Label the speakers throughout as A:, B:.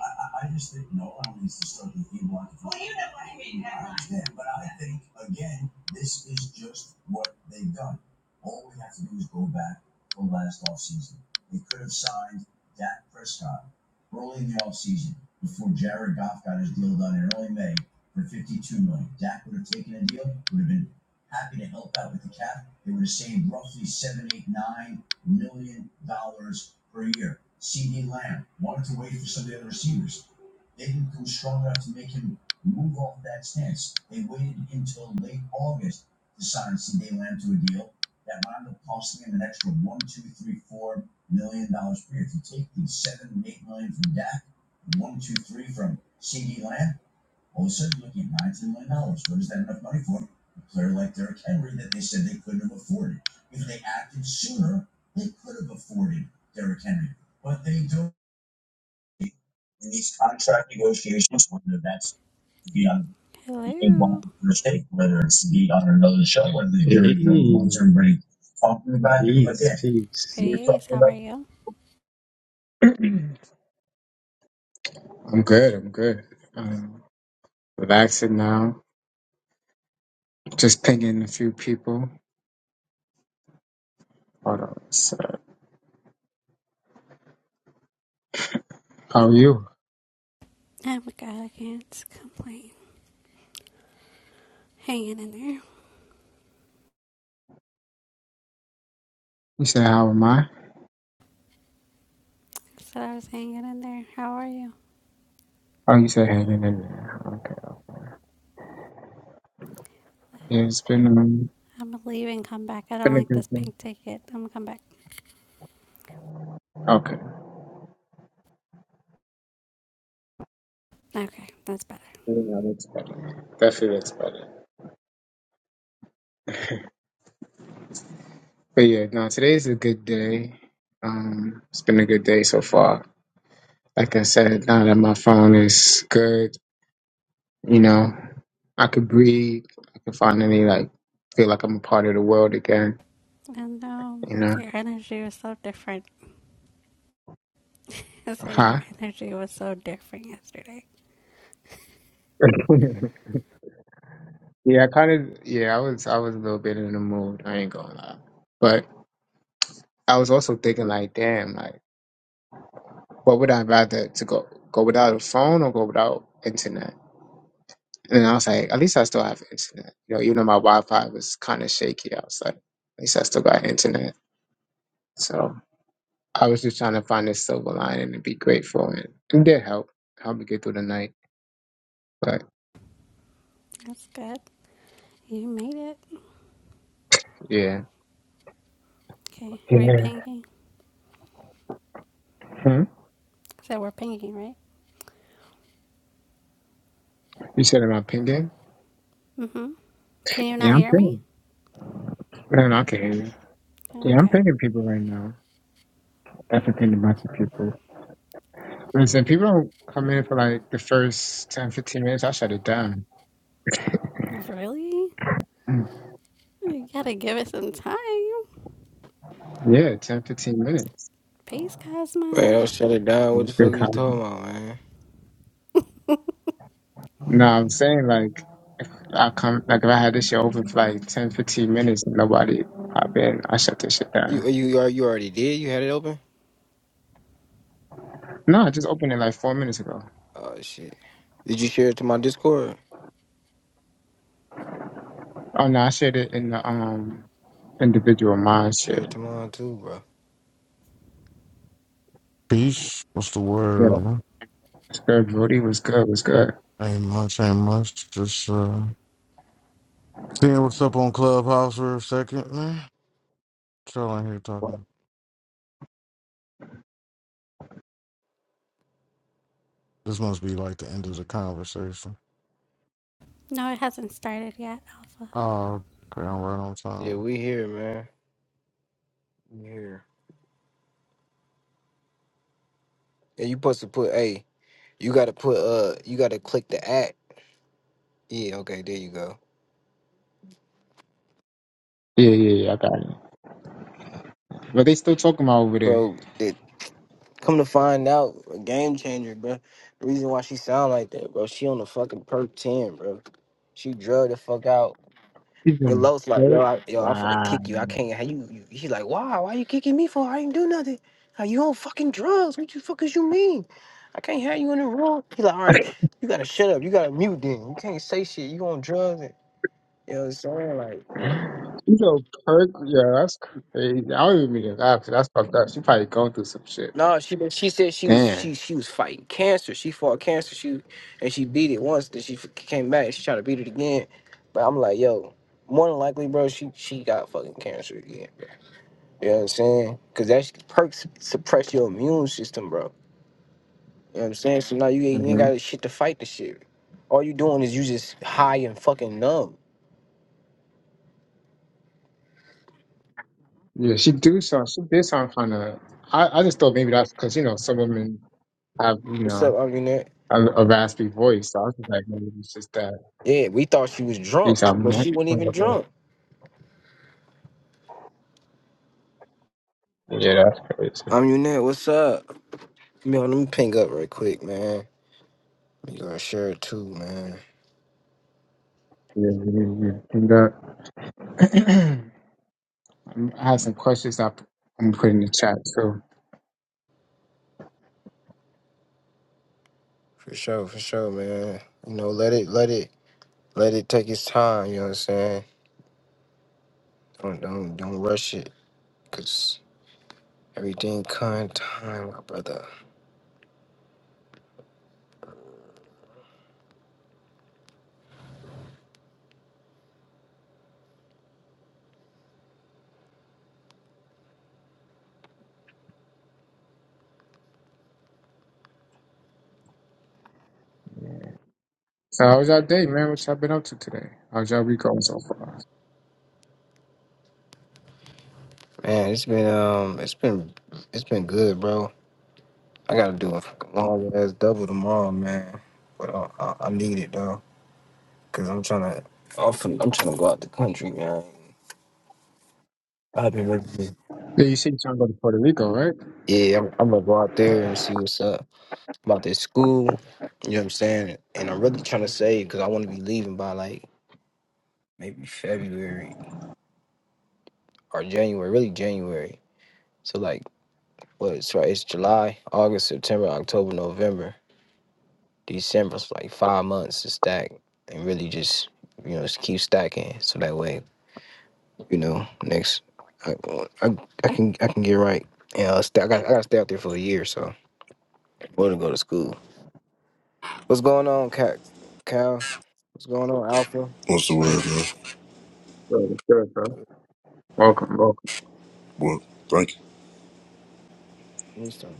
A: I, I, just think no one needs to start the e-block yeah, but I think again, this is just what they've done. All we have to do is go back to last offseason. They could have signed Dak Prescott early in the offseason before Jared Goff got his deal done in early May for fifty-two million. dollars. Dak would have taken a deal, would have been happy to help out with the cap. They would have saved roughly seven, eight, nine million dollars per year. CD Lamb wanted to wait for some of the other receivers. They didn't come strong enough to make him move off that stance. They waited until late August to sign CD Lamb to a deal that wound up costing them an extra one, two, three, four million dollars per year. If you take the seven, eight million from Dak, one, two, three from CD Lamb, all of a sudden you're looking at nineteen million dollars. What is that enough money for? A player like Derrick Henry that they said they couldn't have afforded. If they acted sooner, they could have afforded Derrick Henry, but they don't in these contract negotiations, whether that's to be on being
B: Hello.
A: one first date, whether it's to be on another show, whether you're the ones Jeez, everybody talking about it. But jeez, yeah, jeez. we were
B: Peace.
A: talking
B: How are
A: about
B: you?
A: I'm good. I'm good. Um, relaxing now. Just pinging a few people. Hold on. So, how are you?
B: Oh my god, I can't complain. Hanging in there.
A: You said, how am I?
B: So I was hanging in there. How are you?
A: Oh, you said hanging in there. Okay. Yeah, it's been um,
B: I'm gonna leave and come back. I don't
A: been a
B: like
A: good
B: this
A: day.
B: pink ticket. I'm gonna come back.
A: Okay.
B: Okay, that's better.
A: Yeah, that's better. That feels better. But yeah, no, today's a good day. Um, it's been a good day so far. Like I said, now that my phone is good, you know, I could breathe. I can finally like feel like I'm a part of the world again.
B: And um,
A: You know,
B: your energy was so different. I said your
A: huh?
B: energy was so different yesterday.
A: yeah, I kind of. Yeah, I was. I was a little bit in the mood. I ain't gonna lie. But I was also thinking like, damn, like, what would I rather to go go without a phone or go without internet? And I was like, at least I still have internet. You know, even though my Wi-Fi was kind of shaky, I was like, at least I still got internet. So I was just trying to find this silver lining and be grateful, and it did help help me get through the night. But
B: That's good. You made it.
A: yeah,
B: Okay, are we
A: yeah.
B: pinging?
A: Hmm?
B: So we're pinging, right?
A: You said am I pinging?
B: Mm-hmm. Can you not
A: Yeah, I'm
B: hear me?
A: pinging. Man, I can hear you. Yeah, I'm
B: Okay.
A: pinging people right now. Definitely pinging a bunch of people. Listen, people don't come in for like the first 10 15 minutes. I shut it down.
B: Really? You gotta give it some time.
A: Yeah, 10 15 minutes.
B: Peace,
C: Man,
B: Cosmo.
C: I'll shut it down. What the
A: It's
C: fuck are
A: good
C: you
A: conversation.
C: talking about, man?
A: No, I'm saying like if I come like if I had this shit open for like 10, 15 minutes and nobody pop in, I shut this shit
C: You
A: down.
C: you you al- you already did? You had it open?
A: No, I just opened it like four minutes ago.
C: Oh shit. Did you share it to my Discord?
A: Oh no, I shared it in the um individual mind shit.
C: Share it to mine too, bro.
D: Peace. What's the
A: Yeah.
D: word?
A: It's good, Rudy was good, was good.
D: Ain't much, ain't much. Just uh seeing what's up on Clubhouse for a second, man. Chilling here talking. This must be like the end of the conversation.
B: No, it hasn't started yet, Alpha.
D: Oh, okay, I'm right on
C: Yeah,
D: time.
C: we here, man. We here. And you supposed to put hey, you gotta put uh you gotta click the app. Yeah, okay, there you go.
A: Yeah, yeah, yeah, I got it. But they still talking about over there.
C: Bro, that come to find out, a game changer, bro. The reason why she sound like that, bro, she on the fucking perk ten, bro. She drugged the fuck out.
A: He's
C: And
A: in
C: Lowe's like, yo,
A: third?
C: I, yo, I'm finna
A: Wow.
C: kick you. I can't. How you, you? He's like, why? Why you kicking me for? I ain't do nothing. Like, you on fucking drugs? What you fuckers you mean? I can't have you in the room. He's like, all right, you gotta shut up. You gotta mute then. You can't say shit. You on drugs? And, you know what I'm saying? Like,
A: You know, Kirk, yeah, that's crazy. I don't even mean to laugh 'cause that's fucked up. She probably going through some shit, but
C: no, she but she said she was
A: damn.
C: she she was fighting cancer. She fought cancer. She and she beat it once. Then she f- came back. She tried to beat it again. But I'm like, yo, more than likely, bro, she she got fucking cancer again. You know what I'm saying? Cause that sh- perks suppress your immune system, bro. You know what I'm saying? So now you ain't, you ain't
A: hmm
C: got shit to fight the shit. All you doing is you just high and fucking numb.
A: Yeah, she do some, she did sound kind of. I, I just thought maybe that's because, you know, some women have, you
C: What's
A: know,
C: up, I'm Unit?
A: a, a raspy voice. So I was just like, maybe it's just that. At
C: Yeah, we thought she was
A: least
C: drunk,
A: I'm
C: but
A: not.
C: she wasn't even drunk.
A: Yeah, that's crazy.
C: I'm Unit, what's up? Man, let me ping up right quick, man. You gotta share it too, man.
A: Yeah, yeah, yeah. And, uh, I have some questions I, I'm gonna put in the chat, too.
C: For sure, for sure, man. You know, let it, let it, let it take its time. You know what I'm saying? Don't, don't, don't rush it, cause everything kind time, my brother.
A: So, how was y'all day, man? What y'all been up to today? How's y'all week going so far?
C: Man, it's been um, it's been it's been good, bro. I gotta do a fucking long ass double tomorrow, man. But I, I, I need it though, cause I'm trying to. I'm finna- I'm trying to go out the country, man. I've been ready. to-
A: Yeah, you said you trying to go to Puerto Rico, right?
C: Yeah, I'm, I'm gonna go out there and see what's up about this school. You know what I'm saying? And I'm really trying to save because I want to be leaving by like maybe February or January, really January. So like, what? It's right. It's July, August, September, October, November. December for like five months to stack and really just you know just keep stacking so that way you know next I I, I can I can get right. Yeah, I, st- I got I got to stay out there for a year, so we're gonna go to school. What's going on, Cal? Cal? What's going on, Alpha?
E: What's the word, man?
A: Good, good, bro.
C: Good.
A: Welcome, welcome.
E: Well, thank you.
C: Let me start.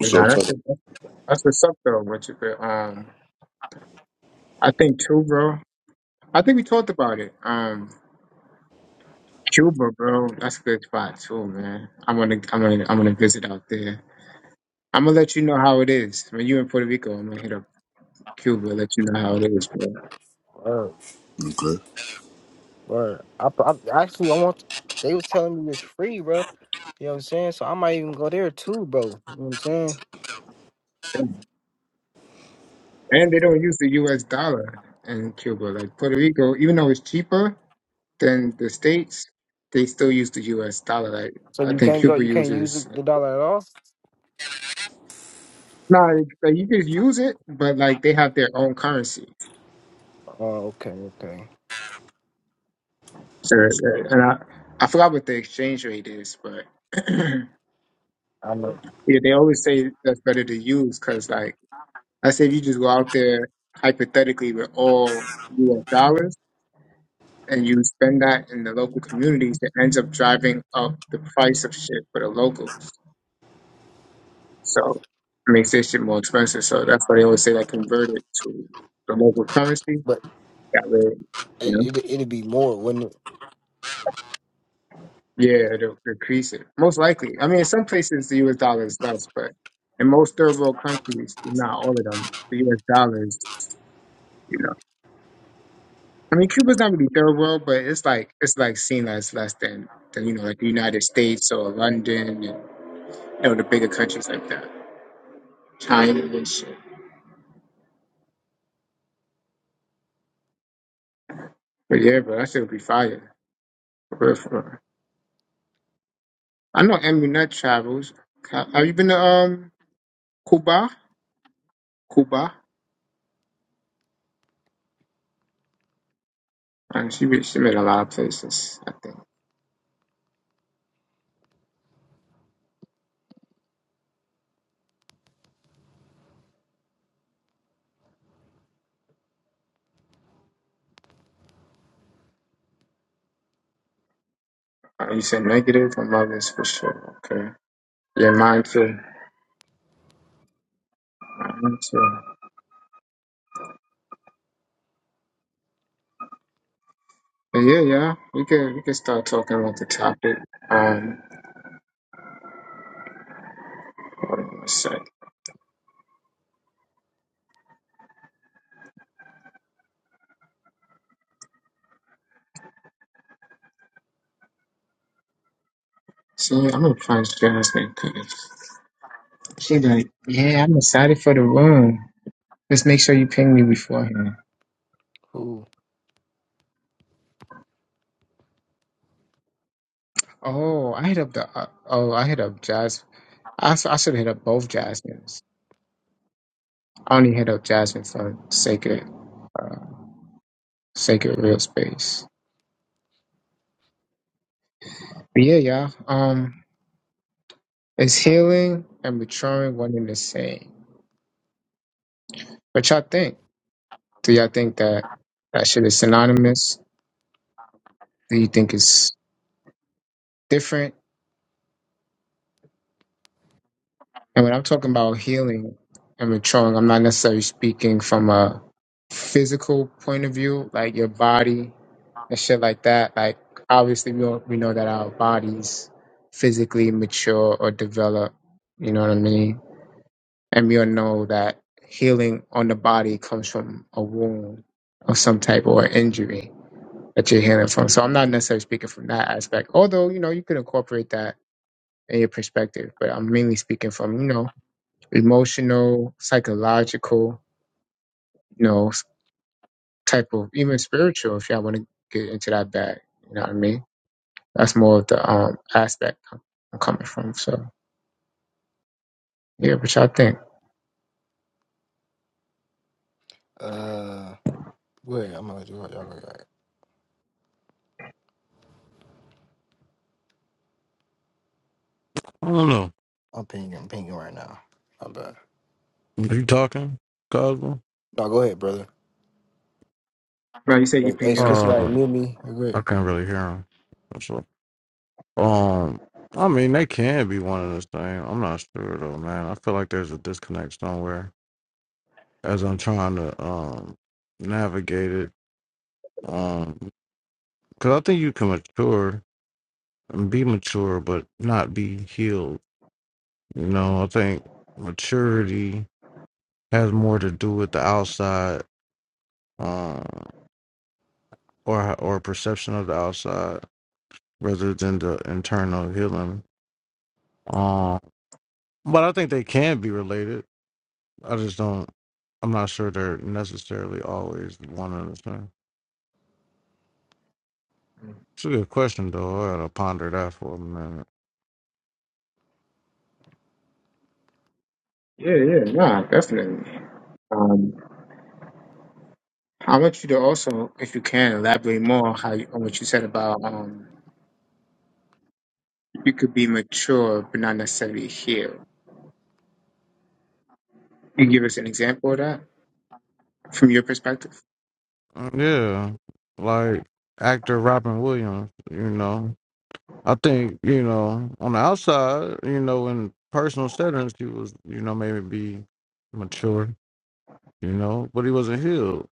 A: And now
E: up, Tyler?
A: that's that's that's what's up, though, Richard. But, um, I think too, bro. I think we talked about it. Um, Cuba, bro. That's a good spot too, man. I'm gonna, I'm gonna, I'm gonna visit out there. I'm gonna let you know how it is when you in Puerto Rico. I'm gonna hit up Cuba, let you know how it is, bro.
C: Word,
E: Okay.
C: word. I, I actually I want. They was telling me it's free, bro. You know what I'm saying? So I might even go there too, bro. You know what I'm saying?
A: And they don't use the U.S. dollar in Cuba. Like Puerto Rico, even though it's cheaper. Then the states, they still use the U.S. dollar. Like
C: So
A: I
C: you
A: think
C: can't go.
A: Cuba
C: You can't use the,
A: uses.
C: the dollar at all.
A: No, like, like, you could use it, but like they have their own currency.
C: Oh, okay, okay.
A: So, uh, and I, I forgot what the exchange rate is, but yeah,
C: I know,
A: they always say that's better to use because like I say, if you just go out there hypothetically with all U.S. dollars and you spend that in the local communities, it ends up driving up the price of shit for the locals. So it makes this shit more expensive. So that's why they always say like convert it to the local currency.
C: but
A: That way, you know,
C: it, it it'd be more, wouldn't it?
A: yeah, it'll decrease it. Most likely. I mean, in some places the US dollar is less, but in most third world countries, not all of them, the US dollar is, you know. I mean, Cuba's not really third world, but it's like it's like seen as less than, than you know, like the United States or London and you know the bigger countries like that, China and shit. But yeah, bro, that shit would be fire. For real, for real. I know Amunet travels. Ca- Have you been to um Cuba? Cuba, and she been- she made a lot of places. I think. Uh, you said negative. My mother's for sure. Okay. Yeah, mine too. Mine too. But yeah, yeah. We can we can start talking about the topic. Um, hold on a sec. See, I'm gonna find Jasmine because she like, yeah, I'm excited for the room. Just make sure you ping me beforehand.
C: Who?
A: Oh, I hit up the. Uh, oh, I hit up Jasmine. I, s- I should have hit up both Jasmines. I only hit up Jasmine for sacred, uh, sacred real space. But yeah, y'all. Um, is healing and maturing one and the same? What y'all think? Do y'all think that that shit is synonymous? Do you think it's different? And when I'm talking about healing and maturing, I'm not necessarily speaking from a physical point of view, like your body and shit like that. Like obviously, we all, we know that our bodies physically mature or develop. You know what I mean? and we all know that healing on the body comes from a wound of some type or an injury that you're healing from. So I'm not necessarily speaking from that aspect, although you know you could incorporate that in your perspective. But I'm mainly speaking from you know emotional, psychological, you know s- type of even spiritual. If y'all want to get into that bag, you know what I mean. That's more of the um aspect I'm I'm coming from. So yeah, what y'all think?
C: Uh, go ahead. I'm gonna let you. Y'all go ahead.
D: I don't know.
C: I'm pinging. I'm pinging right now. I'm bad.
D: Are you talking, Cosmo?
C: No, go ahead, brother.
A: Right, you say you
C: Hey, hey,
A: pinging
C: can
A: up right
C: somebody
D: Uh,
A: now.
C: mute me? You're great.
D: I can't really hear him. That's all. Um, I mean, they can be one of this thing. I'm not sure though, man. I feel like there's a disconnect somewhere as I'm trying to um navigate it. Um, Because I think you can mature and be mature, but not be healed. You know, I think maturity has more to do with the outside uh, or or perception of the outside rather than the internal healing. Um, but I think they can be related. I just don't. I'm not sure they're necessarily always one and the same. It's a good question though. I gotta ponder that for a minute.
A: Yeah, yeah, nah, definitely. Um, I want you to also, if you can, elaborate more on how you, on what you said about um, you could be mature but not necessarily healed. Can you give us an example of that from your perspective?
D: Uh, Yeah, like actor Robin Williams. You know, I think you know on the outside, you know, in personal settings, he was you know maybe be mature, you know, but he wasn't healed.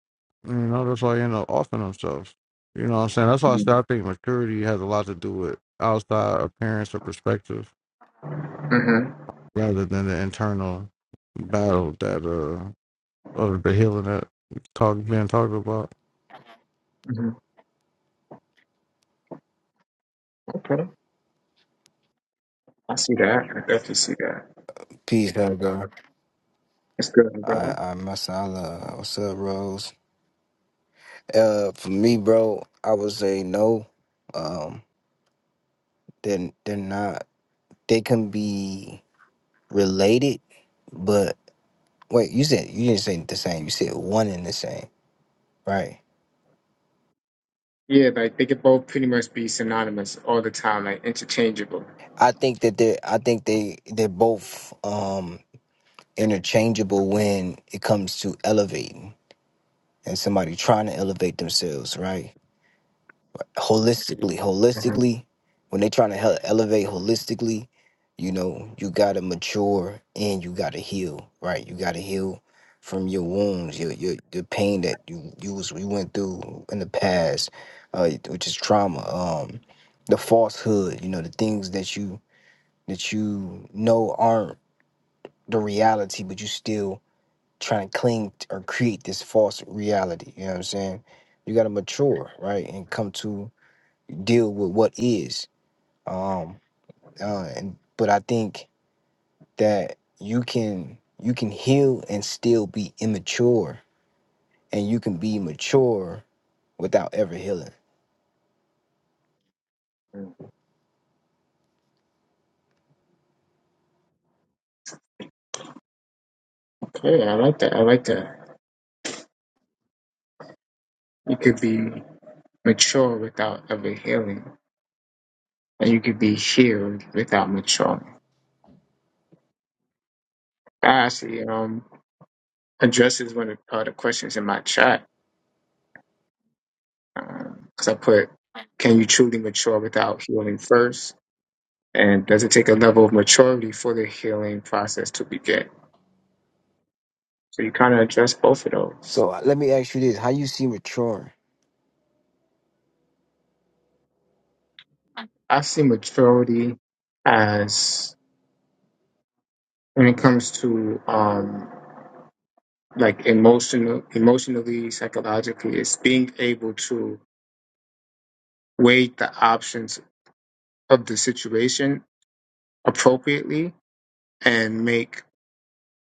D: You know, that's why he ended up offing himself. You know what I'm saying? That's why I say I think maturity has a lot to do with outside appearance or perspective
A: Mm-hmm.
D: rather than the internal battle that uh or the healing that talk being talked about.
A: hmm Okay, I see that. I definitely see that.
C: Peace, God. God.
A: That's good,
C: I
A: bro.
C: I mess. I love. What's up, Rose? Uh, for me, bro, I would say no. Um, then they're, they're not. They can be related, but wait. You said you didn't say the same. You said one and the same, right?
A: Yeah, like they could both pretty much be synonymous all the time, like interchangeable.
C: I think that they I think they they're both um interchangeable when it comes to elevating and somebody trying to elevate themselves, right? Holistically,
A: hmm
C: holistically, when they're trying to hel- elevate holistically, you know, you gotta mature and you gotta heal, right? You gotta heal from your wounds, your your the pain that you you was you went through in the past, uh, which is trauma, um, the falsehood, you know, the things that you that you know aren't the reality, but you still trying to cling t- or create this false reality. You know what I'm saying? You gotta mature, right, and come to deal with what is. Um, uh, and but I think that you can you can heal and still be immature, and you can be mature without ever healing.
A: Okay, I like that. I like that. You could be mature without ever healing, and you could be healed without maturing. I see. Um, addresses one of uh, the questions in my chat because I put, "Can you truly mature without healing first? And does it take a level of maturity for the healing process to begin?" So you kind of address both of those.
C: So uh, let me ask you this: How you see maturing?
A: I see maturity as when it comes to um, like emotional, emotionally, psychologically, it's being able to weigh the options of the situation appropriately and make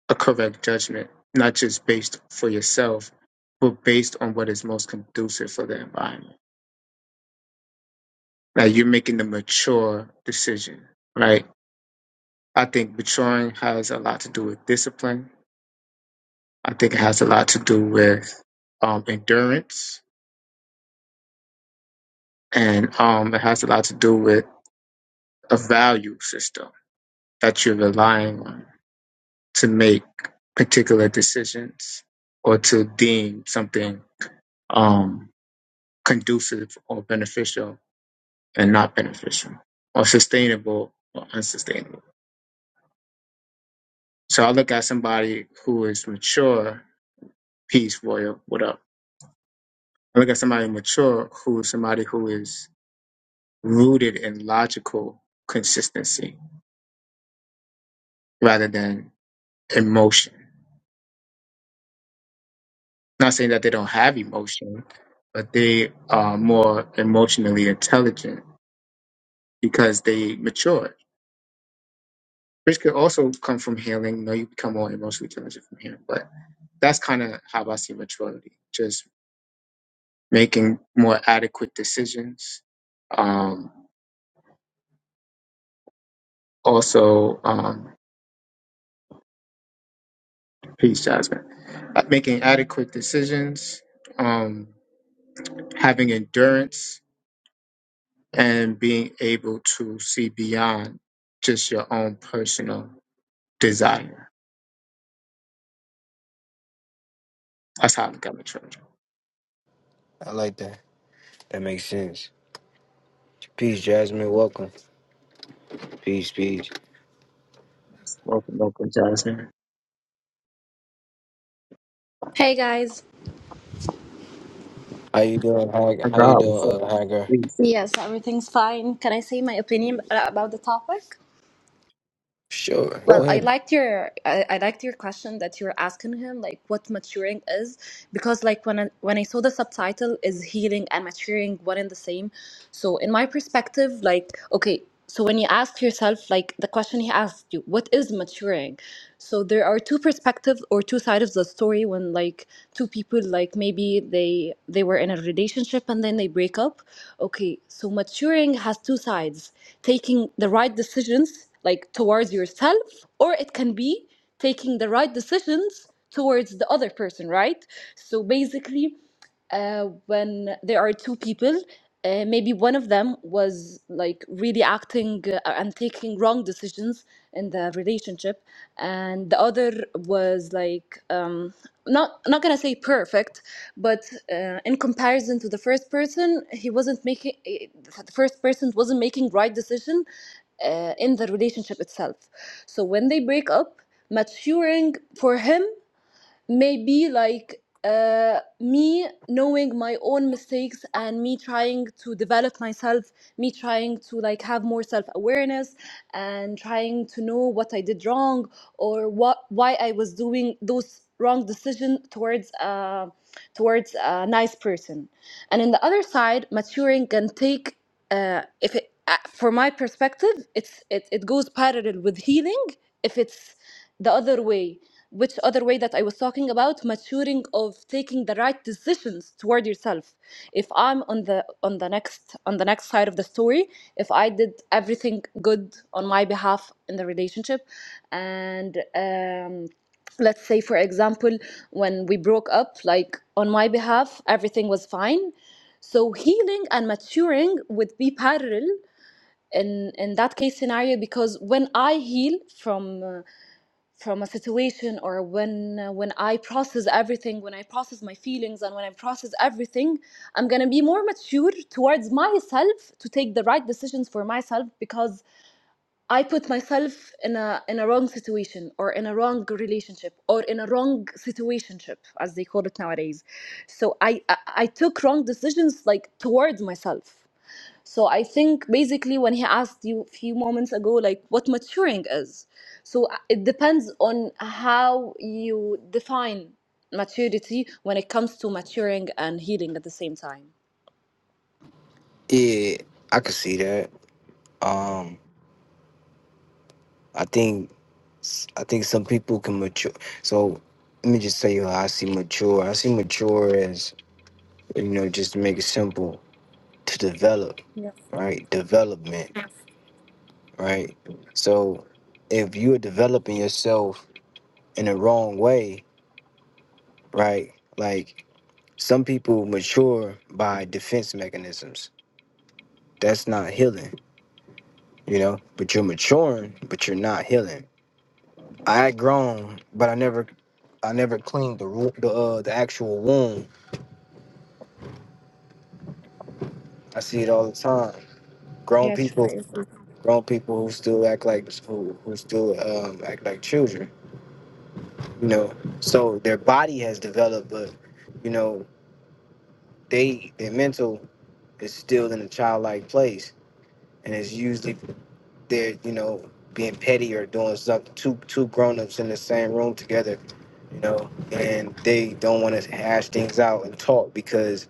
A: a correct judgment, not just based for yourself, but based on what is most conducive for the environment. Like you're making the mature decision, right? I think maturing has a lot to do with discipline. I think it has a lot to do with um, endurance, and um, it has a lot to do with a value system that you're relying on to make particular decisions or to deem something um, conducive or beneficial and not beneficial or sustainable or unsustainable. So I look at somebody who is mature, peace, warrior, what up? I look at somebody mature who is somebody who is rooted in logical consistency rather than emotion. Not saying that they don't have emotion, but they are more emotionally intelligent because they matured. Which could also come from healing. You know, you become more emotionally intelligent from healing, but that's kind of how I see maturity. Just making more adequate decisions. Um, also, um, peace, Jasmine. Uh, Making adequate decisions, um, having endurance, and being able to see beyond just your own personal desire. That's how I look at my children.
C: I like that. That makes sense. Peace, Jasmine. Welcome. Peace, peace.
A: Welcome, welcome, Jasmine.
F: Hey guys.
C: How you doing? How,
A: My
C: how you
A: God, what's up?
C: doing, uh, Hager?
A: Peace.
F: Yes, everything's fine. Can I say my opinion uh, about the topic?
C: Sure. Go
A: Sure.
F: Well, I
C: ahead.
F: liked your I, I liked your question that you're asking him, like what maturing is, because like when I, when I saw the subtitle is healing and maturing one and the same. So in my perspective, like okay, so when you ask yourself, like the question he asked you, what is maturing? So there are two perspectives or two sides of the story when like two people like maybe they they were in a relationship and then they break up. Okay, so maturing has two sides, taking the right decisions like towards yourself or it can be taking the right decisions towards the other person right so basically uh, when there are two people. Uh, maybe one of them was like really acting uh, and taking wrong decisions in the relationship, and the other was like um, not not gonna say perfect, but uh, in comparison to the first person, he wasn't making eh, eh, the first person wasn't making right decision uh, in the relationship itself. So when they break up, maturing for him maybe like uh, me knowing my own mistakes and me trying to develop myself me trying to like have more self-awareness and trying to know what i did wrong or what why i was doing those wrong decision towards uh, towards a nice person and in the other side maturing can take uh, if it uh, for my perspective it's it, it goes parallel with healing if it's the other way which other way that I was talking about, maturing of taking the right decisions toward yourself. If I'm on the on the next on the next side of the story, if I did everything good on my behalf in the relationship, and um, let's say for example, when we broke up, like on my behalf, everything was fine. So healing and maturing would be parallel in in that case scenario because when I heal from uh, from a situation or when uh, when i process everything when i process my feelings and when i process everything i'm going to be more mature towards myself to take the right decisions for myself because i put myself in a in a wrong situation or in a wrong relationship or in a wrong situationship as they call it nowadays so i i, I took wrong decisions like towards myself so I think basically when he asked you a few moments ago, like what maturing is, so uh, it depends on how you define maturity when it comes to maturing and healing at the same time.
C: Yeah, I could see that. Um, I think, I think some people can mature. So let me just tell you how I see mature. I see mature as you know, just to make it simple, to develop,
F: Yeah,
C: right? Development, right? So if you're developing yourself in the wrong way, right? Like some people mature by defense mechanisms. That's not healing you know but you're maturing but you're not healing i had grown but i never i never cleaned the wo- the, uh, the actual wound i see it all the time grown
F: yeah, true. I
C: people
F: agree.
C: grown people who still act like who, who still um, act like children you know so their body has developed but you know they their mental is still in a childlike place and it's usually they're you know being petty or doing something two two grown-ups in the same room together you know and they don't want to hash things out and talk because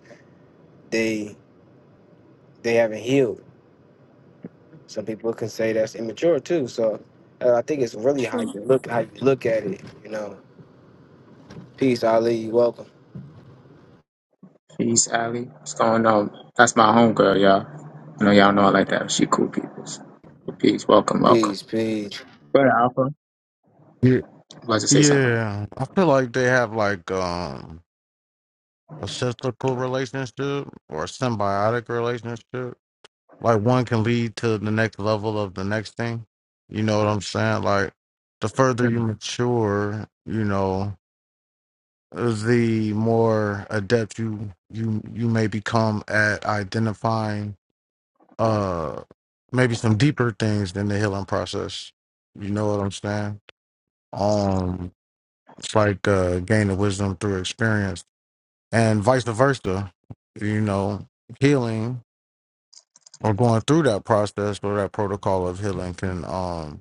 C: they they haven't healed some people can say that's immature too so uh, i think it's really how you
F: True.
C: look how you look at it you know peace ali you welcome
A: Peace, Allie. What's going on? That's my homegirl, y'all. I know y'all know I like that. She cool people. So, Peace. Welcome, welcome.
C: peace peace
A: Go ahead, Alpha.
D: Yeah.
A: About to say something.
D: Yeah. I feel like they have like um a cyclical relationship or a symbiotic relationship. Like one can lead to the next level of the next thing. You know what I'm saying? Like the further you
A: Mm.
D: mature, you know, the more adept you you you may become at identifying uh maybe some deeper things than the healing process. You know what I'm saying? Um it's like uh gain of wisdom through experience and vice versa, you know, healing or going through that process or that protocol of healing can um,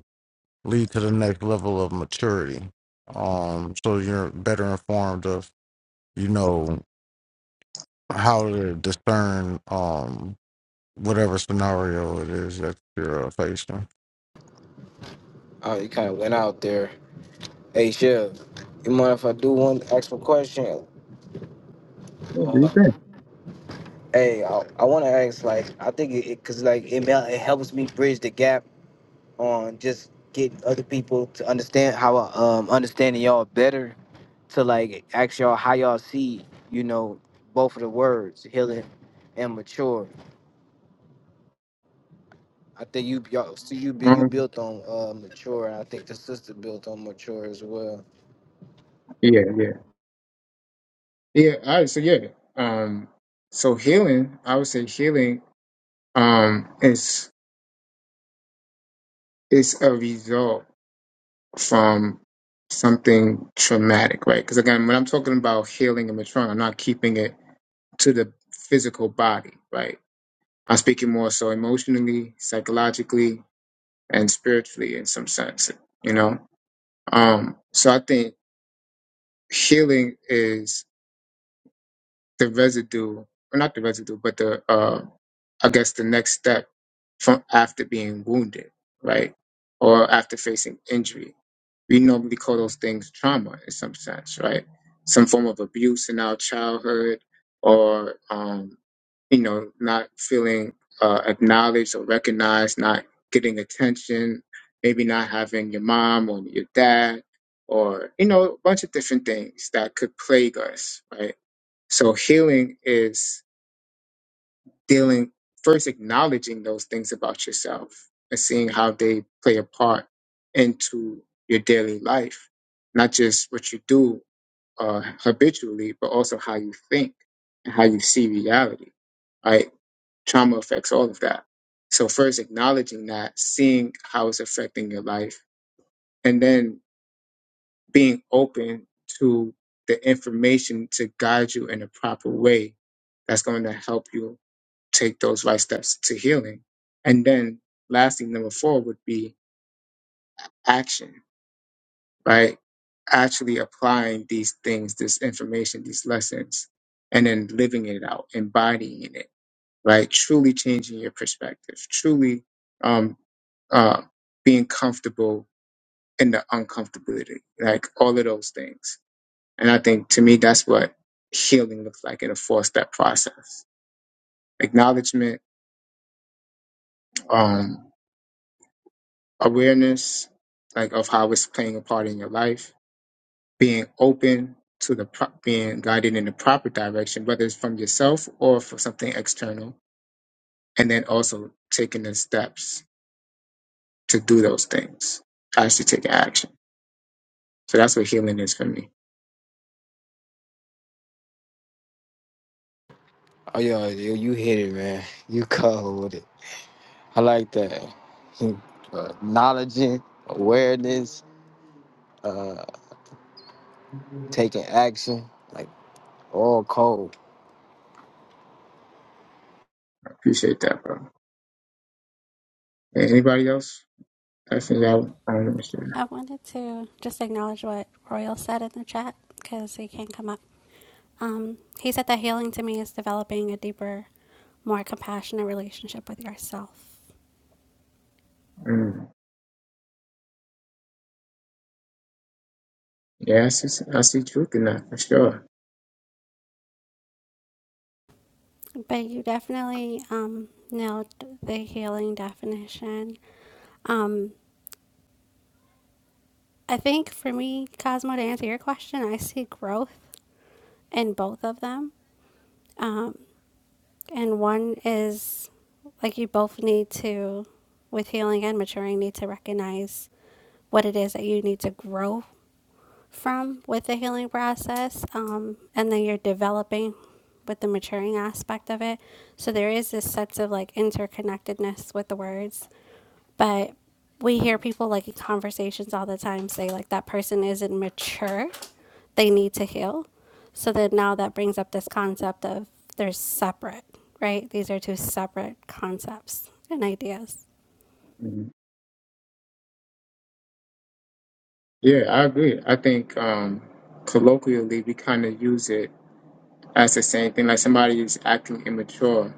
D: lead to the next level of maturity. Um, so you're better informed of, you know, how to discern um, whatever scenario it is that you're uh, facing.
C: oh you kind of went out there hey Chef, you mind if i do one extra question
A: Yeah, do you
C: uh,
A: think?
C: Hey, I, I want to ask, like, I think it, cause like it, mel- it helps me bridge the gap on just getting other people to understand how uh, um understanding y'all better to like ask y'all how y'all see you know both of the words healing and mature. I think you y'all so you bu- you
A: Um,
C: built on uh mature. and I think the sister built on mature as well.
A: yeah, yeah, yeah. All right, so yeah. Um, so healing, I would say healing, um, is is a result from something traumatic, right? Because again, when I'm talking about healing and trauma, I'm not keeping it to the physical body, right? I'm speaking more so emotionally, psychologically, and spiritually in some sense, you know. Um, so I think healing is the residue, or not the residue, but the uh, I guess the next step from after being wounded, right, or after facing injury. We normally call those things trauma in some sense, right? Some form of abuse in our childhood, or um, you know, not feeling uh, acknowledged or recognized, not getting attention, maybe not having your mom or your dad, or you know, a bunch of different things that could plague us, right? So healing is dealing first acknowledging those things about yourself and seeing how they play a part into your daily life, not just what you do uh, habitually, but also how you think and how you see reality. Right? Trauma affects all of that. So first acknowledging that, seeing how it's affecting your life, and then being open to the information to guide you in a proper way that's going to help you take those right steps to healing. And then lastly, number four would be action, right? Actually applying these things, this information, these lessons, and then living it out, embodying it, right? Truly changing your perspective, truly um, uh, being comfortable in the uncomfortability, like all of those things. And I think to me, that's what healing looks like in a four step process acknowledgement, um, awareness like of how it's playing a part in your life being open to the pro- being guided in the proper direction whether it's from yourself or for something external and then also taking the steps to do those things actually taking action so that's what healing is for me
C: Oh yeah, you, you hit it, man. You cold with it. I like that. Acknowledging awareness, uh taking action, like all cold.
A: appreciate that bro Hey, anybody else i think y'all um, sure.
B: I wanted to just acknowledge what Royal said in the chat because he can't come up. Um, he said that healing to me is developing a deeper, more compassionate relationship with yourself.
A: mm, yeah I see, I see truth in that for sure
B: But you definitely um, nailed the healing definition. Um, I think for me, Cosmo, to answer your question, I see growth in both of them Um, And one is like you both need to, with healing and maturing, need to recognize what it is that you need to grow from with the healing process. Um, and then you're developing with the maturing aspect of it. So there is this sense of like interconnectedness with the words. But we hear people like in conversations all the time say like that person isn't mature they need to heal. So then now that brings up this concept of they're separate, right? These are two separate concepts and ideas.
A: Mhm. Yeah, I agree. I think um, colloquially we kind of use it as the same thing. Like somebody is acting immature,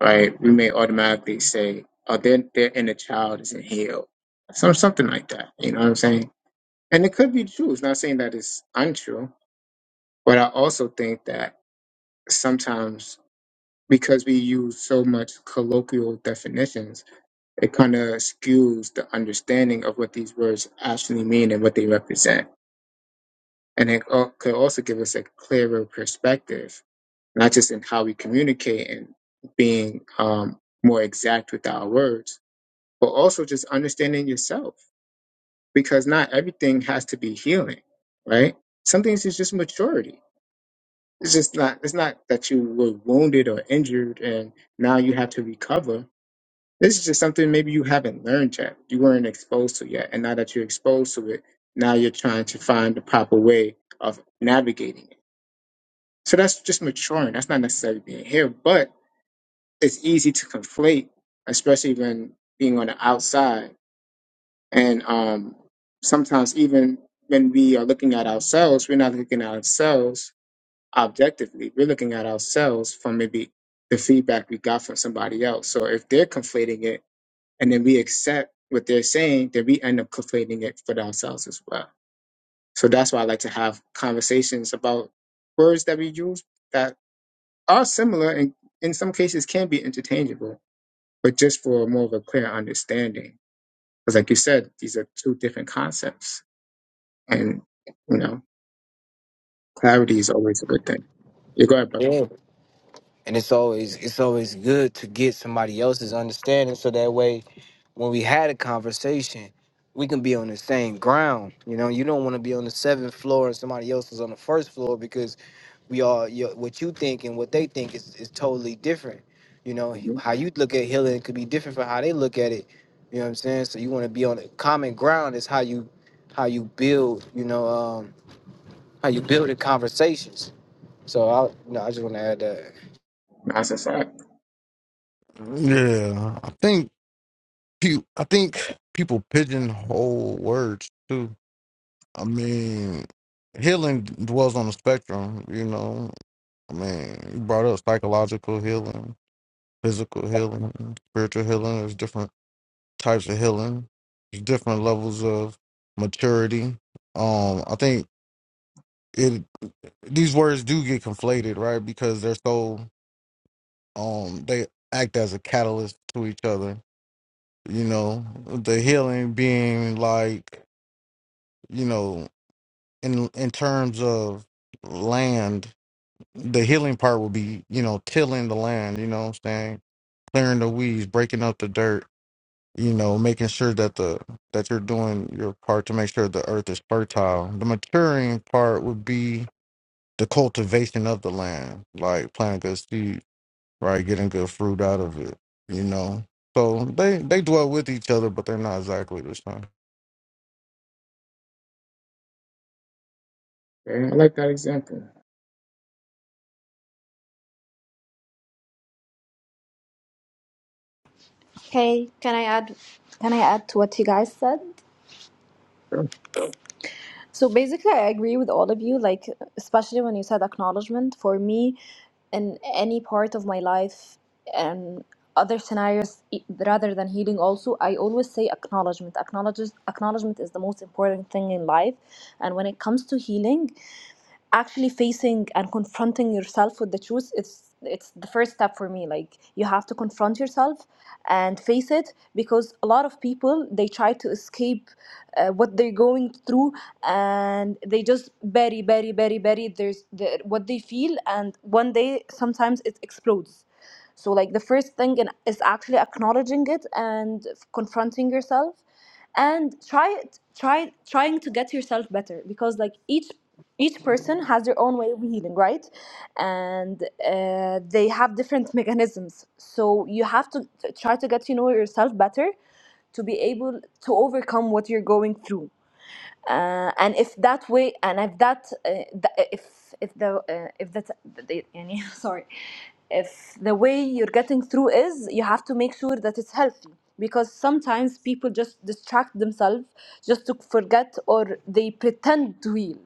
A: right? We may automatically say, "Oh, their their inner child isn't healed," some something like that. You know what I'm saying? And it could be true. It's not saying that it's untrue, but I also think that sometimes. because we use so much colloquial definitions, it kind of skews the understanding of what these words actually mean and what they represent. And it al- could also give us a clearer perspective, not just in how we communicate and being um, more exact with our words, but also just understanding yourself, because not everything has to be healing, right? Some things is just maturity. It's just not. It's not that you were wounded or injured, and now you have to recover This is just something maybe you haven't learned yet. You weren't exposed to yet. And now that you're exposed to it, now you're trying to find the proper way of navigating it. So that's just maturing. That's not necessarily being here, but it's easy to conflate, especially when being on the outside. And um, sometimes even when we are looking at ourselves, we're not looking at ourselves objectively. We're looking at ourselves from maybe the feedback we got from somebody else. So if they're conflating it and then we accept what they're saying, then we end up conflating it for ourselves as well. So that's why I like to have conversations about words that we use that are similar and in some cases can be interchangeable, but just for more of a clear understanding. Because, like you said, these are two different concepts, and you know, clarity is always a good thing. You go ahead, brother.
C: and it's always it's always good to get somebody else's understanding so that way when we had a conversation we can be on the same ground you know you don't want to be on the seventh floor and somebody else is on the first floor because we all your, what you think and what they think is, is totally different you know
A: hmm
C: how you look at healing could be different from how they look at it you know what i'm saying so you want to be on the common ground is how you how you build you know um how you build the conversations so i you know i just want to add that
A: That's a fact.
D: Yeah, I think pe- I think people pigeonhole words too. I mean, healing dwells on the spectrum, you know. Man, you brought up psychological healing, physical healing, spiritual healing. There's different types of healing. There's different levels of maturity. Um, I think it these words do get conflated, right? Because they're so um they act as a catalyst to each other. You know, the healing being like, you know, in in terms of land, the healing part would be, you know, tilling the land, you know what I'm saying? clearing the weeds, breaking up the dirt, you know, making sure that the that you're doing your part to make sure the earth is fertile. The maturing part would be the cultivation of the land, like planting good seed, right, getting good fruit out of it, you know. So they they dwell with each other, but they're not exactly the same.
A: Yeah, I like that example.
F: Okay, can I add? Can I add to what you guys said?
A: Sure.
F: So basically, I agree with all of you, like, especially when you said acknowledgement. For me, in any part of my life and other scenarios e- rather than healing, also, I always say acknowledgement. Acknowledges, acknowledgement is the most important thing in life. And when it comes to healing, actually facing and confronting yourself with the truth it's it's the first step for me like you have to confront yourself and face it because a lot of people they try to escape uh, what they're going through and they just bury bury bury bury there's the, what they feel and one day sometimes it explodes so like the first thing in- is actually acknowledging it and confronting yourself and try try trying to get yourself better because like each each person has their own way of healing right and uh, they have different mechanisms so you have to t- try to get to know yourself better to be able to overcome what you're going through uh, and if that way and if that uh, th- if if the uh, if that the, يعني, sorry if the way you're getting through is you have to make sure that it's healthy because sometimes people just distract themselves just to forget or they pretend to heal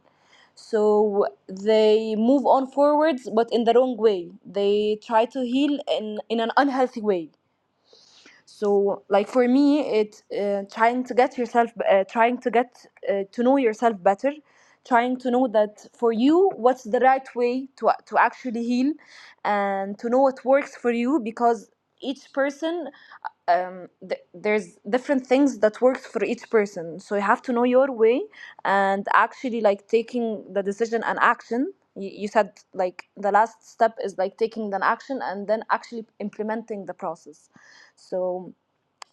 F: so they move on forwards but in the wrong way they try to heal in in an unhealthy way so like for me it's uh, trying to get yourself uh, trying to get uh, to know yourself better trying to know that for you what's the right way to to actually heal and to know what works for you because each person um, th- there's different things that works for each person so you have to know your way and actually like taking the decision and action you, you said like the last step is like taking an action and then actually implementing the process so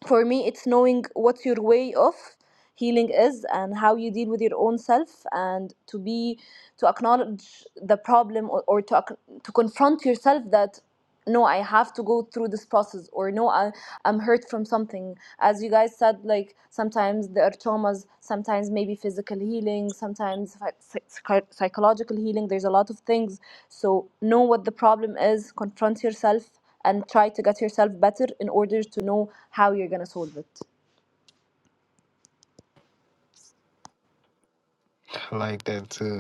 F: for me it's knowing what your way of healing is and how you deal with your own self and to be to acknowledge the problem or, or to ac- to confront yourself that no i have to go through this process or no I, i'm hurt from something as you guys said like sometimes there are traumas sometimes maybe physical healing sometimes psy- psych- psychological healing there's a lot of things so know what the problem is confront yourself and try to get yourself better in order to know how you're going to solve it
C: I like that too.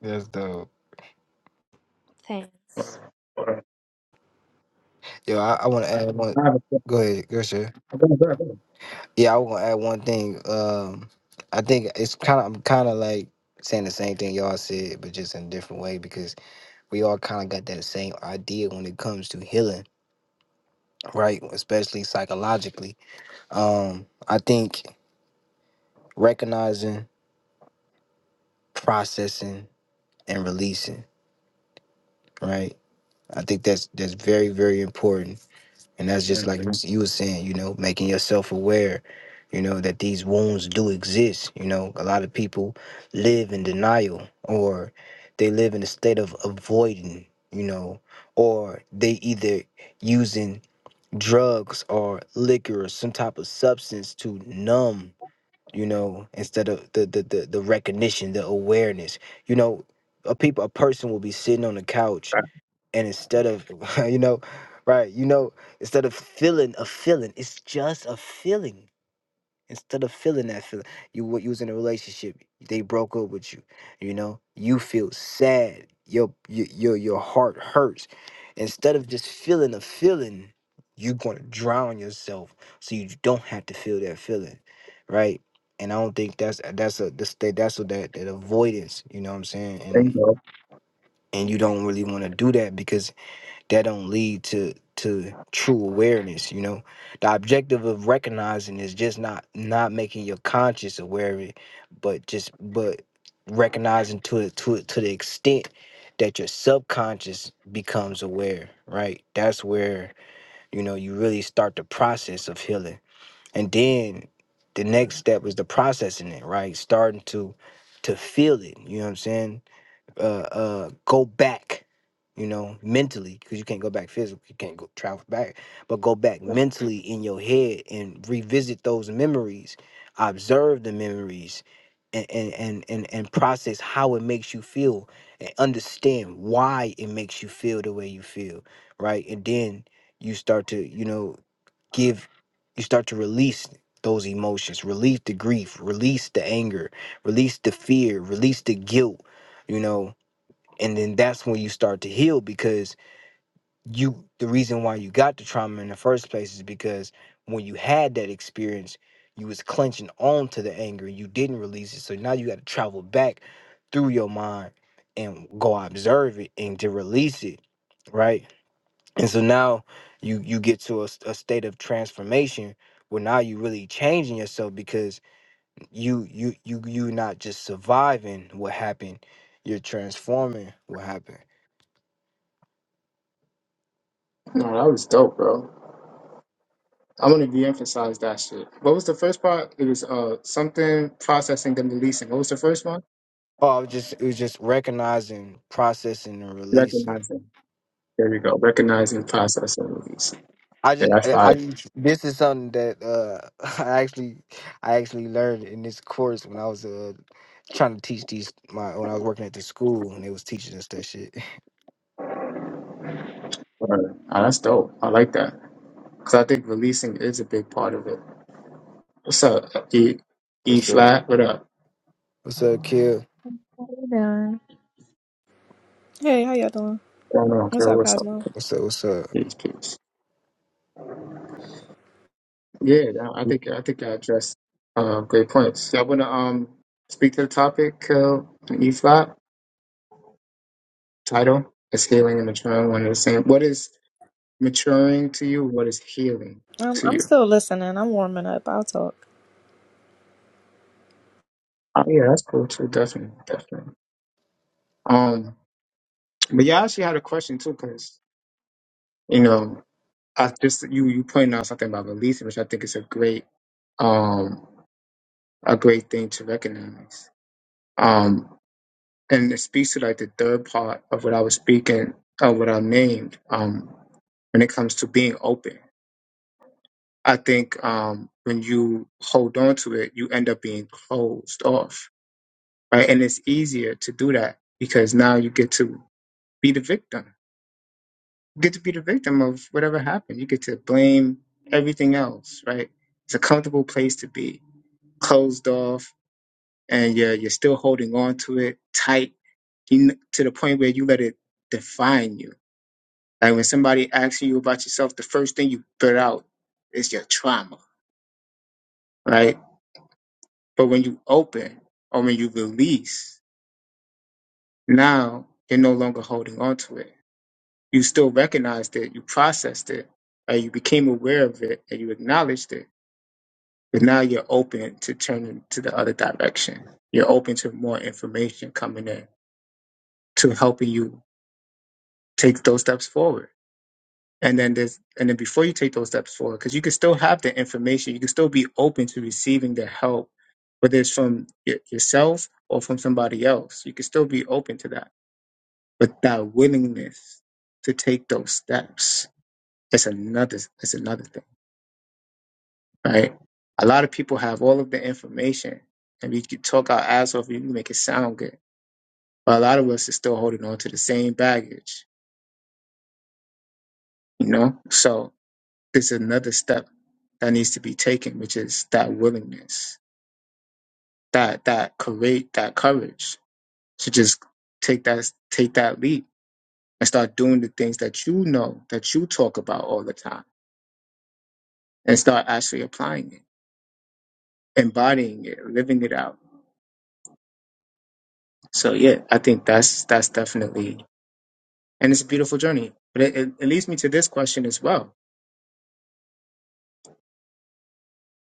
C: That's dope.
F: thanks
A: Or- or-
C: Yo, I, I want to add one.
A: I have a-
C: Go ahead, go sir.
A: I don't- I
C: Yeah, I want to add one thing. Um, I think it's kind of I'm kind of like saying the same thing y'all said, but just in a different way because we all kind of got that same idea when it comes to healing, right? Especially psychologically. Um, I think recognizing, processing, and releasing, right? I think that's that's very very important And that's
A: don't-
C: just like you s- you were saying, you know, making yourself aware, you know, that these wounds do exist. You know, a lot of people live in denial or they live in a state of avoiding, you know, or they either using drugs or liquor or some type of substance to numb, you know, instead of the the the, the recognition, the awareness. You know, a people a person will be sitting on the couch and instead of you know right you know instead of feeling a feeling it's just a feeling instead of feeling that feeling you were you was in a relationship they broke up with you you know you feel sad your your your, your heart hurts instead of just feeling a feeling you're going to drown yourself so you don't have to feel that feeling right and i don't think that's that's a that's that that's what that, that avoidance you know what i'm saying
A: Thank
C: and
A: God.
C: and you don't really want to do that because that don't lead to to true awareness you know the objective of recognizing is just not not making your conscious aware of it but just but recognizing to it to it to the extent that your subconscious becomes aware right that's where you know you really start the process of healing and then the next step is the processing it right starting to to feel it you know what i'm saying uh, uh, go back, you know, mentally, because you can't go back physically, you can't go travel back, but go back mentally in your head and revisit those memories, observe the memories, and and and and, and process how it makes you feel and understand why it makes you feel the way you feel, right? And then you start to, you know, give, you start to release those emotions, release the grief, release the anger, release the fear, release the guilt, you know, and then that's when you start to heal because you the reason why you got the trauma in the first place is because when you had that experience you was clenching on to the anger you didn't release it so now you got to travel back through your mind and go observe it and to release it right and so now you you get to a, s- a state of transformation where now you really changing yourself because you you you you not just surviving what happened you're transforming what happened
A: No, that was dope, bro. I'm gonna de-emphasize that shit. What was the first part? It was uh something processing then releasing. What was the first one?
C: Oh, it was just it was just recognizing, processing, and releasing.
A: Recognizing. There you go. Recognizing, processing, releasing.
C: I
A: Yeah,
C: just
A: that's
C: I
A: fine.
C: I- this is something that uh I actually I actually learned in this course when I was uh trying to teach these my when I was working at the school and they was teaching us that shit.
A: Word. Ah, that's dope. I like that. Because I think releasing is a big part of it. What's up? E, e
C: What's up?
A: flat? What up?
C: What's up, kid?
G: Hey there.
H: Hey, how y'all doing?
A: What's going on,
H: What's
A: girl?
H: up,
A: What's up?
H: Cosmo?
C: What's up? What's up?
A: Peace, peace. Yeah, nah, I think I think I addressed uh, great points. Y'all want to um speak to the topic, uh, E flat? Title is healing and maturing one and the same. What is maturing to you? What is healing
H: Um,
A: to
H: I'm
A: you?
H: still listening. I'm warming up. I'll talk.
A: Oh, yeah, that's cool too. Definitely, definitely. Um, but yeah, I actually had a question too, 'cause You know, I just you you pointed out something about releasing, which I think is a great um a great thing to recognize. Um, and it speaks to like the third part of what I was speaking of what I named. Um, when it comes to being open, I think um when you hold on to it, you end up being closed off, right? And it's easier to do that because now you get to be the victim get to be the victim of whatever happened. You get to blame everything else, right? It's a comfortable place to be, closed off, and you're you're still holding on to it tight you, kn- to the point where you let it define you. Like when somebody asks you about yourself, the first thing you put out is your trauma, right? But when you open or when you release, now you're no longer holding on to it. You still recognized it, you processed it, and you became aware of it, and you acknowledged it But now you're open to turning to the other direction. You're open to more information coming in to helping you take those steps forward. And then there's and then before you take those steps forward, because you can still have the information, you can still be open to receiving the help, whether it's from y- yourself or from somebody else. You can still be open to that. But that willingness to take those steps is another is another thing. right? A lot of people have all of the information, and we can talk our ass off, and we make it sound good. But a lot of us are still holding on to the same baggage, you know. So there's another step that needs to be taken, which is that willingness, that that courage, that courage to just take that take that leap and start doing the things that you know that you talk about all the time, and start actually applying it, embodying it, living it out. So yeah, I think that's that's definitely and it's a beautiful journey. But it, it, it leads me to this question as well: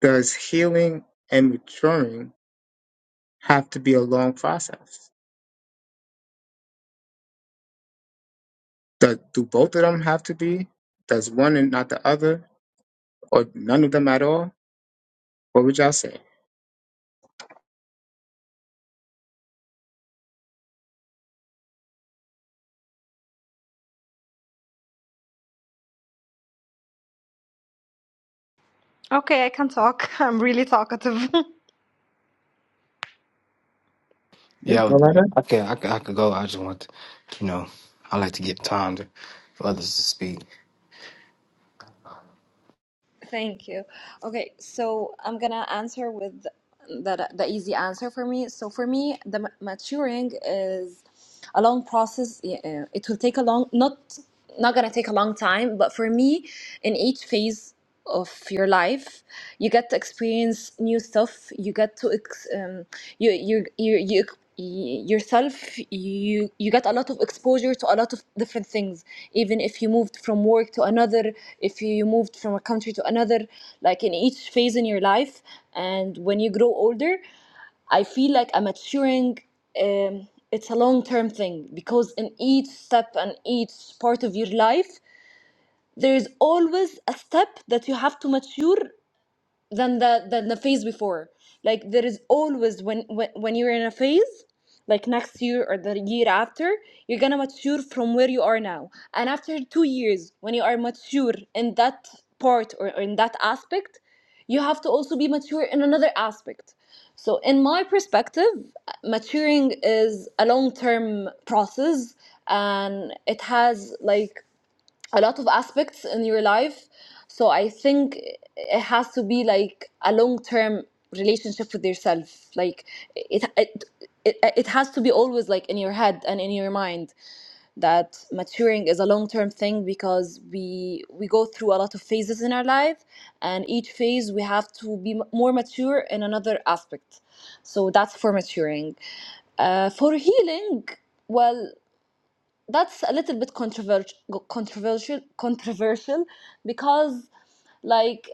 A: Does healing and maturing have to be a long process? Do, do both of them have to be? Does one and not the other, or none of them at all? What would y'all say?
F: Okay, I can talk. I'm really talkative.
A: Yeah,
C: Yeah, I
A: go
C: was-
A: right ahead.
C: I can I can I could go. I just want to, you know I like to give time to for others to speak.
F: Thank you. Okay, so I'm gonna answer with the, the easy answer for me. So for me, the ma- maturing is a long process. Yeah, uh, It will take a long, not not gonna take a long time, but for me, in each phase of your life, you get to experience new stuff. You get to ex, um, you you you you y- yourself you you get a lot of exposure to a lot of different things even if you moved from work to another if you moved from a country to another like in each phase in your life and when you grow older i feel like i'm maturing um, it's a long term thing because in each step and each part of your life there is always a step that you have to mature than the than the phase before. Like there is always when when when you're in a phase, like next year or the year after, you're gonna mature from where you are now. And after two years, when you are mature in that part or, or in that aspect, you have to also be mature in another aspect. So, in my perspective, maturing is a long term process and it has like a lot of aspects in your life. So I think it has to be like a long term relationship with yourself. Like it, it it it has to be always like in your head and in your mind that maturing is a long term thing because we we go through a lot of phases in our life and each phase we have to be m- more mature in another aspect. So that's for maturing. Uh, for healing, well that's a little bit controversial controversial controversial because like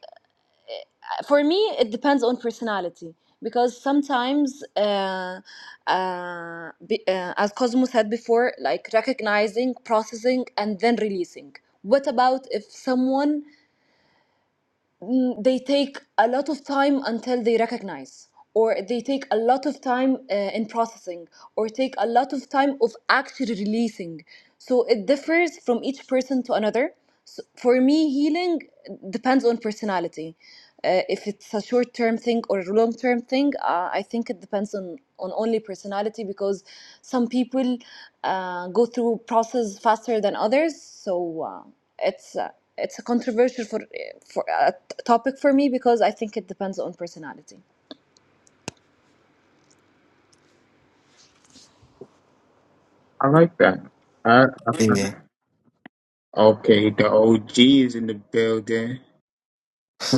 F: for me it depends on personality because sometimes uh, uh, be, uh, as cosmo said before like recognizing processing and then releasing what about if someone mm, they take a lot of time until they recognize or they take a lot of time uh, in processing or take a lot of time of actually releasing so it differs from each person to another so for me healing depends on personality uh, if it's a short term thing or a long term thing uh, i think it depends on on only personality because some people uh, go through process faster than others so uh, it's uh, it's a controversial for for a topic for me because i think it depends on personality
A: I like that. I, I,
C: Yeah.
A: okay, the OG is in the building.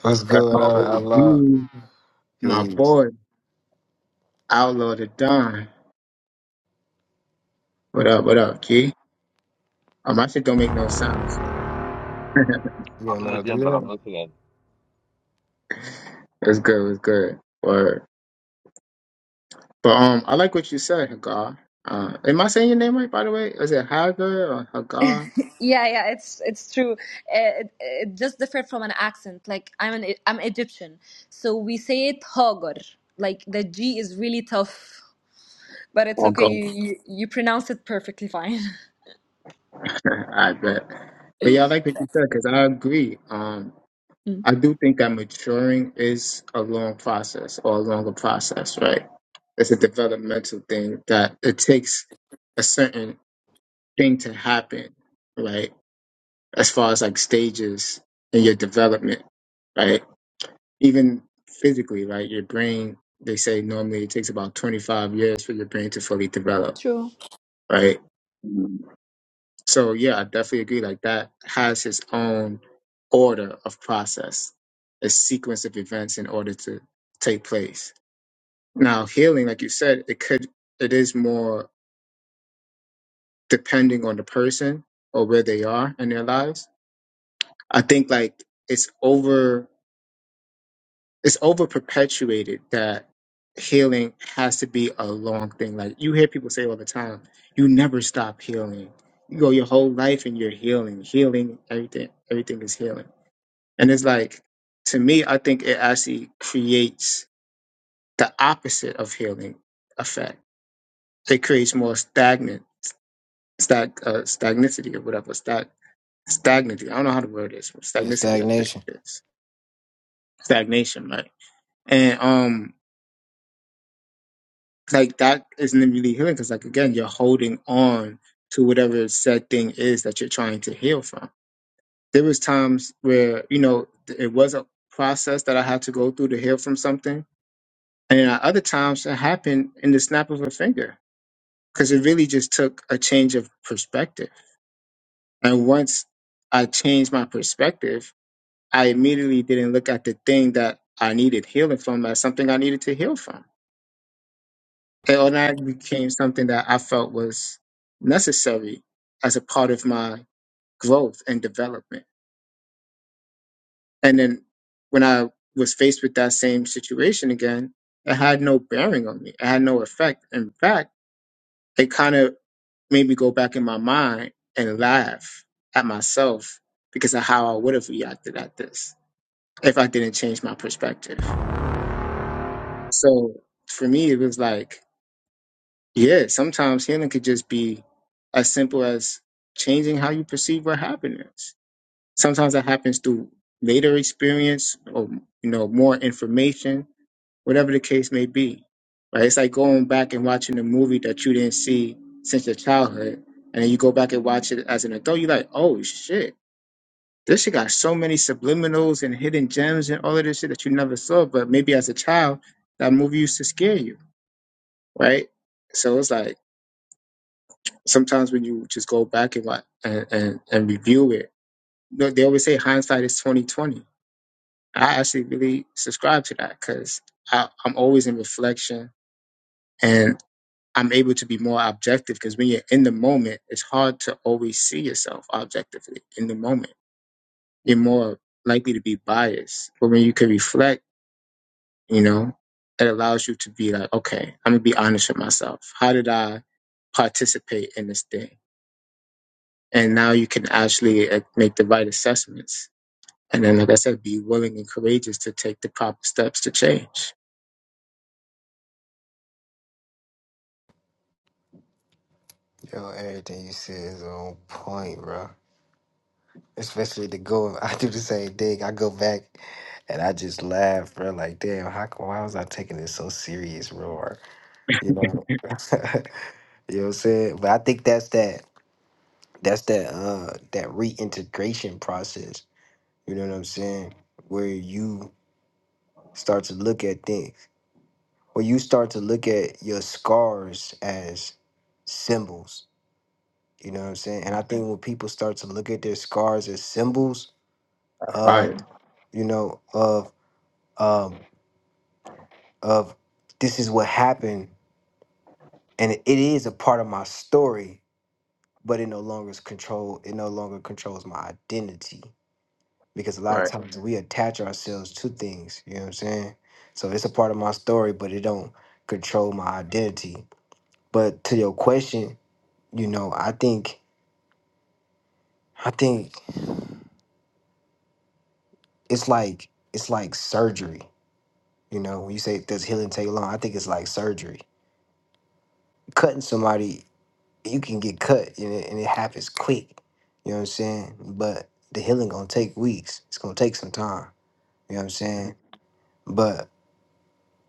C: What's
A: The
C: good? I, I
A: OG. My
C: Peace.
A: boy, Outlaw the Don. What up, what up, G? Um, my shit don't make no sound, so
C: You
I: I'm
C: don't
I: in
C: know
I: the
C: how to do
I: gym, but I'm
C: that?
I: listening.
A: it's good, it's good. Word. But um I like what you said, Hagar. Uh am I saying your name right by the way? Is it Hagar or Hagar?
F: Yeah, yeah, it's it's true. Uh, It, it just different from an accent. Like I'm an I'm Egyptian, so we say it hogor. Like the G is really tough, but it's
A: Or
F: okay.
A: Go.
F: You you, you pronounce it perfectly fine.
A: I bet. But yeah, I like what you said because I agree. Um
F: Mm.
A: I do think that maturing is a long process or a longer process, right? It's a developmental thing that it takes a certain thing to happen, right? as far as like stages in your development, right? Even physically, right? Your brain, they say normally it takes about 25 years for your brain to fully develop,
F: True.
A: right? So yeah, I definitely agree. Like that has its own order of process, a sequence of events in order to take place. Now, healing, like you said, it could, it is more depending on the person or where they are in their lives. I think like it's it's over perpetuated that healing has to be a long thing. Like you hear people say all the time, you never stop healing. You go your whole life and you're healing, healing, everything, everything is healing. And it's like, to me, I think it actually creates the opposite of healing effect. It creates more stagnant, stag, uh, stagnicity or whatever, stag, stagnity. I don't know how the word is, but
C: Yeah,
A: stagnicity, I think
C: stagnation.
A: it is. Stagnation, right? And, um, like that isn't really healing because like again you're holding on to whatever said thing is that you're trying to heal from there was times where you know th- it was a process that i had to go through to heal from something and at other times it happened in the snap of a finger because it really just took a change of perspective and once i changed my perspective i immediately didn't look at the thing that i needed healing from as something i needed to heal from it automatically became something that I felt was necessary as a part of my growth and development. And then when I was faced with that same situation again, it had no bearing on me. It had no effect. In fact, it kind of made me go back in my mind and laugh at myself because of how I would have reacted at this if I didn't change my perspective. So for me, it was like Yeah, sometimes healing could just be as simple as changing how you perceive what happiness. Sometimes that happens through later experience or you know more information, whatever the case may be. Right? It's like going back and watching a movie that you didn't see since your childhood, and then you go back and watch it as an adult. You're like, oh shit, this shit got so many subliminals and hidden gems and all of this shit that you never saw. But maybe as a child, that movie used to scare you, right? So it's like sometimes when you just go back and like and, and, and review it, you know, they always say hindsight is twenty twenty. I actually really subscribe to that because I'm always in reflection and I'm able to be more objective because when you're in the moment, it's hard to always see yourself objectively in the moment. You're more likely to be biased, but when you can reflect, you know, it allows you to be like, okay, I'm gonna be honest with myself. How did I participate in this thing? and now you can actually uh, make the right assessments and then like i said be willing and courageous to take the proper steps to change
C: Yo, everything you said is on point, bro. Especially the go. I do the same thing. I go back and I just laugh, bro. Like, damn, how come why was I taking this so serious, bro? You know, you know what I'm saying. But I think that's that. That's that. Uh, that reintegration process. You know what I'm saying? Where you start to look at things, where you start to look at your scars as symbols You know what I'm saying? And I think when people start to look at their scars as symbols of,
A: right
C: you know, of um of this is what happened and it is a part of my story, but it no longer is control it no longer controls my identity. Because a lot of
A: right
C: times we attach ourselves to things, you know what I'm saying? So it's a part of my story, but it don't control my identity. But to your question, you know, I think I think it's like it's like surgery You know, when you say does healing take long, I think it's like surgery. Cutting somebody, you can get cut and it, and it happens quick. You know what I'm saying? But the healing gonna take weeks. It's gonna take some time. You know what I'm
A: Mhm.
C: saying?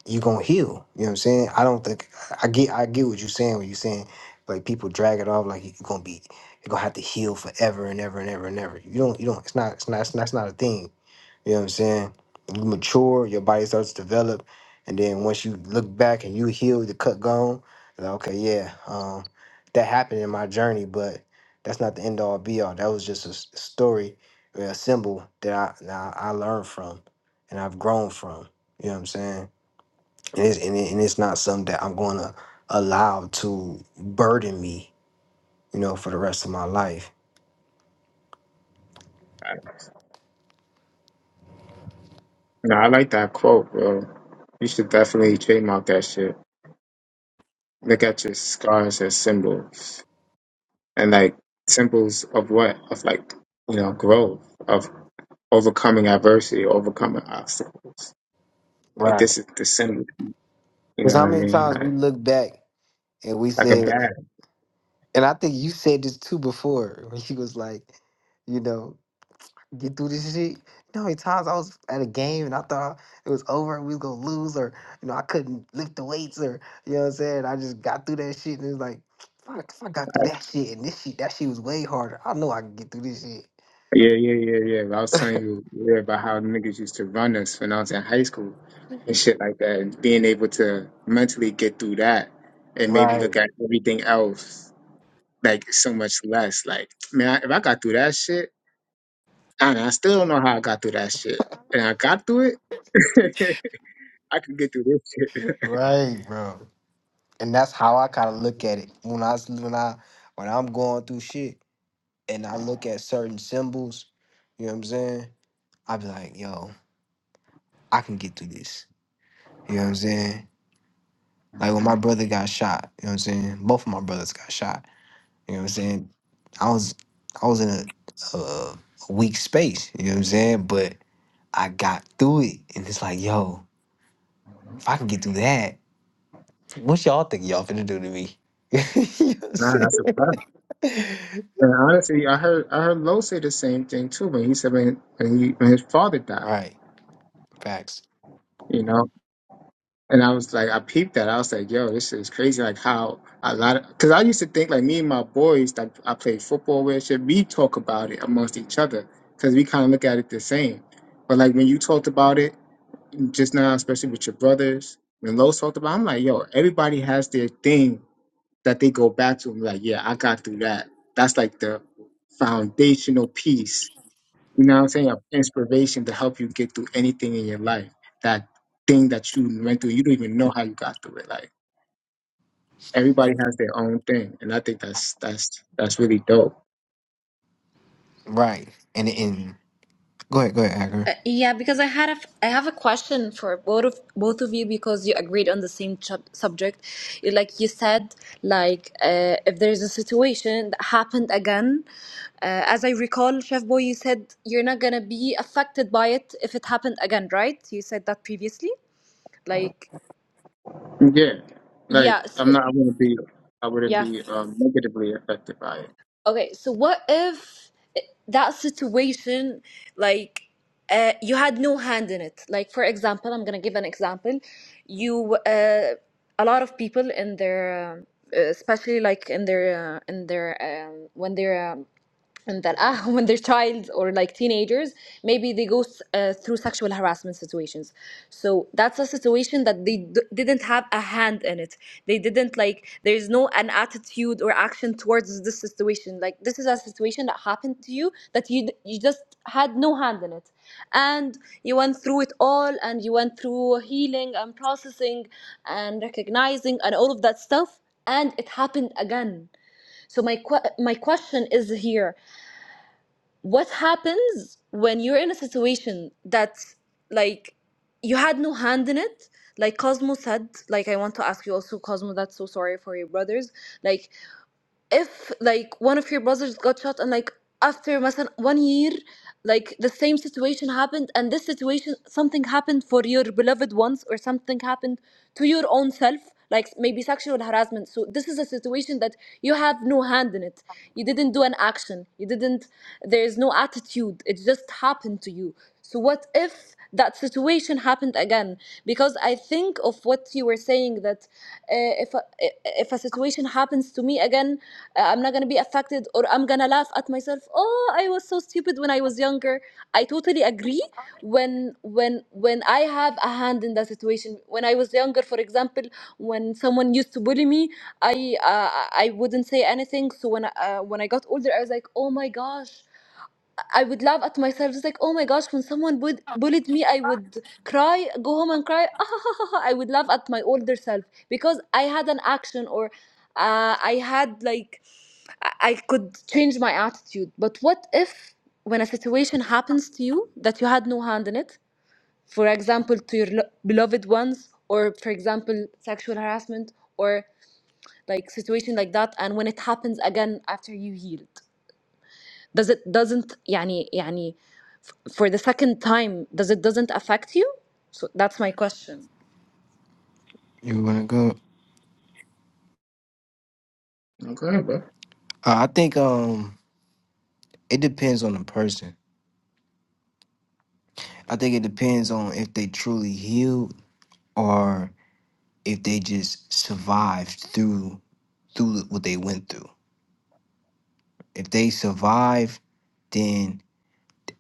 C: you're gonna heal. You know what I'm saying? I don't think I get I get what you're saying when you're saying like people drag it off like you're gonna be you're gonna have to heal forever and ever and ever and ever. You don't you don't it's not it's not it's not, it's not a thing. You know what I'm saying? You mature, your body starts to develop, and then once you look back and you heal the cut gone, you're like, okay, yeah, um, that happened in my journey, but that's not the end all be all. That was just a s- story, or a symbol that I that I I learned from and I've grown from. You know what I'm saying? and it's, and, it, and it's not something that I'm going to allow to burden me, you know, for the rest of my life.
A: no i like that quote bro you should definitely trademark that shit look at your scars as symbols and like symbols of what of like you know growth of overcoming adversity, overcoming obstacles. Like
C: Right.
A: this is the symbol. You
C: Because
A: know
C: how
A: what I
C: many
A: mean?
C: times we
A: Like
C: look back and we
A: like a
C: said,
A: bat.
C: and I think you said this too before when you was like, you know, get through this shit. You know, how many times I was at a game and I thought it was over and we was gonna lose, or you know, I couldn't lift the weights, or you know what I'm saying. I just got through that shit and it was like, fuck, if I got through that shit and this shit, that shit was way harder. I know I can get through this shit.
A: Yeah, yeah, yeah, yeah. I was telling you yeah, about how niggas used to run us when I was in high school and shit like that, and being able to mentally get through that and maybe
C: Right.
A: look at everything else like so much less. Like man, if I got through that shit, I, I still don't know how I got through that shit, and I got through it. I can get through this shit.
C: Right, bro. And that's how I kind of look at it when I s- when I when I'm going through shit and I look at certain symbols. You know what I'm saying? I be like, yo, I can get through this. You know what I'm saying? Like when
A: Mhm.
C: my brother got shot. You know what I'm saying? Both of my brothers got shot. You know what I'm saying? I was I was in a, a, a weak space. You know what I'm saying? But I got through it, and it's like, yo, if I can get through that, what y'all think y'all finna do to me? you know what I'm
A: Nah,
C: saying?
A: that's a fact. And honestly, I heard I heard Lo say the same thing too when he said when when, he, when his father died.
C: Right. Facts.
A: You know, And I was like, I peeped that. I was like, yo, this is crazy. Like how a lot of, because I used to think like me and my boys that I played football with, should we talk about it amongst each other? Because we kind of look at it the same. But like when you talked about it just now, especially with your brothers, when Lowe's talked about, it, I'm like, yo, everybody has their thing that they go back to. I'm like, yeah, I got through that. That's like the foundational piece you know what I'm saying, of inspiration to help you get through anything in your life. That thing that you went through, you don't even know how you got through it. Like everybody has their own thing, and I think that's that's that's really dope.
C: Right. And and go ahead, go ahead, Agar.
F: Uh, yeah, because I had a f- I have a question for both of both of you because you agreed on the same chub- subject. You- Like you said, like uh, if there is a situation that happened again, uh, as I recall, Chef Boy, you said you're not gonna be affected by it if it happened again, right? You said that previously. Like
A: Yeah, like
F: yeah,
A: I'm
F: so,
A: not, I wouldn't be, I wouldn't
F: yeah.
A: be um, negatively affected by it.
F: Okay, so what if that situation, like, uh, you had no hand in it? Like, for example, I'm gonna give an example. You, uh, a lot of people in their, um, uh, especially like in their, uh, in their, um, when they're um, and that ah, when they're child or like teenagers, maybe they go uh, through sexual harassment situations. So that's a situation that they d- didn't have a hand in it. They didn't like. There's no an attitude or action towards this situation. Like this is a situation that happened to you that you d- you just had no hand in it, and you went through it all, and you went through healing and processing, and recognizing and all of that stuff, and it happened again. So my que- my question is here what happens when you're in a situation that's like you had no hand in it like cosmo said like i want to ask you also cosmo that's so sorry for your brothers like if like one of your brothers got shot and like after مثلا one year like the same situation happened and this situation something happened for your beloved ones or something happened to your own self like maybe sexual harassment so this is a situation that you have no hand in it you didn't do an action you didn't there is no attitude it just happened to you so what if that situation happened again because i think of what you were saying that uh, if a, eh, if a situation happens to me again I'm not gonna be affected or I'm gonna laugh at myself. Oh, I was so stupid when I was younger. I totally agree. When when when I have a hand in that situation, when I was younger, for example, when someone used to bully me, I uh, I wouldn't say anything. So when I- uh, when I got older, I was like, oh my gosh. I would laugh at myself, It's like, oh my gosh, when someone would bullied me, I would cry, go home and cry. I would laugh at my older self because I had an action or uh, I had like I I could change my attitude. But what if, when a situation happens to you that you had no hand in it, for example, to your lo- beloved ones, or for example, sexual harassment, or like situation like that, and when it happens again after you healed, does it doesn't يعني يعني for the second time does it doesn't affect you? So that's my question.
C: You wanna go?
A: Okay, bro.
C: Uh, I think um it depends on the person. I think it depends on if they truly healed or if they just survived through through what they went through. If they survived, then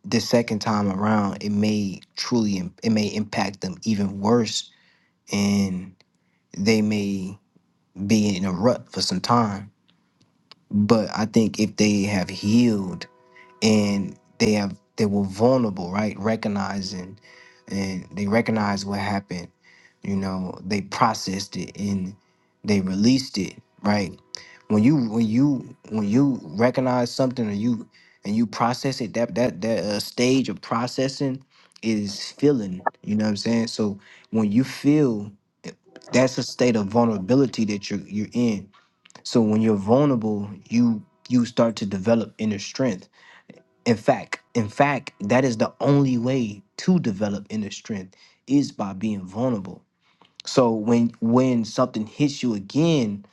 C: the second time around it may truly im- it may impact them even worse and they may be in a rut for some time. But I think if they have healed and they have they were vulnerable right recognizing and they recognized what happened you know they processed it and they released it right when you when you when you recognize something or you and you process it that that that uh, stage of processing is feeling you know what i'm saying so when you feel that's a state of vulnerability that you're you're in so when you're vulnerable you you start to develop inner strength in fact, in fact, that is the only way to develop inner strength is by being vulnerable. So when when something hits you again,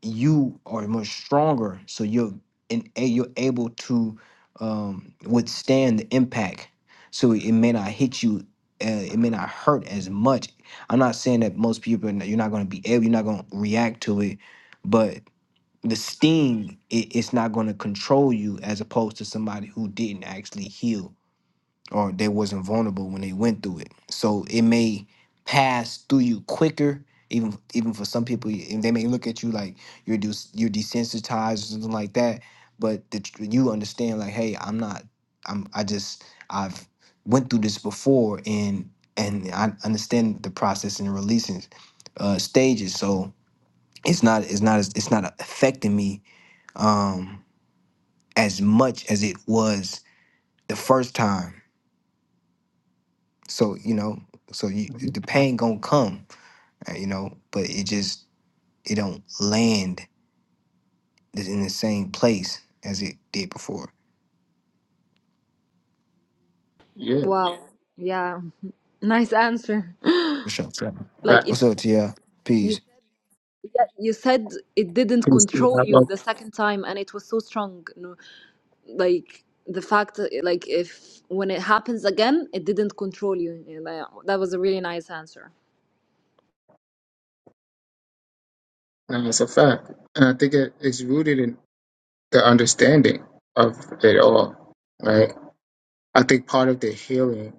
C: you are much stronger. So you're and you're able to um, withstand the impact. So it may not hit you. Uh, it may not hurt as much. I'm not saying that most people are not- you're not going to be able. You're not going to react to it, but the sting it, it's not going to control you as opposed to somebody who didn't actually heal or they wasn't vulnerable when they went through it so it may pass through you quicker even even for some people and they may look at you like you're des- you're desensitized or something like that but the, tr- you understand like hey i'm not i'm i just i've went through this before and and i understand the process and releasing uh stages so it's not it's not as it's not affecting me um, as much as it was the first time. So you know, so you,
A: Mhm.
C: the pain gonna come, uh, you know, but it just it don't land in the same place as it did before.
A: Yeah,
F: Wow. Yeah. Nice answer.
C: What's up? Sure.
F: Like
C: What's up,
F: it.
C: Ti? Peace.
F: Yeah, you said it didn't control
A: but
F: you the second time, and it was so strong. No, like the fact, that, like if when it happens again, it didn't control you. Yeah, That that was a really nice answer.
A: And it's a fact. And I think it, it's rooted in the understanding of it all, right? I think part of the healing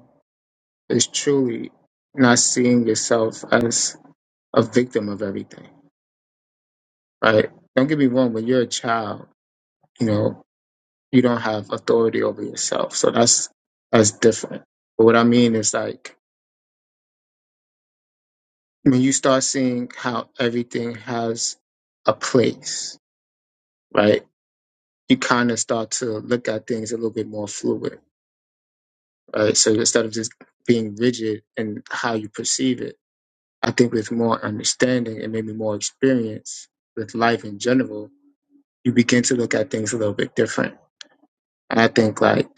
A: is truly not seeing yourself as a victim of everything, right? Don't get me wrong, when you're a child, you know, you don't have authority over yourself. So that's that's different. But what I mean is like when you start seeing how everything has a place, right? You kind of start to look at things a little bit more fluid right? So instead of just being rigid in how you perceive it, I think with more understanding and maybe more experience with life in general, you begin to look at things a little bit different. And I think like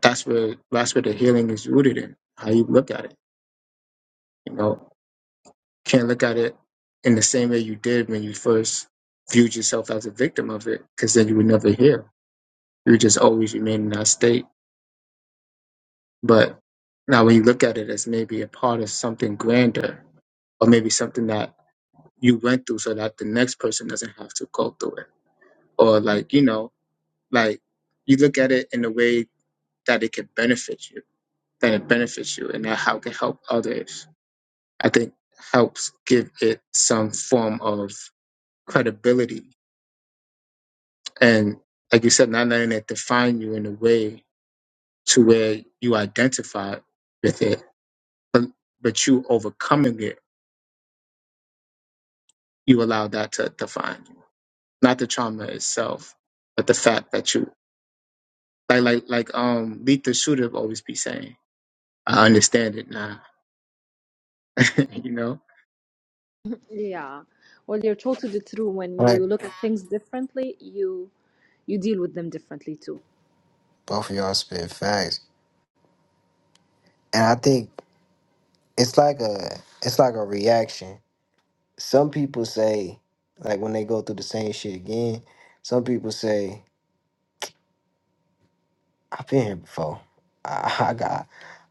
A: that's where that's where the healing is rooted in how you look at it. You know, can't look at it in the same way you did when you first viewed yourself as a victim of it, because then you would never heal. You would just always remain in that state. But now when you look at it as maybe a part of something grander, or maybe something that you went through so that the next person doesn't have to go through it. Or like, you know, like you look at it in a way that it can benefit you, that it benefits you and that how it can help others. I think helps give it some form of credibility. And like you said, not letting it define you in a way to where you identify with it, but but you overcoming it, you allow that to define you. Not the trauma itself, but the fact that you Like like like um Beat the Shooter always be saying. I understand it now. you know?
F: Yeah, well, you're totally true.
C: All
F: When
C: right,
F: you look at things differently, you you deal with them differently too.
C: both of y'all spit facts, and I think it's like a it's like a reaction. Some people say like when they go through the same shit again. Some people say I've been here before. I, I got,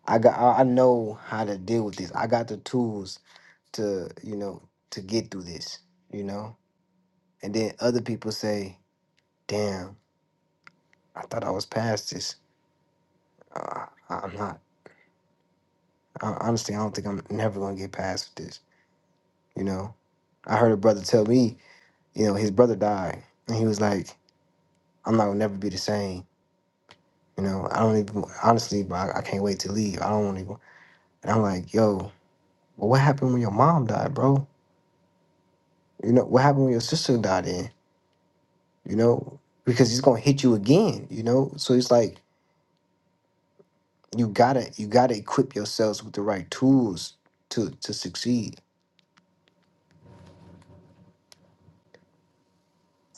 C: I got, I I know how to deal with this. I got the tools to, you know, to get through this, you know. And then other people say, "Damn, I thought I was past this. Uh, I'm not. I, honestly, I don't think I'm never gonna get past this." You know, I heard a brother tell me, you know, his brother died, and he was like, "I'm not gonna never be the same." You know, I don't even honestly, but I, I can't wait to leave. I don't want to. And I'm like, "Yo, well, what happened when your mom died, bro?" You know, what happened when your sister died in? You know, because he's gonna hit you again, you know? So it's like you gotta you gotta equip yourselves with the right tools to to succeed.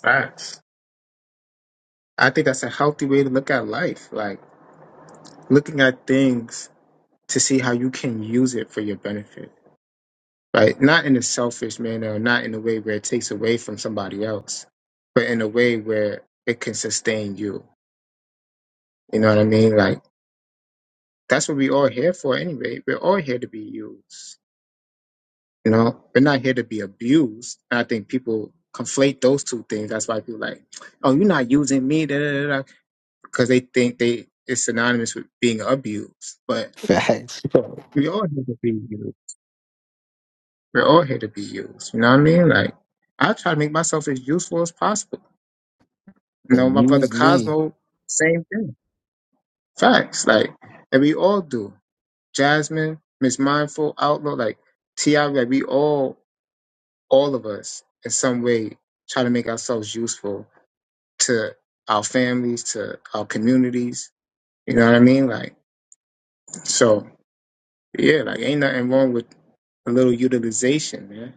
A: Facts. I think that's a healthy way to look at life. Like looking at things to see how you can use it for your benefit. Right? Not in a selfish manner or not in a way where it takes away from somebody else, but in a way where it can sustain you. You know what I mean? Like that's what we all here for anyway. We're all here to be used. You know, we're not here to be abused. And I think people conflate those two things. That's why people like, oh, you're not using me, da, da, da, because they think they it's synonymous with being abused. But
C: Facts.
A: we all here to be used. We're all here to be used. You know what I mean? Like, I try to make myself as useful as possible. You know, my brother
C: Use me.
A: Cosmo, same thing. Facts. Like, and we all do. Jasmine, Miss Mindful, Outlaw, like T.I., like we all, all of us, in some way, try to make ourselves useful to our families, to our communities. You know what I mean? Like, so yeah, like ain't nothing wrong with a little utilization, man.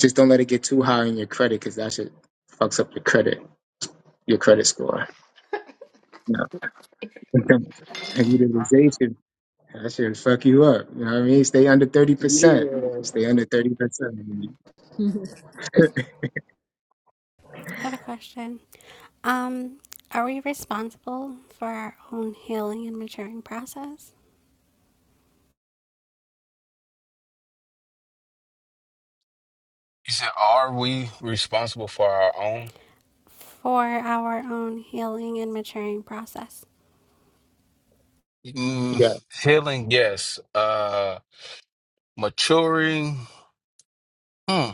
A: Just don't let it get too high in your credit because that shit fucks up your credit, your credit score. No. utilization, that shit fuck you up. You know what I mean? Stay under 30%.
C: Yeah.
A: Stay under 30%.
B: I have a question. Um, are we responsible for our own healing and maturing process?
J: You said, are we responsible for our own
B: For our own healing and maturing process.
A: yeah.
J: mm, healing? Yes. Uh, maturing. Hmm.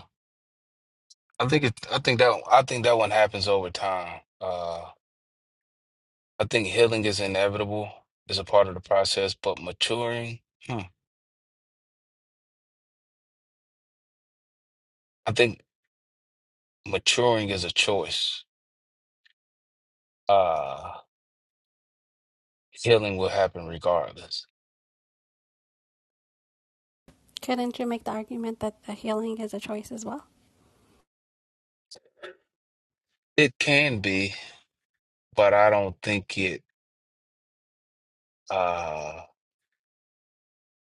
J: I think it. I think that. I think that one happens over time. Uh, I think healing is inevitable. It's a part of the process, but maturing. Hmm. I think maturing is a choice. Uh, healing will happen regardless.
B: Couldn't you make the argument that the healing is a choice as well?
J: It can be, but I don't think it uh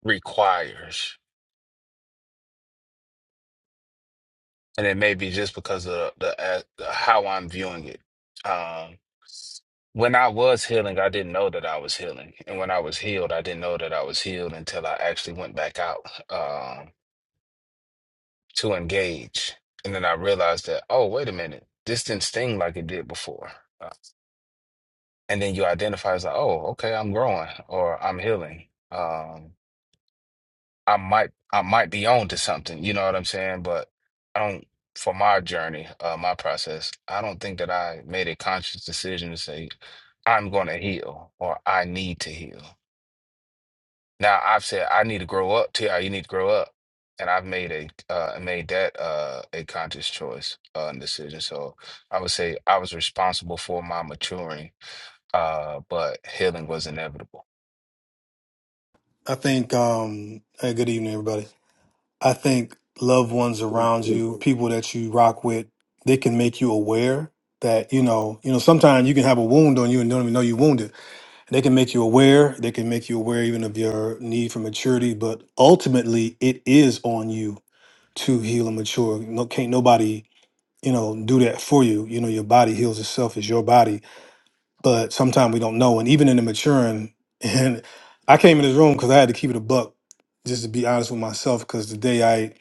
J: requires. and it may be just because of the, uh, how I'm viewing it. Um, when I was healing, I didn't know that I was healing, and when I was healed, I didn't know that I was healed until I actually went back out um, to engage, and then I realized that oh, wait a minute, this didn't sting like it did before, Uh, and then you identify as like oh, okay, I'm growing or I'm healing. Um, I might I might be on to something, you know what I'm saying? But I don't for my journey, uh, my process, I don't think that I made a conscious decision to say, I'm gonna heal or I need to heal. Now I've said I need to grow up, T.I., you need to grow up. And I've made a uh made that uh a conscious choice uh and decision. So I would say I was responsible for my maturing, uh, but healing was inevitable.
K: I think, um, hey, good evening, everybody. I think loved ones around you, people that you rock with, they can make you aware that, you know, you know, sometimes you can have a wound on you and don't even know you wounded. they can make you aware. They can make you aware even of your need for maturity, but ultimately it is on you to heal and mature. No, can't nobody, you know, do that for you. You know, your body heals itself. It's your body but sometimes we don't know. And even in the maturing, and I came in this room because I had to keep it a buck, just to be honest with myself. Because the day I,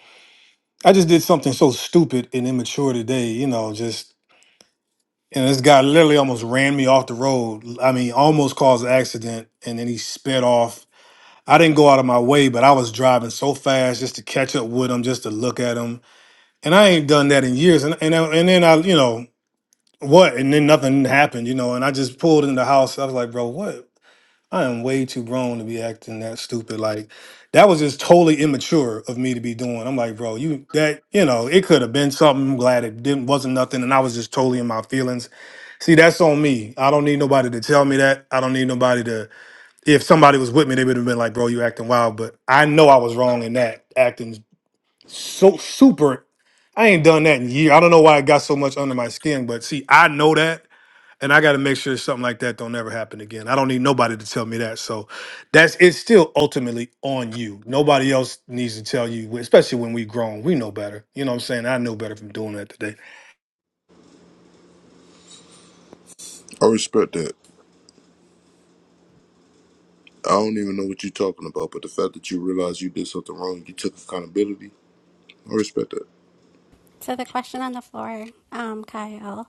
K: I just did something so stupid and immature today, you know, just and this guy literally almost ran me off the road. I mean, almost caused an accident, and then he sped off. I didn't go out of my way, but I was driving so fast just to catch up with him, just to look at him. And I ain't done that in years. And and I- and then I, you know, what? And then nothing happened, you know. And I just pulled in the house. I was like, bro, what? I am way too grown to be acting that stupid. Like that was just totally immature of me to be doing. I'm like, bro, you that you know, it could have been something. I'm glad it didn't wasn't nothing, and I was just totally in my feelings. See, that's on me. I don't need nobody to tell me that. I don't need nobody to. If somebody was with me, they would have been like, bro, you acting wild. But I know I was wrong in that acting so super. I ain't done that in years. I don't know why it got so much under my skin, but see, I know that and I got to make sure something like that don't ever happen again. I don't need nobody to tell me that. So that's it's still ultimately on you. Nobody else needs to tell you, especially when we grown. We know better. You know what I'm saying? I know better from doing that today.
E: I respect that. I don't even know what you're talking about, but the fact that you realize you did something wrong, you took accountability, I respect that.
B: So the question on the floor, um, Kyle,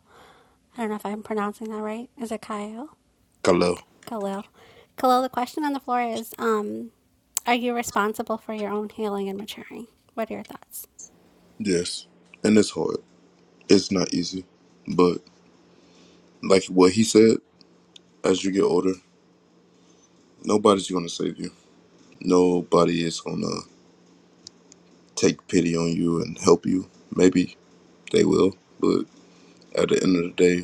B: I don't know if I'm pronouncing that right. Is it Kyle?
E: Khalil.
B: Khalil. Khalil, the question on the floor is um, Are you responsible for your own healing and maturing? What are your thoughts?
E: Yes. And it's hard. It's not easy. But like what he said, as you get older, nobody's gonna save you. Nobody is gonna take pity on you and help you. Maybe they will, but at the end of the day,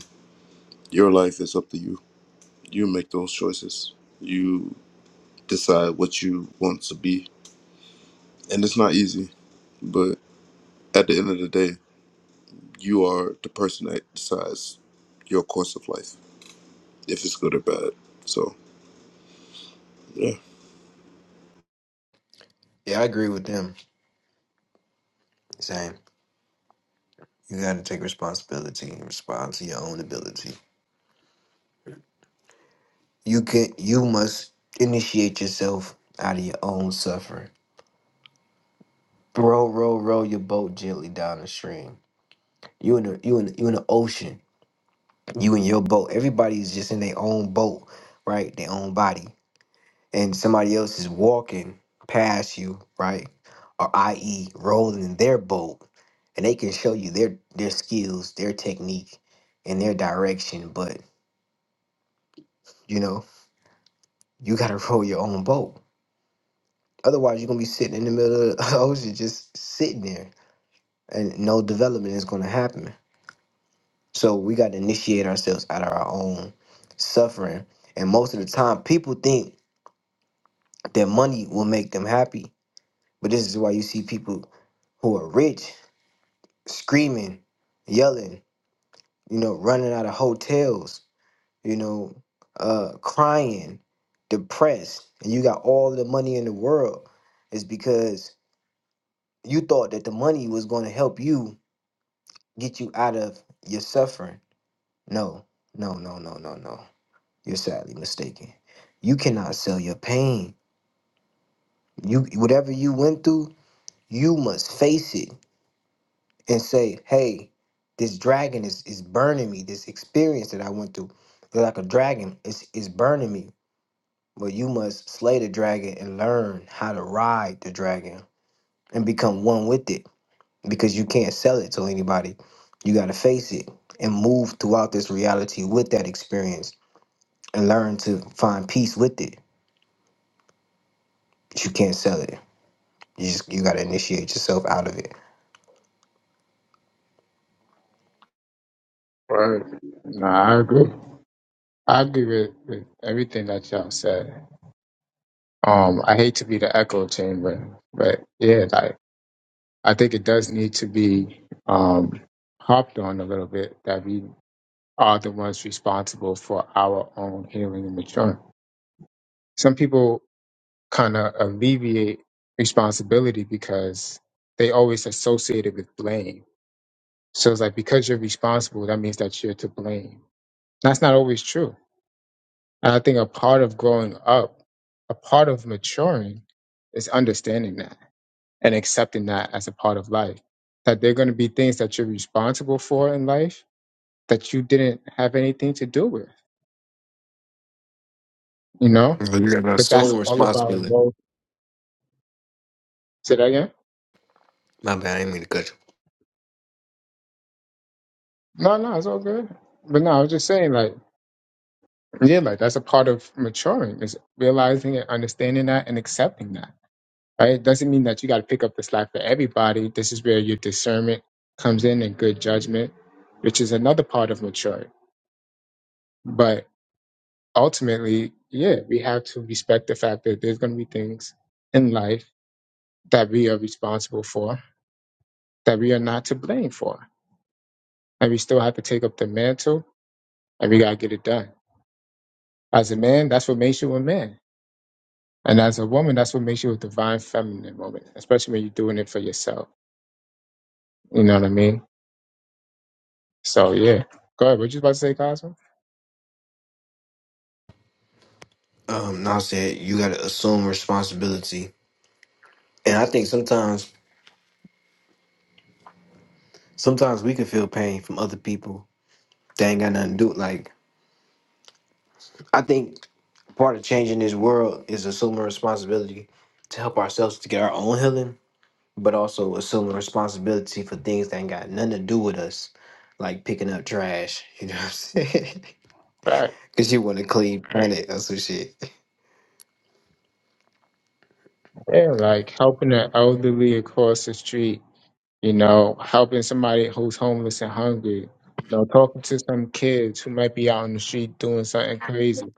E: your life is up to you. You make those choices. You decide what you want to be. And it's not easy, but at the end of the day, you are the person that decides your course of life, if it's good or bad. So, yeah.
C: Yeah, I agree with them. Same. You gotta take responsibility and respond to your own ability. You can you must initiate yourself out of your own suffering. Row, row, row your boat gently down the stream. You in the you in you in the ocean you in your boat. Everybody is just in their own boat, right? Their own body. And somebody else is walking past you, right? Or i.e. rolling in their boat. And they can show you their their skills, their technique, and their direction. But you know, you gotta roll your own boat. Otherwise you're gonna be sitting in the middle of the ocean just sitting there. And no development is gonna happen. So we gotta initiate ourselves out of our own suffering. And most of the time people think Their money will make them happy. But this is why you see people who are rich screaming, yelling, you know, running out of hotels, you know, uh, crying, depressed, and you got all the money in the world. It's because you thought that the money was going to help you get you out of your suffering. No, no, no, no, no, no. You're sadly mistaken. You cannot sell your pain. You whatever you went through, you must face it and say, hey, this dragon is, is burning me. This experience that I went through, it's like a dragon, is is burning me. But you must slay the dragon and learn how to ride the dragon and become one with it because you can't sell it to anybody. You got to face it and move throughout this reality with that experience and learn to find peace with it. But you can't sell it. You just you got to initiate yourself out of it.
A: Right. No, I agree. I agree with, with everything that y'all said. Um, I hate to be the echo chamber, but yeah, like I think it does need to be um hopped on a little bit that we are the ones responsible for our own healing and maturing. Some people kind of alleviate responsibility because they always associate it with blame. So it's like because you're responsible, that means that you're to blame. That's not always true. And I think a part of growing up, a part of maturing is understanding that and accepting that as a part of life. That there are going to be things that you're responsible for in life that you didn't have anything to do with, you know?
C: You got to
A: But that's
C: assume
A: all about
C: responsibility.
A: growth. Say that again?
C: My bad. I didn't mean to cut you
A: No, no, it's all good. But no, I was just saying, like, yeah, like that's a part of maturing is realizing and understanding that and accepting that, right? It doesn't mean that you got to pick up the slack for everybody. This is where your discernment comes in and good judgment, which is another part of maturing. But ultimately, yeah, we have to respect the fact that there's going to be things in life that we are responsible for, that we are not to blame for. And we still have to take up the mantle and we got to get it done. As a man, that's what makes you a man. And as a woman, that's what makes you a divine feminine woman, especially when you're doing it for yourself. You know what I mean? So, yeah. Go ahead. What you about to say, Cosmo?
C: um, Nas said, you got to assume responsibility. And I think sometimes, sometimes we can feel pain from other people that ain't got nothing to do. Like, I think part of changing this world is assuming responsibility to help ourselves to get our own healing, but also assuming responsibility for things that ain't got nothing to do with us, like picking up trash. You know what I'm saying?
A: Facts.
C: Because you want a clean planet or some shit.
A: Yeah, like helping the elderly across the street, you know, helping somebody who's homeless and hungry, you know, talking to some kids who might be out on the street doing something crazy.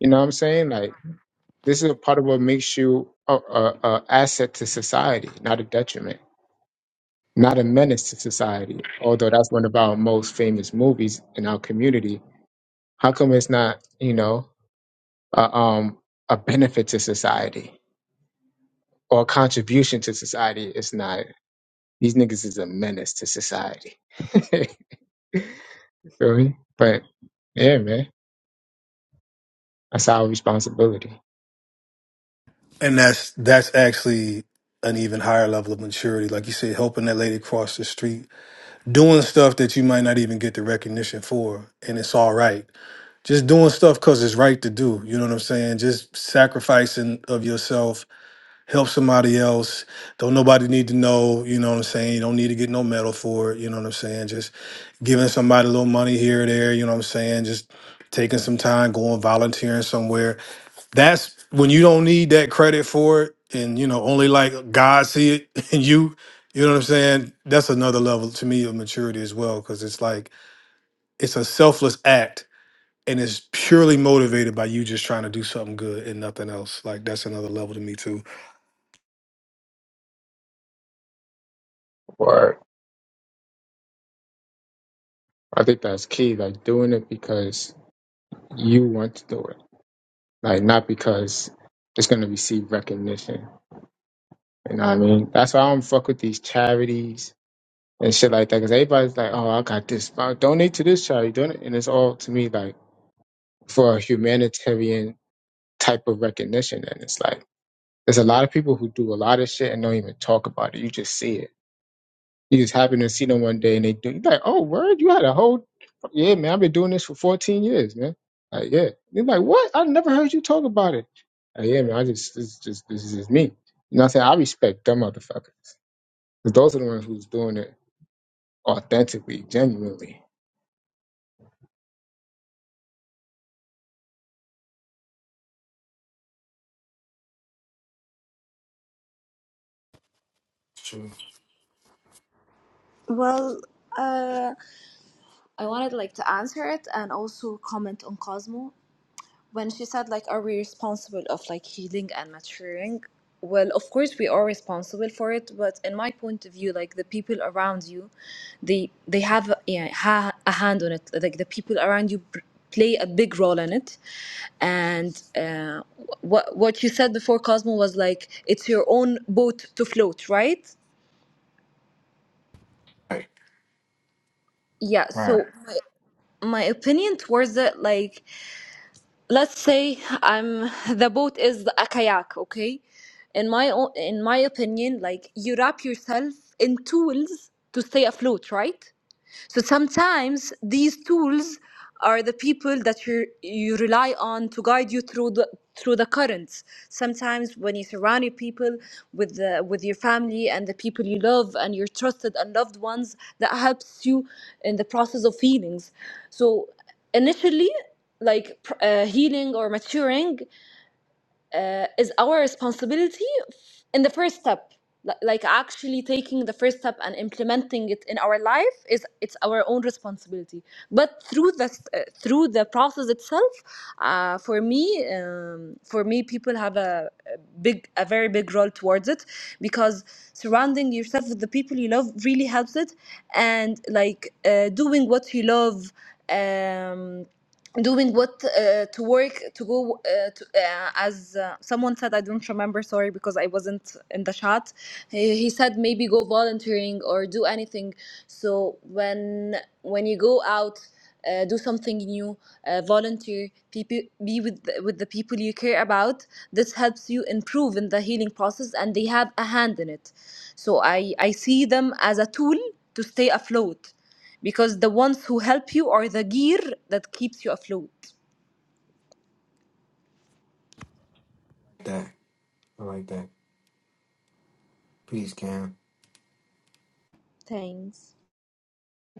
A: You know what I'm saying? Like, this is a part of what makes you a, a, a asset to society, not a detriment, not a menace to society. Although that's one of our most famous movies in our community. How come it's not, you know, a, um, a benefit to society or a contribution to society? It's not These niggas is a menace to society. Feel me? But yeah, man, that's our responsibility.
K: And that's that's actually an even higher level of maturity. Like you said, helping that lady cross the street, doing stuff that you might not even get the recognition for, and it's all right. Just doing stuff because it's right to do. You know what I'm saying? Just sacrificing of yourself help somebody else. Don't nobody need to know, you know what I'm saying? You don't need to get no medal for it, you know what I'm saying? Just giving somebody a little money here or there, you know what I'm saying? Just taking some time, going volunteering somewhere. That's when you don't need that credit for it and you know, only like God see it and you you know what I'm saying? That's another level to me of maturity as well, because it's like it's a selfless act and it's purely motivated by you just trying to do something good and nothing else. Like that's another level to me too.
A: Or I think that's key. Like doing it because you want to do it. Like not because it's gonna receive recognition. You know what I mean? That's why I don't fuck with these charities and shit like that. Because everybody's like, oh, I got this. I donate to this charity. Donate, and it's all to me like for a humanitarian type of recognition. And it's like there's a lot of people who do a lot of shit and don't even talk about it. You just see it You just happen to see them one day and they do. You're like, oh, word, you had a whole, yeah, man, I've been doing this for 14 years, man. Like, yeah. They're like, what? I never heard you talk about it. Like, yeah, man, I just, this, just, this is just me. You know what I'm saying? I respect them motherfuckers. 'Cause those are the ones who's doing it authentically, genuinely.
C: True.
F: Well, uh, I wanted like to answer it and also comment on Cosmo. when she said like are we responsible of like healing and maturing well of course we are responsible for it but in my point of view like the people around you they they have a- yeah, ha- a hand on it like the people around you pr- play a big role in it and uh, what what you said before cosmo was like it's your own boat to float right
C: Right.
F: yeah
C: Right.
F: so my, my opinion towards it like let's say I'm the boat is a kayak, okay? In my o- in my opinion, like you wrap yourself in tools to stay afloat, right? So sometimes these tools are the people that you you rely on to guide you through the through the currents. Sometimes when you surround your people with the, with your family and the people you love and your trusted and loved ones, that helps you in the process of healings. So initially, like pr- uh, healing or maturing uh, is our responsibility f- in the first step Li- like actually taking the first step and implementing it in our life is it's our own responsibility but through the uh, through the process itself uh, for me um, for me people have a, a big a very big role towards it because surrounding yourself with the people you love really helps it and like uh, doing what you love um doing what uh, to work to go uh, to, uh, as uh, someone said i don't remember sorry because i wasn't in the chat he, he said maybe go volunteering or do anything so when when you go out uh, do something new uh, volunteer people be with the, with the people you care about this helps you improve in the healing process and they have a hand in it so i i see them as a tool to stay afloat because the ones who help you are the gear that keeps you afloat.
C: That. I like that. Peace, Cam.
F: Thanks.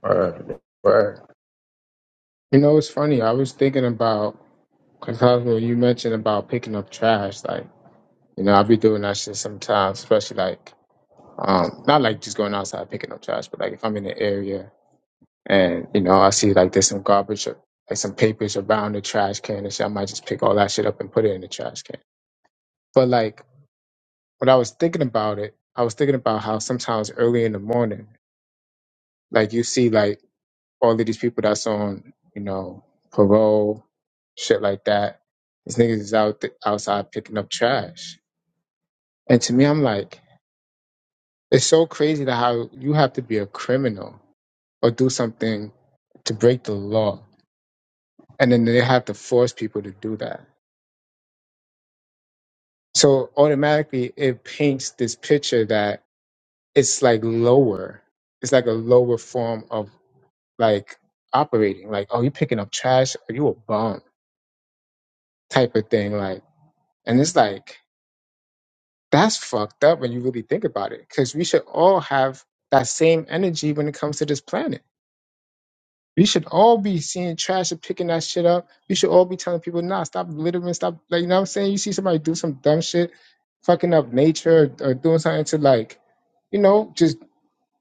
A: Word, word. You know, it's funny. I was thinking about, because when you mentioned about picking up trash, like, you know, I be doing that shit sometimes, especially like, um, not like just going outside picking up trash, but like if I'm in an area And you know, I see like there's some garbage, or, like some papers around the trash can and shit. I might just pick all that shit up and put it in the trash can. But like when I was thinking about it, I was thinking about how sometimes early in the morning, like you see like all of these people that's on, you know, parole, shit like that. These niggas is out th- outside picking up trash. And to me, I'm like, it's so crazy that how you have to be a criminal or do something to break the law, and then they have to force people to do that So automatically it paints this picture that it's like lower. It's like a lower form of like operating. Like, oh, you picking up trash, are you a bum type of thing. Like, and it's like, that's fucked up when you really think about it. Cause we should all have that same energy when it comes to this planet. We should all be seeing trash and picking that shit up. We should all be telling people, nah, stop littering, stop like you know what I'm saying? You see somebody do some dumb shit, fucking up nature or, or doing something to like you know, just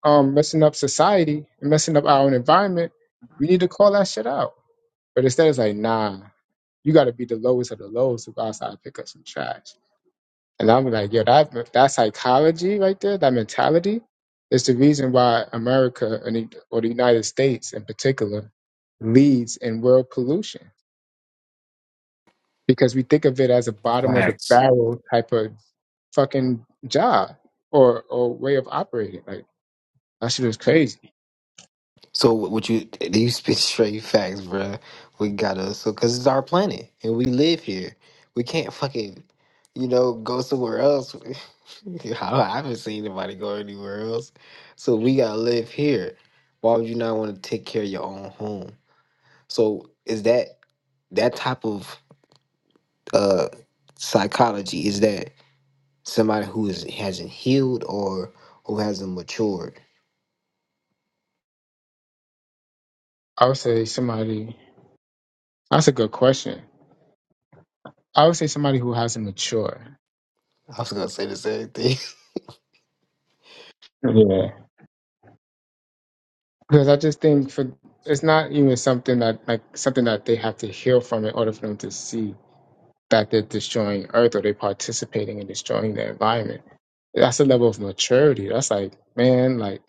A: um, messing up society and messing up our own environment, we need to call that shit out. But instead, it's like, nah, you got to be the lowest of the lowest to go outside and pick up some trash. And I'm like, yo, that that psychology right there, that mentality, is the reason why America and the, or the United States in particular leads in world pollution because we think of it as a bottom of the
C: Facts.
A: barrel type of fucking job or or way of operating. Like that shit is crazy.
C: So what what you you spit straight facts, bruh. We got us so because it's our planet and we live here. We can't fucking you know go somewhere else. I I haven't seen anybody go anywhere else. So we gotta live here. Why would you not want to take care of your own home? So is that that type of uh psychology? Is that somebody who is hasn't healed or who hasn't matured?
A: I would say somebody That's a good question. I would say somebody who hasn't matured.
C: I was gonna say the same thing.
A: Yeah. Because I just think for it's not even something that like something that they have to heal from in order for them to see that they're destroying Earth or they're participating in destroying the environment. That's a level of maturity. That's like, man, like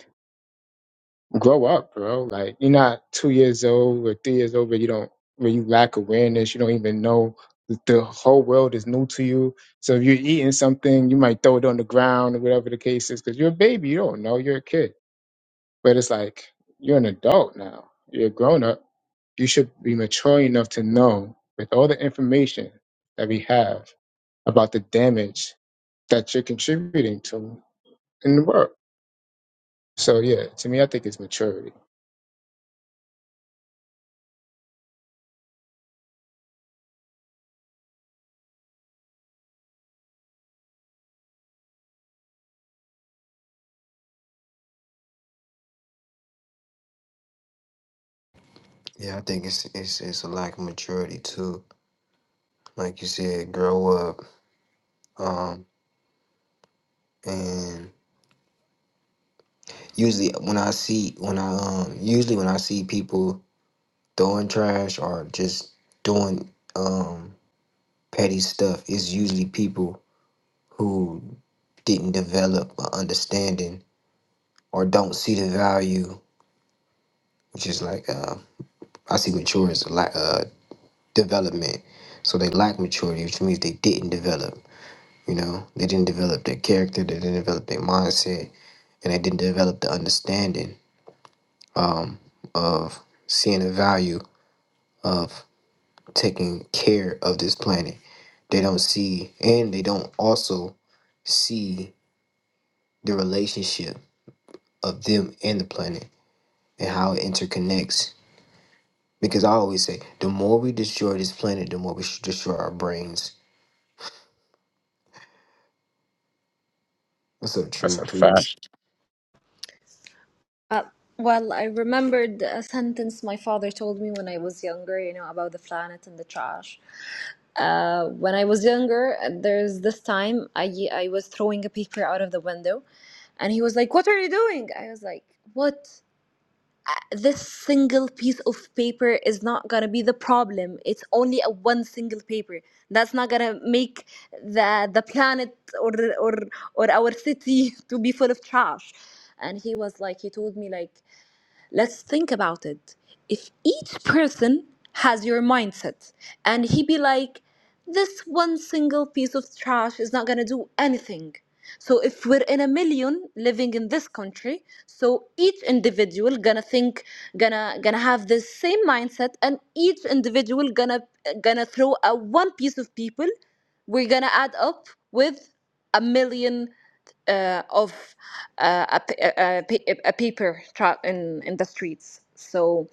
A: grow up, bro. Like you're not two years old or three years old, but you don't where you lack awareness. You don't even know that the whole world is new to you. So if you're eating something, you might throw it on the ground or whatever the case is, because you're a baby. You don't know. You're a kid. But it's like you're an adult now. You're a grown up. You should be mature enough to know with all the information that we have about the damage that you're contributing to in the world. So yeah, to me, I think it's maturity.
C: Yeah, I think it's it's it's a lack of maturity too. Like you said, grow up. Um, and usually when I see when I um usually when I see people throwing trash or just doing um petty stuff, it's usually people who didn't develop an understanding or don't see the value, which is like uh, I see mature as a lack uh development. So they lack maturity, which means they didn't develop. You know, they didn't develop their character, they didn't develop their mindset, and they didn't develop the understanding um, of seeing the value of taking care of this planet. They don't see, and they don't also see the relationship of them and the planet and how it interconnects. Because I always say, the more we destroy this planet, the more we should destroy our brains. That's so
A: That's
C: true,
A: a fact.
C: peace,
F: Uh, well, I remembered a sentence my father told me when I was younger, you know, about the planet and the trash. Uh, when I was younger, there's this time I, I was throwing a paper out of the window, and he was like, What are you doing? I was like, What? this single piece of paper is not going to be the problem it's only a one single paper that's not going to make the the planet or or or our city to be full of trash and he was like he told me like let's think about it if each person has your mindset and he be like this one single piece of trash is not going to do anything so if we're in a million living in this country so each individual gonna think gonna gonna have the same mindset and each individual gonna gonna throw a one piece of people we're gonna add up with a million uh, of uh, a, p- a, a, a paper truck in, in the streets. So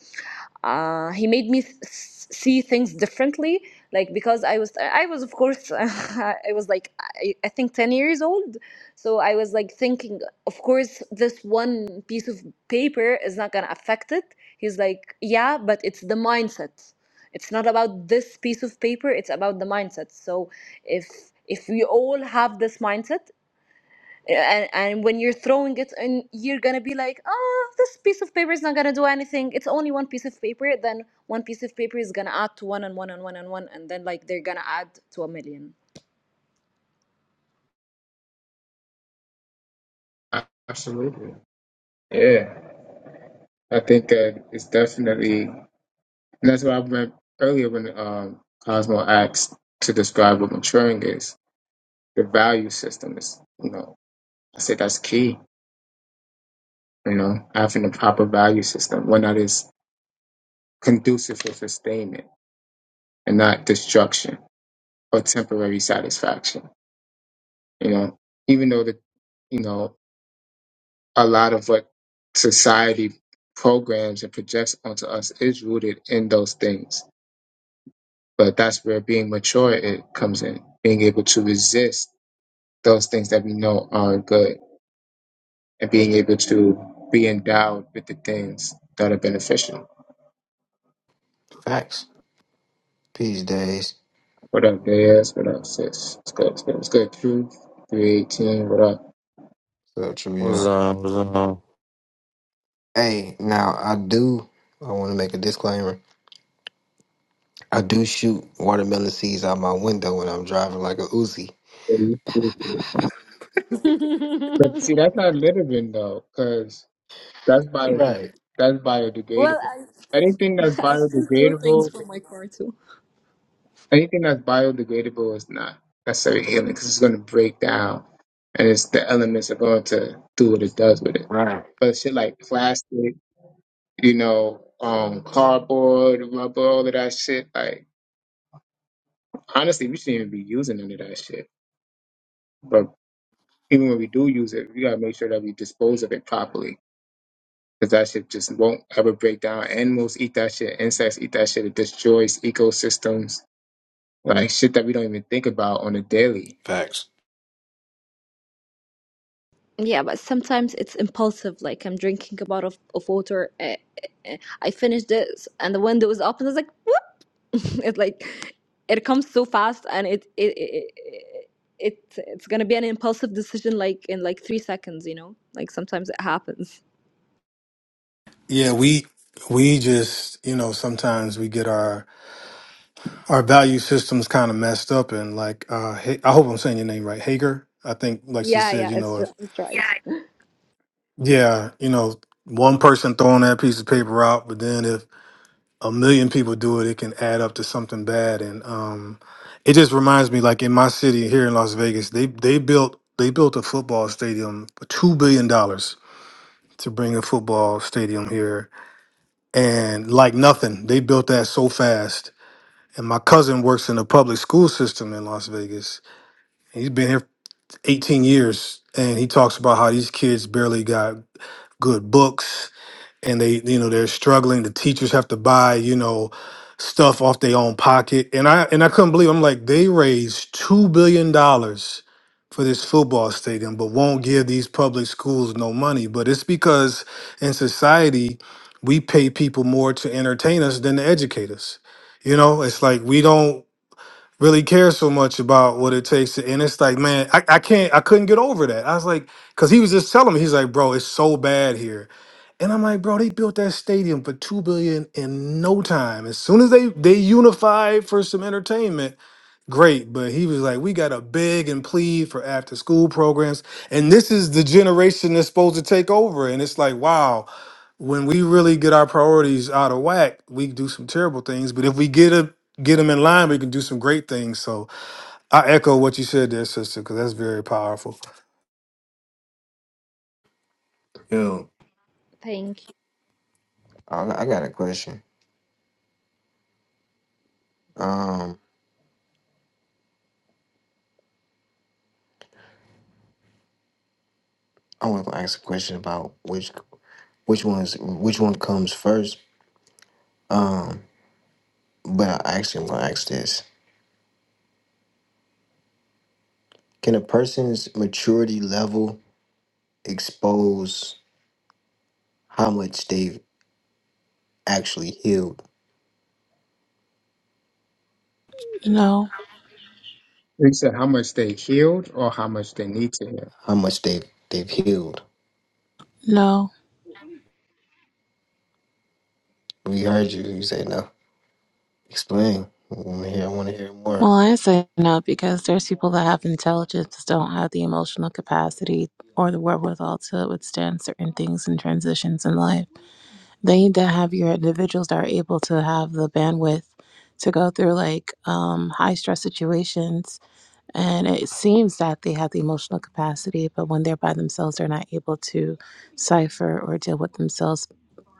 F: uh, he made me th- s- see things differently, like because I was, I was of course, I was like, I, I think ten years old. So I was like thinking, of course, this one piece of paper is not gonna affect it. He's like, yeah, but it's the mindset. It's not about this piece of paper. It's about the mindset. So if if we all have this mindset and and when you're throwing it and you're gonna be like oh this piece of paper is not gonna do anything it's only one piece of paper then one piece of paper is gonna add to one and one and one and one and then like they're gonna add to a million
A: Absolutely. Yeah. I think that it's definitely, and that's what I meant earlier when um, Cosmo asked to describe what maturing is. The value system is, you know, I said that's key, you know, having a proper value system, one that is conducive for sustainment and not destruction or temporary satisfaction, you know, even though the, you know, a lot of what society programs and projects onto us is rooted in those things But that's where being mature it comes in, being able to resist those things that we know are good, and being able to be endowed with the things that are beneficial.
C: Facts. Peace days.
A: What up, Diaz? What up, sis? It's good. It's good. It's good. Truth three eighteen. What up?
C: So true, yeah.
L: What's up? What's up?
C: Hey, now I do. I want to make a disclaimer. I do shoot watermelon seeds out my window when I'm driving like a Uzi.
A: But see, that's not living though, because that's bio
C: Right.
A: that's
F: well,
A: biodegradable.
F: I
A: Anything that's
F: I still throw things
A: biodegradable
F: from my car
A: anything that's biodegradable is not necessarily healing because it's going to break down and it's the elements are going to do what it does with it.
C: Right.
A: But shit like plastic, you know, um, cardboard, rubber, all of that shit, like honestly, we shouldn't even be using none of that shit. But even when we do use it, we gotta make sure that we dispose of it properly because that shit just won't ever break down. Animals eat that shit, insects eat that shit. It destroys ecosystems, like shit that we don't even think about on a daily.
C: Facts.
F: Yeah, but sometimes it's impulsive. Like I'm drinking a bottle of, of water, uh, uh, I finish this, and the window is open. It's like whoop! it's like it comes so fast, and it it, it it it's gonna be an impulsive decision, like in like three seconds. You know, like sometimes it happens.
K: Yeah, we we just you know sometimes we get our our value systems kind of messed up and like uh Ha- I hope I'm saying your name right, Hager. I think like she
F: Yeah,
K: said,
F: yeah,
K: you
F: it's
K: know,
F: r-
K: if
F: it's right.
K: yeah, you know, one person throwing that piece of paper out, but then if a million people do it, it can add up to something bad. And um, it just reminds me, like in my city here in Las Vegas, they they built they built a football stadium for two billion dollars to bring a football stadium here and like nothing, they built that so fast. And my cousin works in the public school system in Las Vegas. he's been here 18 years, and he talks about how these kids barely got good books and they you know they're struggling the teachers have to buy you know stuff off their own pocket and i and i couldn't believe i'm like they raised two billion dollars for this football stadium but won't give these public schools no money but it's because in society we pay people more to entertain us than to educate us you know it's like we don't really care so much about what it takes to and it's like man i, I can't i couldn't get over that i was like because he was just telling me he's like bro it's so bad here and I'm like, bro, they built that stadium for two billion in no time. As soon as they they unified for some entertainment, great. But he was like, we got to beg and plead for after school programs, and this is the generation that's supposed to take over. And it's like, wow, when we really get our priorities out of whack, we do some terrible things. But if we get a get them in line, we can do some great things. So I echo what you said there, sister, because that's very powerful.
C: Yeah.
F: Thank you.
C: I, I got a question. Um, I want to ask a question about which which ones which one comes first. But I actually want to ask this: Can a person's maturity level expose how much they've actually healed?
M: No,
A: They said how much they healed or how much they need to heal.
C: How much they've they've healed?
M: no.
C: We heard you. You say no. Explain. I want to hear. I want to hear more.
M: Well, I say no because there's people that have intelligence don't have the emotional capacity or the wherewithal to withstand certain things and transitions in life. They need to have your individuals that are able to have the bandwidth to go through like um, high stress situations And it seems that they have the emotional capacity, but when they're by themselves, they're not able to cipher or deal with themselves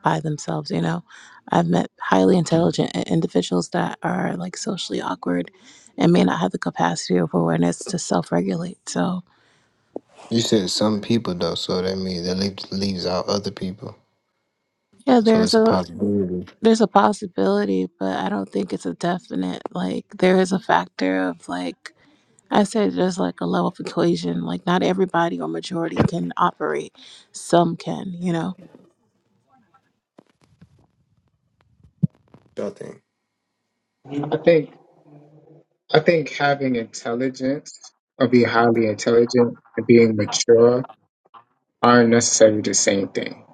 M: by themselves. You know, I've met highly intelligent i- individuals that are like socially awkward and may not have the capacity or awareness to self-regulate. So
C: You said some people though, so that means that leaves leaves out other people.
M: yeah,
C: So
M: there's
C: it's a
M: a
C: possibility.
M: there's a possibility, but I don't think it's a definite. Like there is a factor of like I said, there's like a level of equation. Like not everybody or majority can operate. Some can, you know.
C: So I think.
A: I think I think having intelligence or be highly intelligent and being mature aren't necessarily the same thing.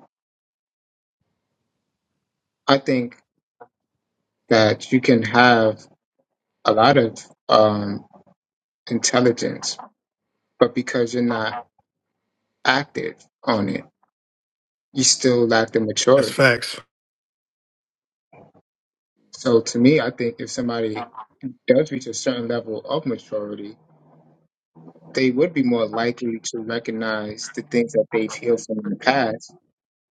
A: I think that you can have a lot of um, intelligence, but because you're not active on it, you still lack the
K: That's
A: maturity.
K: facts.
A: So to me, I think if somebody does reach a certain level of maturity, they would be more likely to recognize the things that they've healed from in the past.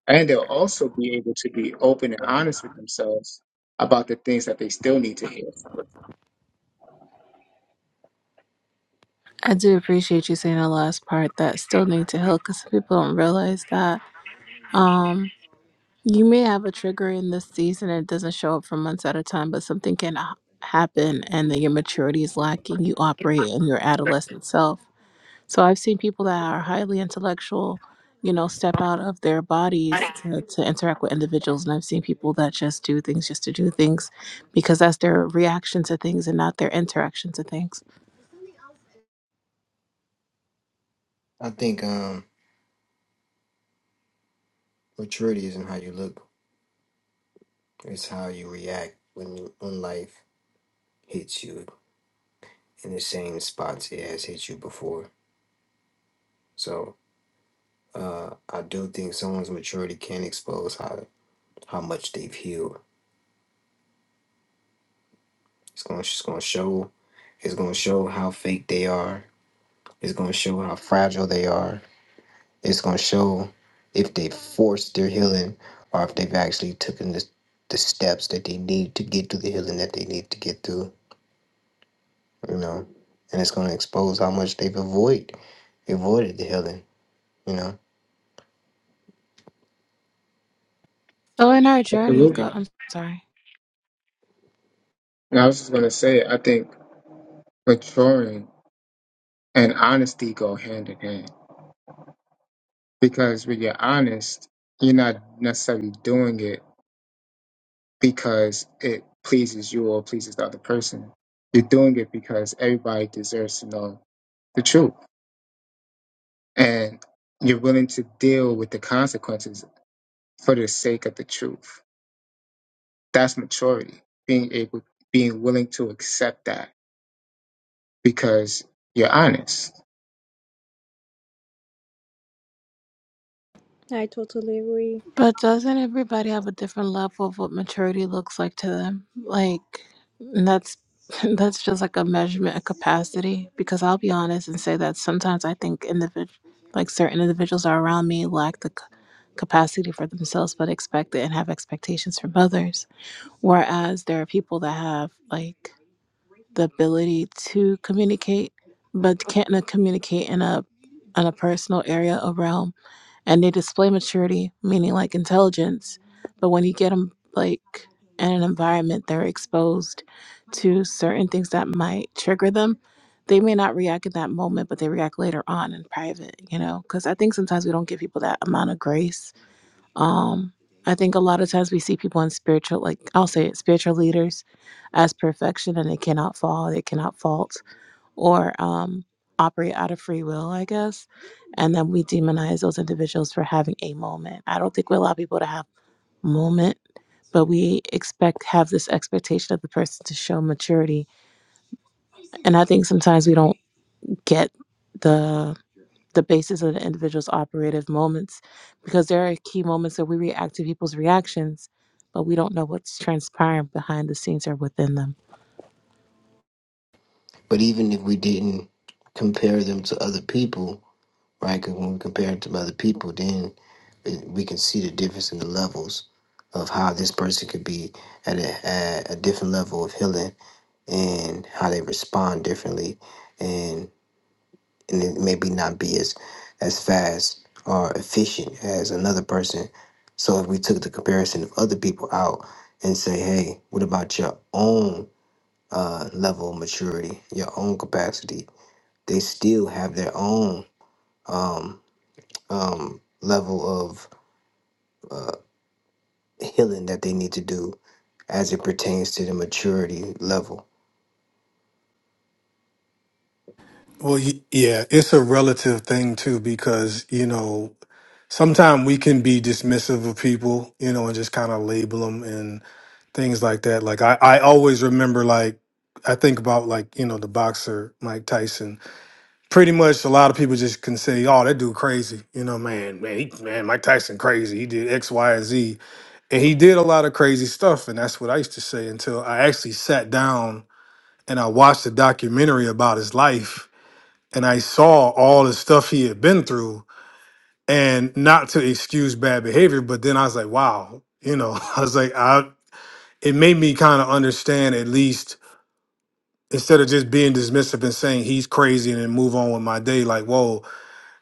A: And they'll also be able to be open and honest with themselves about the things that they still need to heal from.
M: I do appreciate you saying the last part that still need to heal because people don't realize that. Um, you may have a trigger in this season and it doesn't show up for months at a time, but something can h- happen and then your maturity is lacking. You operate in your adolescent self. So I've seen people that are highly intellectual, you know, step out of their bodies to, to interact with individuals. And I've seen people that just do things just to do things because that's their reaction to things and not their interaction to things.
C: I think um, maturity isn't how you look; it's how you react when you, when life hits you in the same spots it has hit you before. So uh, I do think someone's maturity can expose how how much they've healed. It's going. It's going to show. It's going to show how fake they are. It's going to show how fragile they are It's gonna show if they forced their healing or if they've actually taken the, the steps that they need to get to the healing that they need to get through, you know. And it's gonna expose how much they've avoid avoided the healing, you know.
M: So in our journey, go,
A: Absolutely.
M: I'm sorry.
A: And I was just going to say, I think maturing and honesty go hand in hand because when you're honest, you're not necessarily doing it because it pleases you or pleases the other person. You're doing it because everybody deserves to know the truth and you're willing to deal with the consequences for the sake of the truth. That's maturity. Being able, being willing to accept that because you're honest.
M: But doesn't everybody have a different level of what maturity looks like to them? Like and that's that's just like a measurement of capacity because I'll be honest and say that sometimes I think individual like certain individuals are around me lack the c- capacity for themselves but expect it and have expectations from others whereas there are people that have like the ability to communicate but can't uh, communicate in a in a personal area or realm and they display maturity, meaning like intelligence. But when you get them like in an environment, they're exposed to certain things that might trigger them. They may not react in that moment, but they react later on in private, you know? Because I think sometimes we don't give people that amount of grace. Um, I think a lot of times we see people in spiritual, like I'll say it, spiritual leaders as perfection and they cannot fall, they cannot fault or um, operate out of free will, I guess. And then we demonize those individuals for having a moment. I don't think we allow people to have moment, but we expect have this expectation of the person to show maturity. And I think sometimes we don't get the the basis of the individual's operative moments because there are key moments that we react to people's reactions, but we don't know what's transpiring behind the scenes or within them.
C: But even if we didn't compare them to other people, right? Because when we compare them to other people, then it- we can see the difference in the levels of how this person could be at a, at a different level of healing and how they respond differently and. and it maybe not be as as fast or efficient as another person. So if we took the comparison of other people out and say, hey, what about your own uh, level of maturity, your own capacity? They still have their own um, um, level of uh, healing that they need to do as it pertains to the maturity level.
K: Well, y- yeah, it's a relative thing too, because you know sometimes we can be dismissive of people, you know, and just kind of label them and things like that. Like I, I always remember, like I think about, like you know, the boxer Mike Tyson. Pretty much, a lot of people just can say, "Oh, that dude crazy," you know, man, man, he, man, Mike Tyson crazy. He did X, Y, and Z, and he did a lot of crazy stuff, and that's what I used to say until I actually sat down and I watched a documentary about his life. And I saw all the stuff he had been through, and not to excuse bad behavior but then i was like wow you know i was like i it made me kind of understand at least instead of just being dismissive and saying he's crazy and then move on with my day like whoa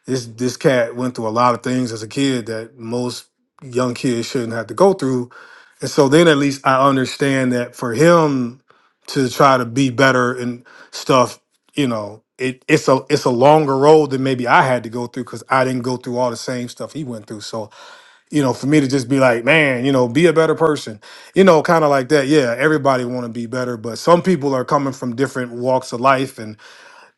K: this this cat went through a lot of things as a kid that most young kids shouldn't have to go through and so then at least i understand that for him to try to be better and stuff you know it, it's a it's a longer road than maybe i had to go through because i didn't go through all the same stuff he went through so you know, for me to just be like, man, you know, be a better person, you know, kind of like that. Yeah, everybody want to be better, but some people are coming from different walks of life, and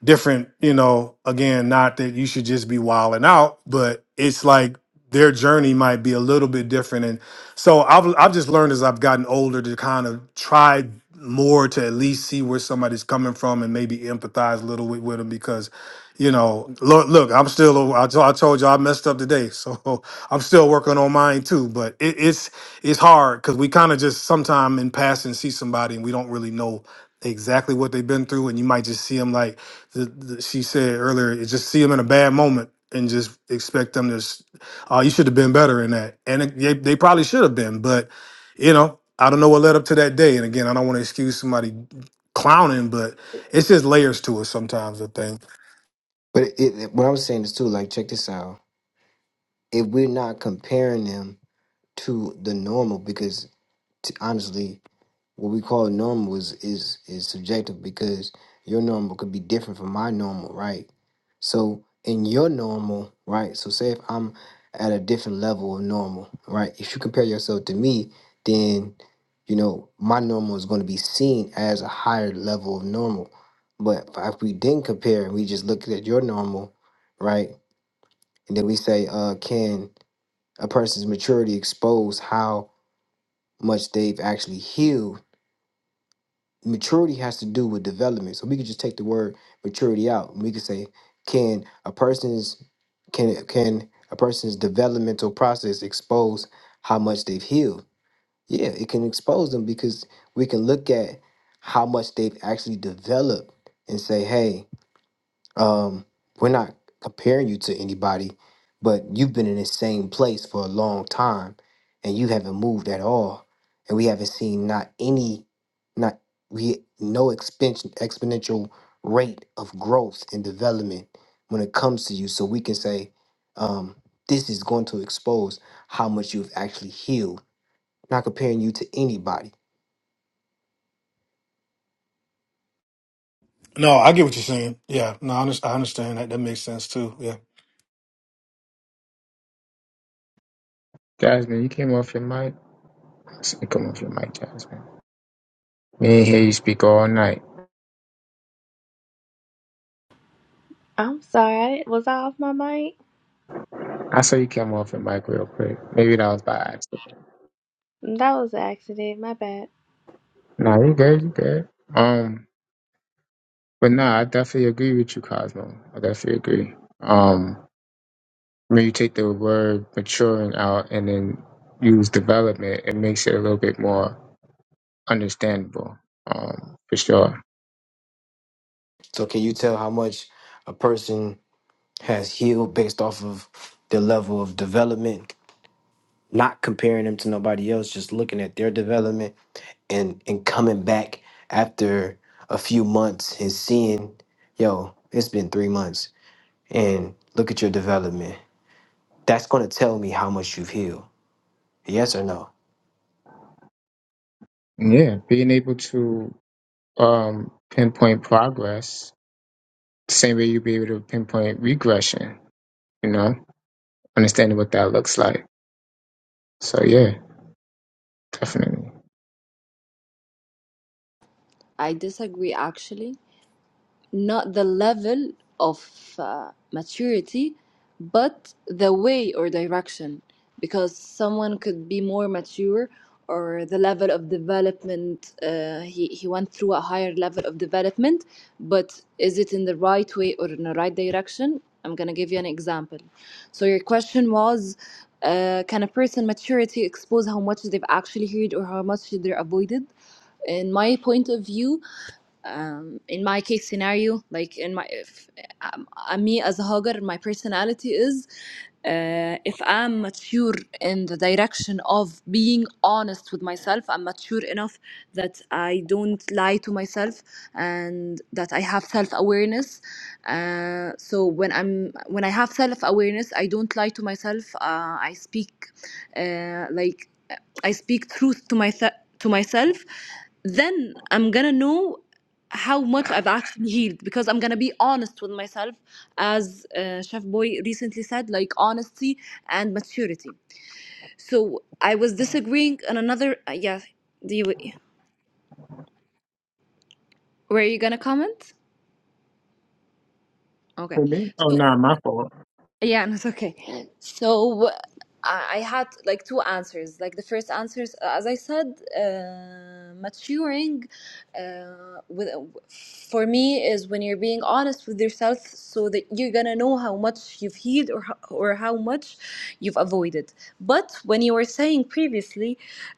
K: different, you know, again, not that you should just be wilding out, but it's like their journey might be a little bit different. And so I've, I've just learned as I've gotten older to kind of try more to at least see where somebody's coming from and maybe empathize a little with, with them because, you know, look, look, I'm still, I told, I told you I messed up today. So I'm still working on mine too, but it, it's, it's hard because we kind of just sometime in passing see somebody and we don't really know exactly what they've been through. And you might just see them like, th- th- she said earlier, you just see them in a bad moment and just expect them to, s- oh, you should have been better in that. And it- they, they probably should have been, but you know, I don't know what led up to that day. And again, I don't want to excuse somebody clowning, but it's just layers to it sometimes, I think.
C: But it, it, what I was saying is too, like, check this out. If we're not comparing them to the normal, because t- honestly, what we call normal is is is subjective because your normal could be different from my normal, right? So in your normal, right? So say if I'm at a different level of normal, right? If you compare yourself to me, then you know my normal is going to be seen as a higher level of normal. But if we didn't compare and we just looked at your normal, right? And then we say, uh, can a person's maturity expose how much they've actually healed maturity has to do with development. So we could just take the word maturity out. And we could say, can a person's can can a person's developmental process expose how much they've healed? Yeah, it can expose them because we can look at how much they've actually developed and say, hey, um, we're not comparing you to anybody, but you've been in the same place for a long time and you haven't moved at all. And we haven't seen not any, not we no expansion exponential rate of growth and development when it comes to you. So we can say, um, this is going to expose how much you've actually healed, not comparing you to anybody.
K: No, I get what you're saying. Yeah, no, I, under- I understand that. That makes sense too. Yeah.
A: Jasmine, you came off your mic. You come off your mic, Jasmine. We didn't hear you speak all night.
N: I'm sorry. Was I off my mic?
A: I saw you came off your mic real quick. Maybe that was by accident.
N: That was an accident. My bad.
A: Nah, you good, you good. Um, but nah, I definitely agree with you, Cosmo. I definitely agree. Um, when you take the word maturing out and then use development, it makes it a little bit more understandable, um, for sure.
C: So can you tell how much a person has healed based off of their level of development not comparing them to nobody else, just looking at their development and and coming back after a few months and seeing, yo, it's been three months, and look at your development. That's gonna tell me how much you've healed. Yes or no?
A: And yeah, being able to um, pinpoint progress, same way you'd be able to pinpoint regression, you know, understanding what that looks like. So yeah, definitely.
F: I disagree actually. not the level of uh, maturity, but the way or direction. Because someone could be more mature, or the level of development, uh, he, he went through a higher level of development, but is it in the right way or in the right direction? I'm going to give you an example. So, your question was uh, Can a person maturity expose how much they've actually heard or how much they're avoided? In my point of view, um, in my case scenario, like in my, if, um, uh, me as a hogger, my personality is uh, if I'm mature in the direction of being honest with myself, I'm mature enough that I don't lie to myself and that I have self awareness. Uh, so when I'm when I have self awareness, I don't lie to myself. Uh, I speak uh, like I speak truth to myself to myself then I'm gonna know how much I've actually healed because I'm gonna be honest with myself, as uh, Chef Boy recently said, like honesty and maturity. So I was disagreeing on another. Uh, yeah, do you were you gonna comment? Okay,
A: For me? Oh,
F: so
A: nah, my fault.
F: Yeah, no, it's okay. So I I had like two answers. Like the first answers, as I said, uh, maturing uh, with, for me is when you're being honest with yourself, so that you're gonna know how much you've healed or ho- or how much you've avoided. But when you were saying previously,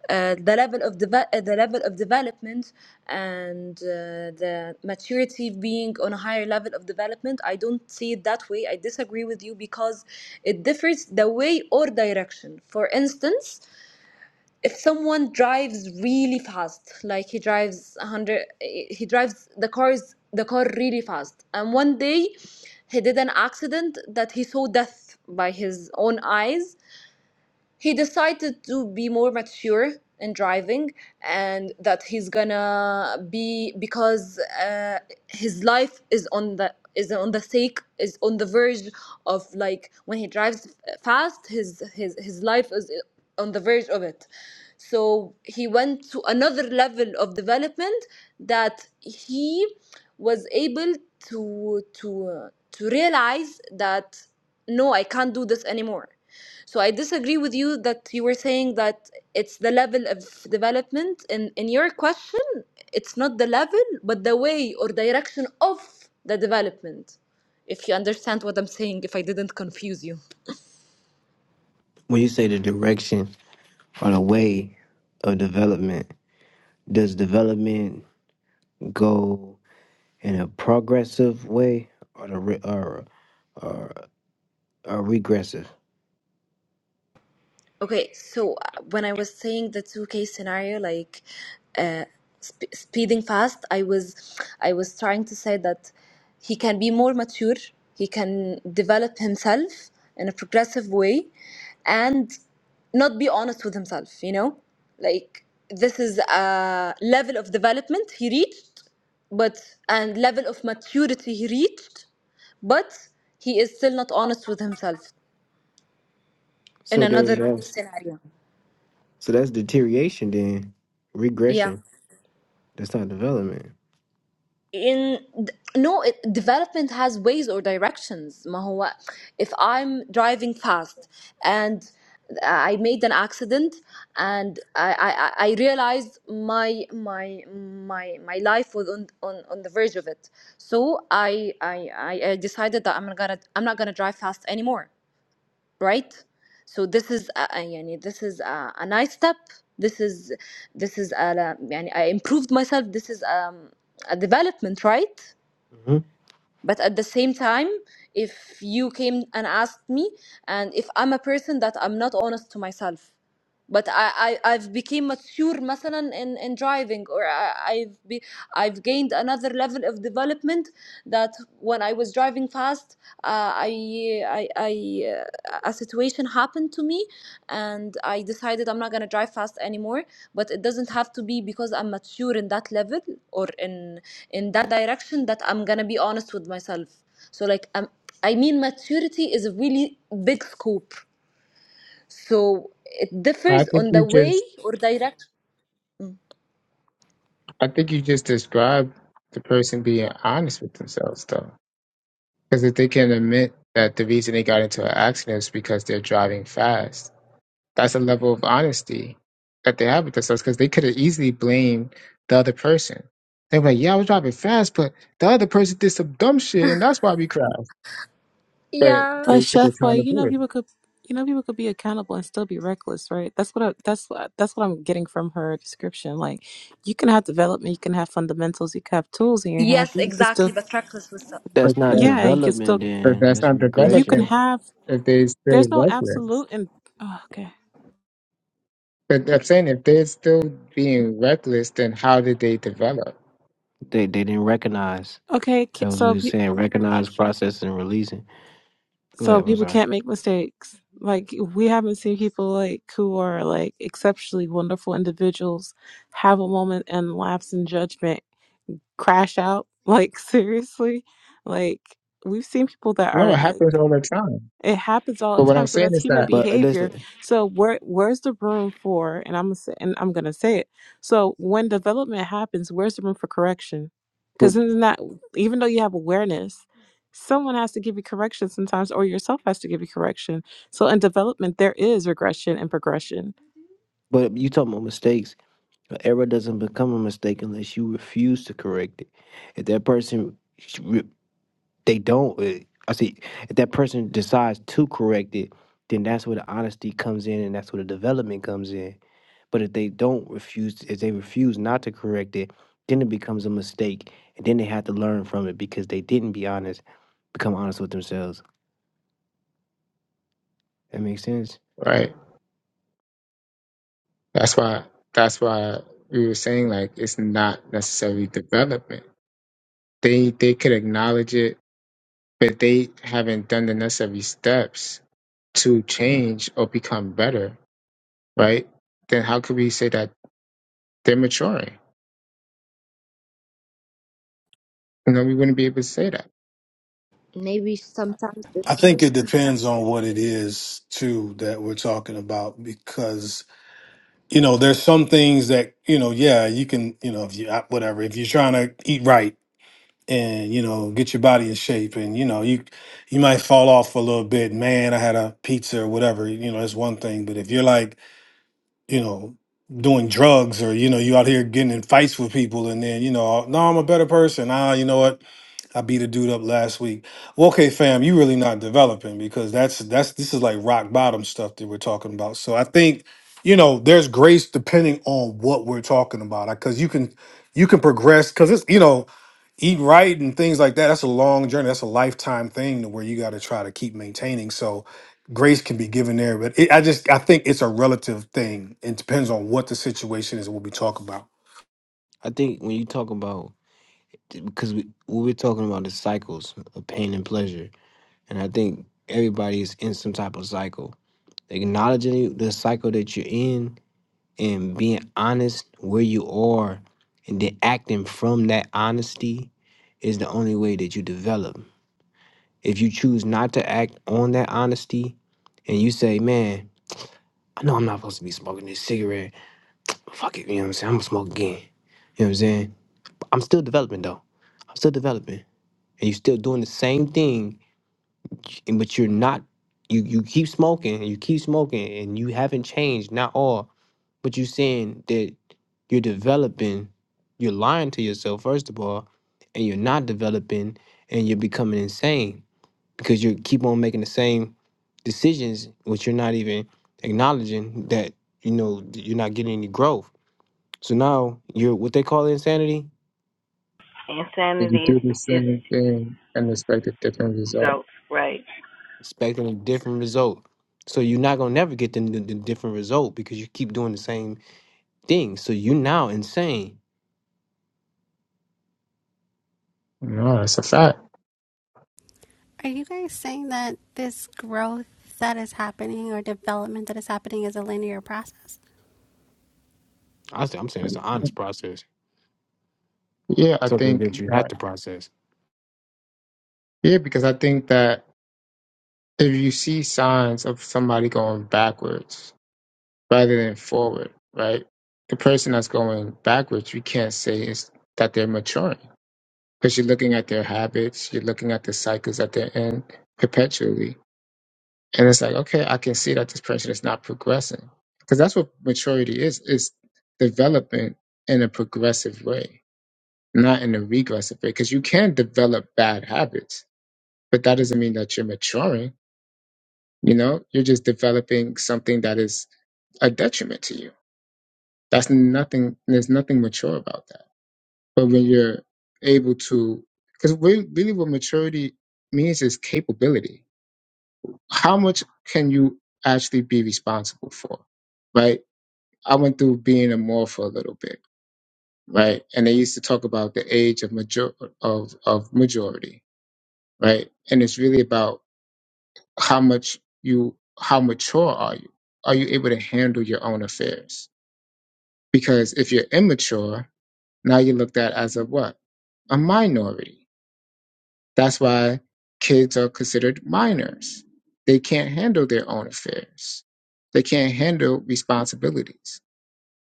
F: uh, the level of deve- uh, the level of development and uh, the maturity being on a higher level of development, I don't see it that way. I disagree with you because it differs the way or direction. For instance, if someone drives really fast, like he drives 100, he drives the cars the car really fast, and one day he did an accident that he saw death by his own eyes he decided to be more mature in driving and that he's gonna be because uh, his life is on the is on the sake is on the verge of like when he drives fast his his his life is on the verge of it so he went to another level of development that he was able to to uh, to realize that no i can't do this anymore so I disagree with you that you were saying that it's the level of development. In in your question, it's not the level, but the way or direction of the development. If you understand what I'm saying, if I didn't confuse you.
C: When you say the direction or the way of development, does development go in a progressive way or the re- or or, or regressive?
F: Okay, so uh, when I was saying the two case scenario, like uh, sp- speeding fast, I was, I was trying to say that he can be more mature, he can develop himself in a progressive way, and not be honest with himself. You know, like this is a level of development he reached, but and level of maturity he reached, but he is still not honest with himself in
C: So there it
F: another
C: goes.
F: scenario.
C: So that's deterioration then.
F: Yeah.
C: Regression. That's not development.
F: in no it, development has ways or directions ما هو if I'm driving fast and I made an accident and I, I, I I realized my my my my life was on, on, on the verge of it so I, I I I decided that I'm gonna I'm not gonna drive fast anymore right so this is a, a- يعني this is a, a nice step this is this is a, يعني I improved myself this is um, a development right
C: hmm
F: but at the same time if you came and asked me and if i'm a person that i'm not honest to myself but I, I I've become mature مثلا in, in driving or I, I've be, I've gained another level of development that when I was driving fast uh, I I, I uh, a situation happened to me and I decided I'm not gonna drive fast anymore but it doesn't have to be because I'm mature in that level or in in that direction that I'm gonna be honest with myself. So like um, I mean maturity is a really big scope. So it
A: I
F: differs
A: think
F: on
A: you
F: the
A: just
F: way or direct.
A: I think you just described the person being honest with themselves, though. Because if they can admit that the reason they got into an accident is because they're driving fast, that's a level of honesty that they have with themselves. Because they could have easily blamed the other person. They were like, "Yeah, I was driving fast, but the other person did some dumb shit, and that's why we crashed." But
F: Yeah.
M: But
A: they took
M: Chef, like you know,
A: accountability.
M: people could you know people could be accountable and still be reckless, right? That's what I, that's what that's what I'm getting from her description. Like you can have development, you can have fundamentals, you can have tools in your hand,
F: Yes,
M: but you can
F: exactly.
M: still
F: But reckless with some.
A: But,
C: That's not
A: that,
M: yeah, you can
C: development
M: still
A: but
C: then.
A: that's
C: That's
A: not
M: you can
C: regression.
A: developing
M: have.
A: if they're still
M: There's no
A: reckless.
M: absolute and oh, okay,
A: But I'm saying if they're still being reckless, then how did they develop?
C: They they didn't recognize.
M: okay. ki-
C: That was what he
M: So
C: was
M: pe-
C: saying. Recognize, process, and releasing. Go ahead.
M: so
C: I'm
M: people
C: sorry.
M: can't make mistakes. Like we haven't seen people like who are like exceptionally wonderful individuals have a moment and lapse in judgment crash out. Like seriously, like we've seen people that
A: No,
M: are
A: it happens
M: like
A: all the time.
M: it happens all the
A: But what
M: time.
A: I'm
M: So
A: saying
M: that's
A: is
M: human
A: that,
C: But uh,
M: behavior.
C: listen,
M: So where where's the room for and I'm gonna say and I'm gonna say it. So when development happens, where's the room for correction?
C: but
M: Because it's not even though you have awareness, someone has to give you correction sometimes, or yourself has to give you correction. So in development, there is regression and progression.
C: but you talking about mistakes. An error doesn't become a mistake unless you refuse to correct it. If that person, re- they don't. uh, I see. If that person decides to correct it, then that's where the honesty comes in, and that's where the development comes in But if they don't refuse, if they refuse not to correct it, then it becomes a mistake, and then they have to learn from it because they didn't be honest, become honest with themselves. That makes sense.
A: right? That's why. That's why we were saying like it's not necessarily development. They they could acknowledge it, but they haven't done the necessary steps to change or become better, right? Then how could we say that they're maturing? You know, we wouldn't be able to say that.
F: Maybe sometimes.
K: I think it depends on what it is too that we're talking about because you know there's some things that you know yeah you can you know if you whatever if you're trying to eat right and you know get your body in shape and you know you you might fall off for a little bit man i had a pizza or whatever you know that's one thing but if you're like you know, doing drugs or, you know, you out here getting in fights with people and then, you know, no, I'm a better person. Ah, you know what? I beat a dude up last week. Well, okay, fam, you really not developing because that's that's this is like rock bottom stuff that we're talking about. So I think, you know, there's grace depending on what we're talking about. Because you can you can progress because it's you know, eat right and things like that. That's a long journey. That's a lifetime thing to where you got to try to keep maintaining. So grace can be given there, but it, I just I think it's a relative thing. It depends on what the situation is. What we talk about,
C: I think when you talk about because we we we're talking about the cycles of pain and pleasure, and I think everybody is in some type of cycle. Acknowledging the cycle that you're in and being honest where you are, and then acting from that honesty is the only way that you develop. If you choose not to act on that honesty and you say, man, I know I'm not supposed to be smoking this cigarette, but fuck it, you know what I'm saying? I'm gonna smoke again. You know what I'm saying? But I'm still developing though. I'm still developing. And you're still doing the same thing, and- but you're not you you keep smoking and you keep smoking and you haven't changed, not all, but you're saying that you're developing, you're lying to yourself, first of all, and you're not developing and you're becoming insane because you keep on making the same decisions, which you're not even acknowledging that you know th- you're not getting any growth. So now you're what they call insanity,
A: If you
O: Insanity is,
A: do the
O: is
A: same thing and expect a different result.
O: goats, right?
C: expecting a different result. So you're not gonna never get the, the, the different result because you keep doing the same thing. So you now insane.
A: No, that's a fact.
B: Are you guys saying that this growth that is happening or development that is happening is a linear process?
C: I say, I'm saying it's an honest process,
A: Yeah, I
C: something
A: think
C: that you have
A: that.
C: to process.
A: Yeah, because I think that. if you see signs of somebody going backwards rather than forward, right? The person that's going backwards, you can't say is that they're maturing because you're looking at their habits, you're looking at the cycles that they're in perpetually, and it's like, okay, I can see that this person is not progressing because that's what maturity is: is development in a progressive way, not in a regressive way. Because you can develop bad habits, but that doesn't mean that you're maturing You know, you're just developing something that is a detriment to you. That's nothing, there's nothing mature about that. But when you're able to, because really, really what maturity means is capability. How much can you actually be responsible for? Right? I went through being a mall for a little bit, right? And they used to talk about the age of major of of majority, right? And it's really about how much you how mature are you? Are you able to handle your own affairs? Because if you're immature, now you're looked at as a what? A minority. That's why kids are considered minors. They can't handle their own affairs. They can't handle responsibilities.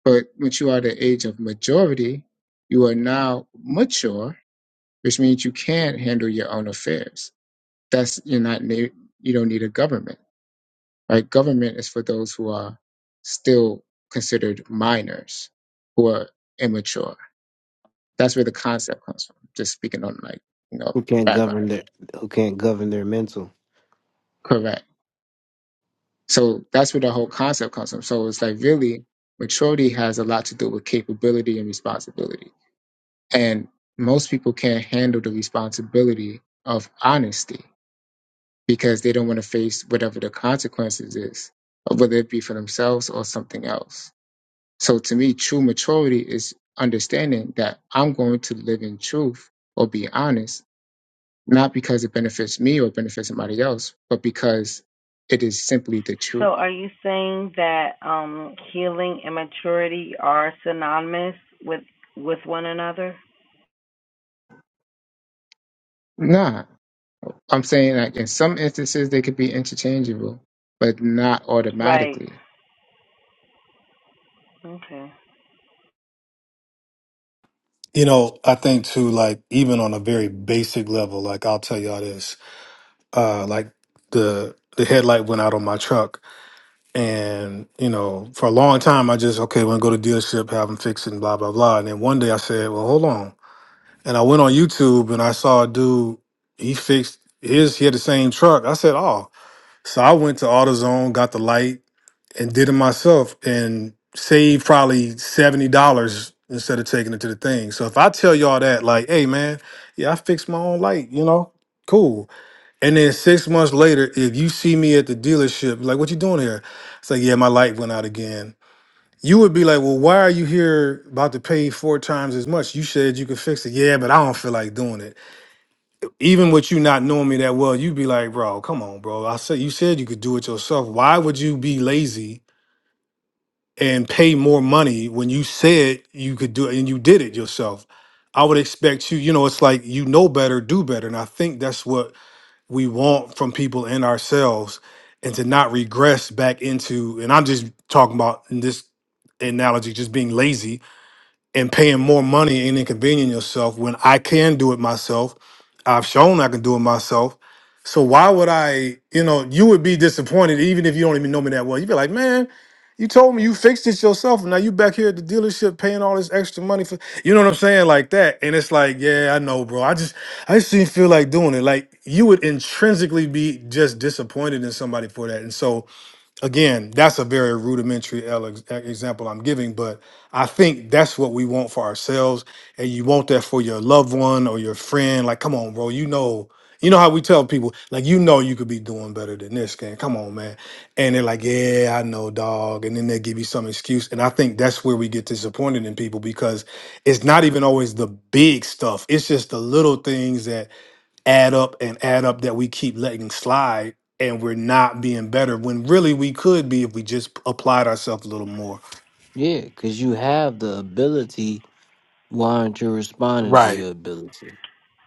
A: But once you are the age of majority, you are now mature, which means you can handle your own affairs. That's you're not ne- you don't need a government. Right? Government is for those who are still considered minors, who are immature That's where the concept comes from. Just speaking on like, you know,
C: Who can't
A: background.
C: govern their who can't govern their mental?
A: Correct. So that's where the whole concept comes from. So it's like really maturity has a lot to do with capability and responsibility. And most people can't handle the responsibility of honesty because they don't want to face whatever the consequences is, whether it be for themselves or something else. So to me, true maturity is understanding that I'm going to live in truth or be honest not because it benefits me or benefits somebody else, but because it is simply the
O: So
A: truth.
O: are you saying that um, healing and maturity are synonymous with with one another?
A: Nah, I'm saying like in some instances they could be interchangeable, but not
O: Right.
A: automatically.
O: Okay.
K: you know. I think too, like even on a very basic level, like I'll tell y'all this, uh, like the the headlight went out on my truck, and you know, for a long time I just okay, when I go to dealership, have them fix it, and blah blah blah. And then one day I said, well, hold on, and I went on YouTube and I saw a dude he fixed his. He had the same truck. I said, oh. So I went to AutoZone, got the light, and did it myself, and saved probably seventy dollars instead of taking it to the thing. So if I tell y'all that, like, hey man, yeah, I fixed my own light, you know, cool. And then six months later, if you see me at the dealership, like, what you doing here? It's like, yeah, my light went out again. You would be like, well, why are you here about to pay four times as much? You said you could fix it. Yeah, but I don't feel like doing it even with you not knowing me that well, you'd be like, bro, come on, bro. I said you said you could do it yourself. Why would you be lazy and pay more money when you said you could do it and you did it yourself? I would expect you, you know, it's like you know better, do better. And I think that's what we want from people and ourselves and to not regress back into, and I'm just talking about in this analogy, just being lazy and paying more money and inconveniencing yourself when I can do it myself. I've shown I can do it myself. So why would I, you know, you would be disappointed even if you don't even know me that well. You'd be like, man, you told me you fixed it yourself. And now you back here at the dealership paying all this extra money for you know what I'm saying? Like that. And it's like, yeah, I know, bro. I just I just didn't feel like doing it. Like you would intrinsically be just disappointed in somebody for that. And so Again, that's a very rudimentary el- example I'm giving, but I think that's what we want for ourselves, and you want that for your loved one or your friend. Like, come on, bro, you know, you know how we tell people, like, you know, you could be doing better than this, man. Come on, man, and they're like, yeah, I know, dog, and then they give you some excuse, and I think that's where we get disappointed in people because it's not even always the big stuff; it's just the little things that add up and add up that we keep letting slide and we're not being better when really we could be if we just applied ourselves a little more.
C: Yeah, because you have the ability. Why aren't you responding to
K: Right.
C: your ability?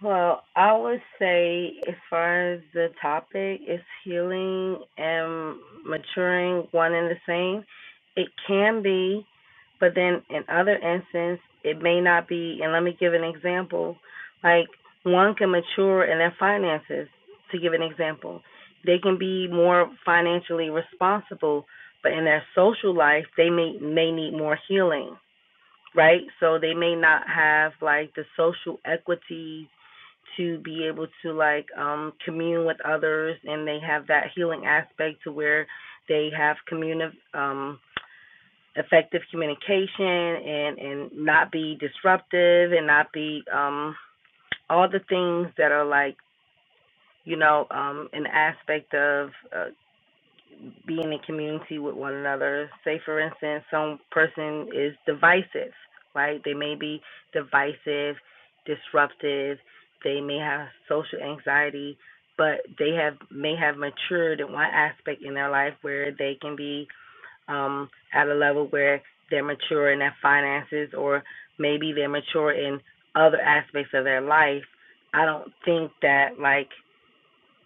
O: Well, I would say, as far as the topic is healing and maturing one and the same, it can be, but then in other instances, it may not be. And let me give an example. Like, one can mature in their finances, to give an example. They can be more financially responsible, but in their social life, they may, may need more healing, right? So they may not have, like, the social equity to be able to like um commune with others and they have that healing aspect to where they have communi- um effective communication and and not be disruptive and not be um all the things that are like you know um an aspect of uh, being in community with one another. Say, for instance, some person is divisive, right? They may be divisive, disruptive. They may have social anxiety, but they have may have matured in one aspect in their life where they can be um, at a level where they're mature in their finances, or maybe they're mature in other aspects of their life. I don't think that like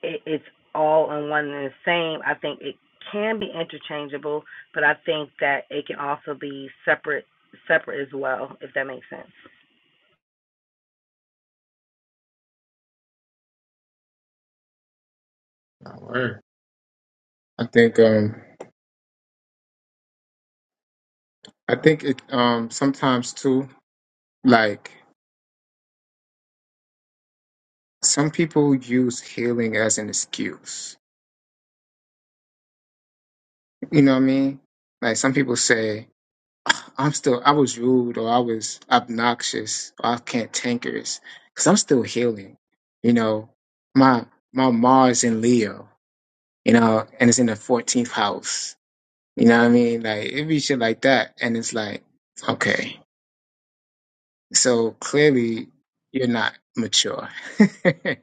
O: it, it's all in one and the same. I think it can be interchangeable, but I think that it can also be separate separate as well, if that makes sense.
A: Not word. I think um I think it um sometimes too like some people use healing as an excuse. You know what I mean? Like some people say I'm still I was rude or I was obnoxious or I was cantankerous because I'm still healing. You know, my my Mars in Leo, you know, and it's in the 14th house. You know what I mean? Like it be shit like that, and it's like, okay, so clearly you're not mature. like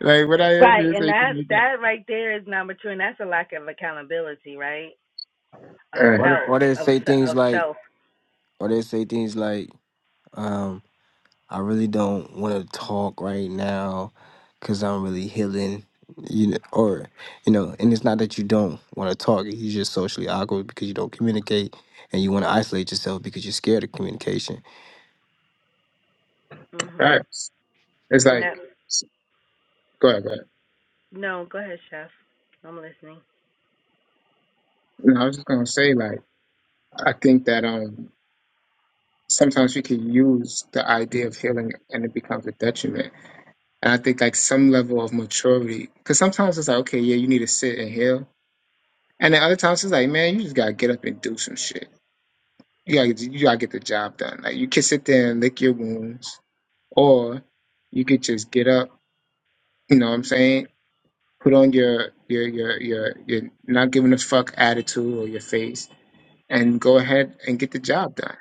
A: what I am
O: Right,
A: is
O: and
A: like,
O: that's that right there is not mature, and that's a lack of accountability, right?
A: all
O: Of
A: right,
C: Or they,
O: self,
C: or they
O: of
C: say things
O: of
C: like,
O: self.
C: or they say things like, um, I really don't want to talk right now because I'm really healing, you know, or you know, and it's not that you don't want to talk; you're just socially awkward because you don't communicate, and you want to isolate yourself because you're scared of communication.
A: all right.
O: Mhm.
A: It's
O: And that
A: like, go ahead, go ahead.
O: no, go ahead, chef. I'm listening.
A: No, I was just gonna say like I think that um. sometimes we can use the idea of healing and it becomes a detriment. And I think like some level of maturity, because sometimes it's like, okay, yeah, you need to sit and heal, and then other times it's like, man, you just gotta get up and do some shit. You gotta you gotta get the job done. Like you can sit there and lick your wounds, or you could just get up. You know what I'm saying? Put on your your your your your not giving a fuck attitude or your face, and go ahead and get the job done.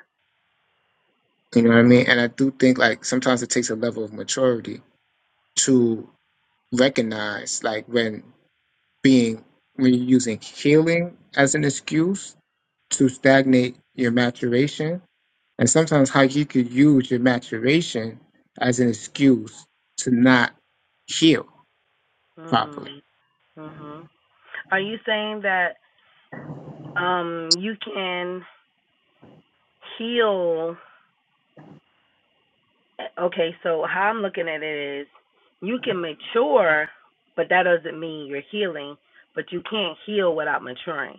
A: You know what I mean? And I do think like sometimes it takes a level of maturity to recognize like when being when you're using healing as an excuse to stagnate your maturation and sometimes how you could use your maturation as an excuse to not heal properly
O: Mm. Mhm. Are you saying that um you can heal Okay, so how I'm looking at it is you can mature, but that doesn't mean you're healing, but you can't heal without maturing.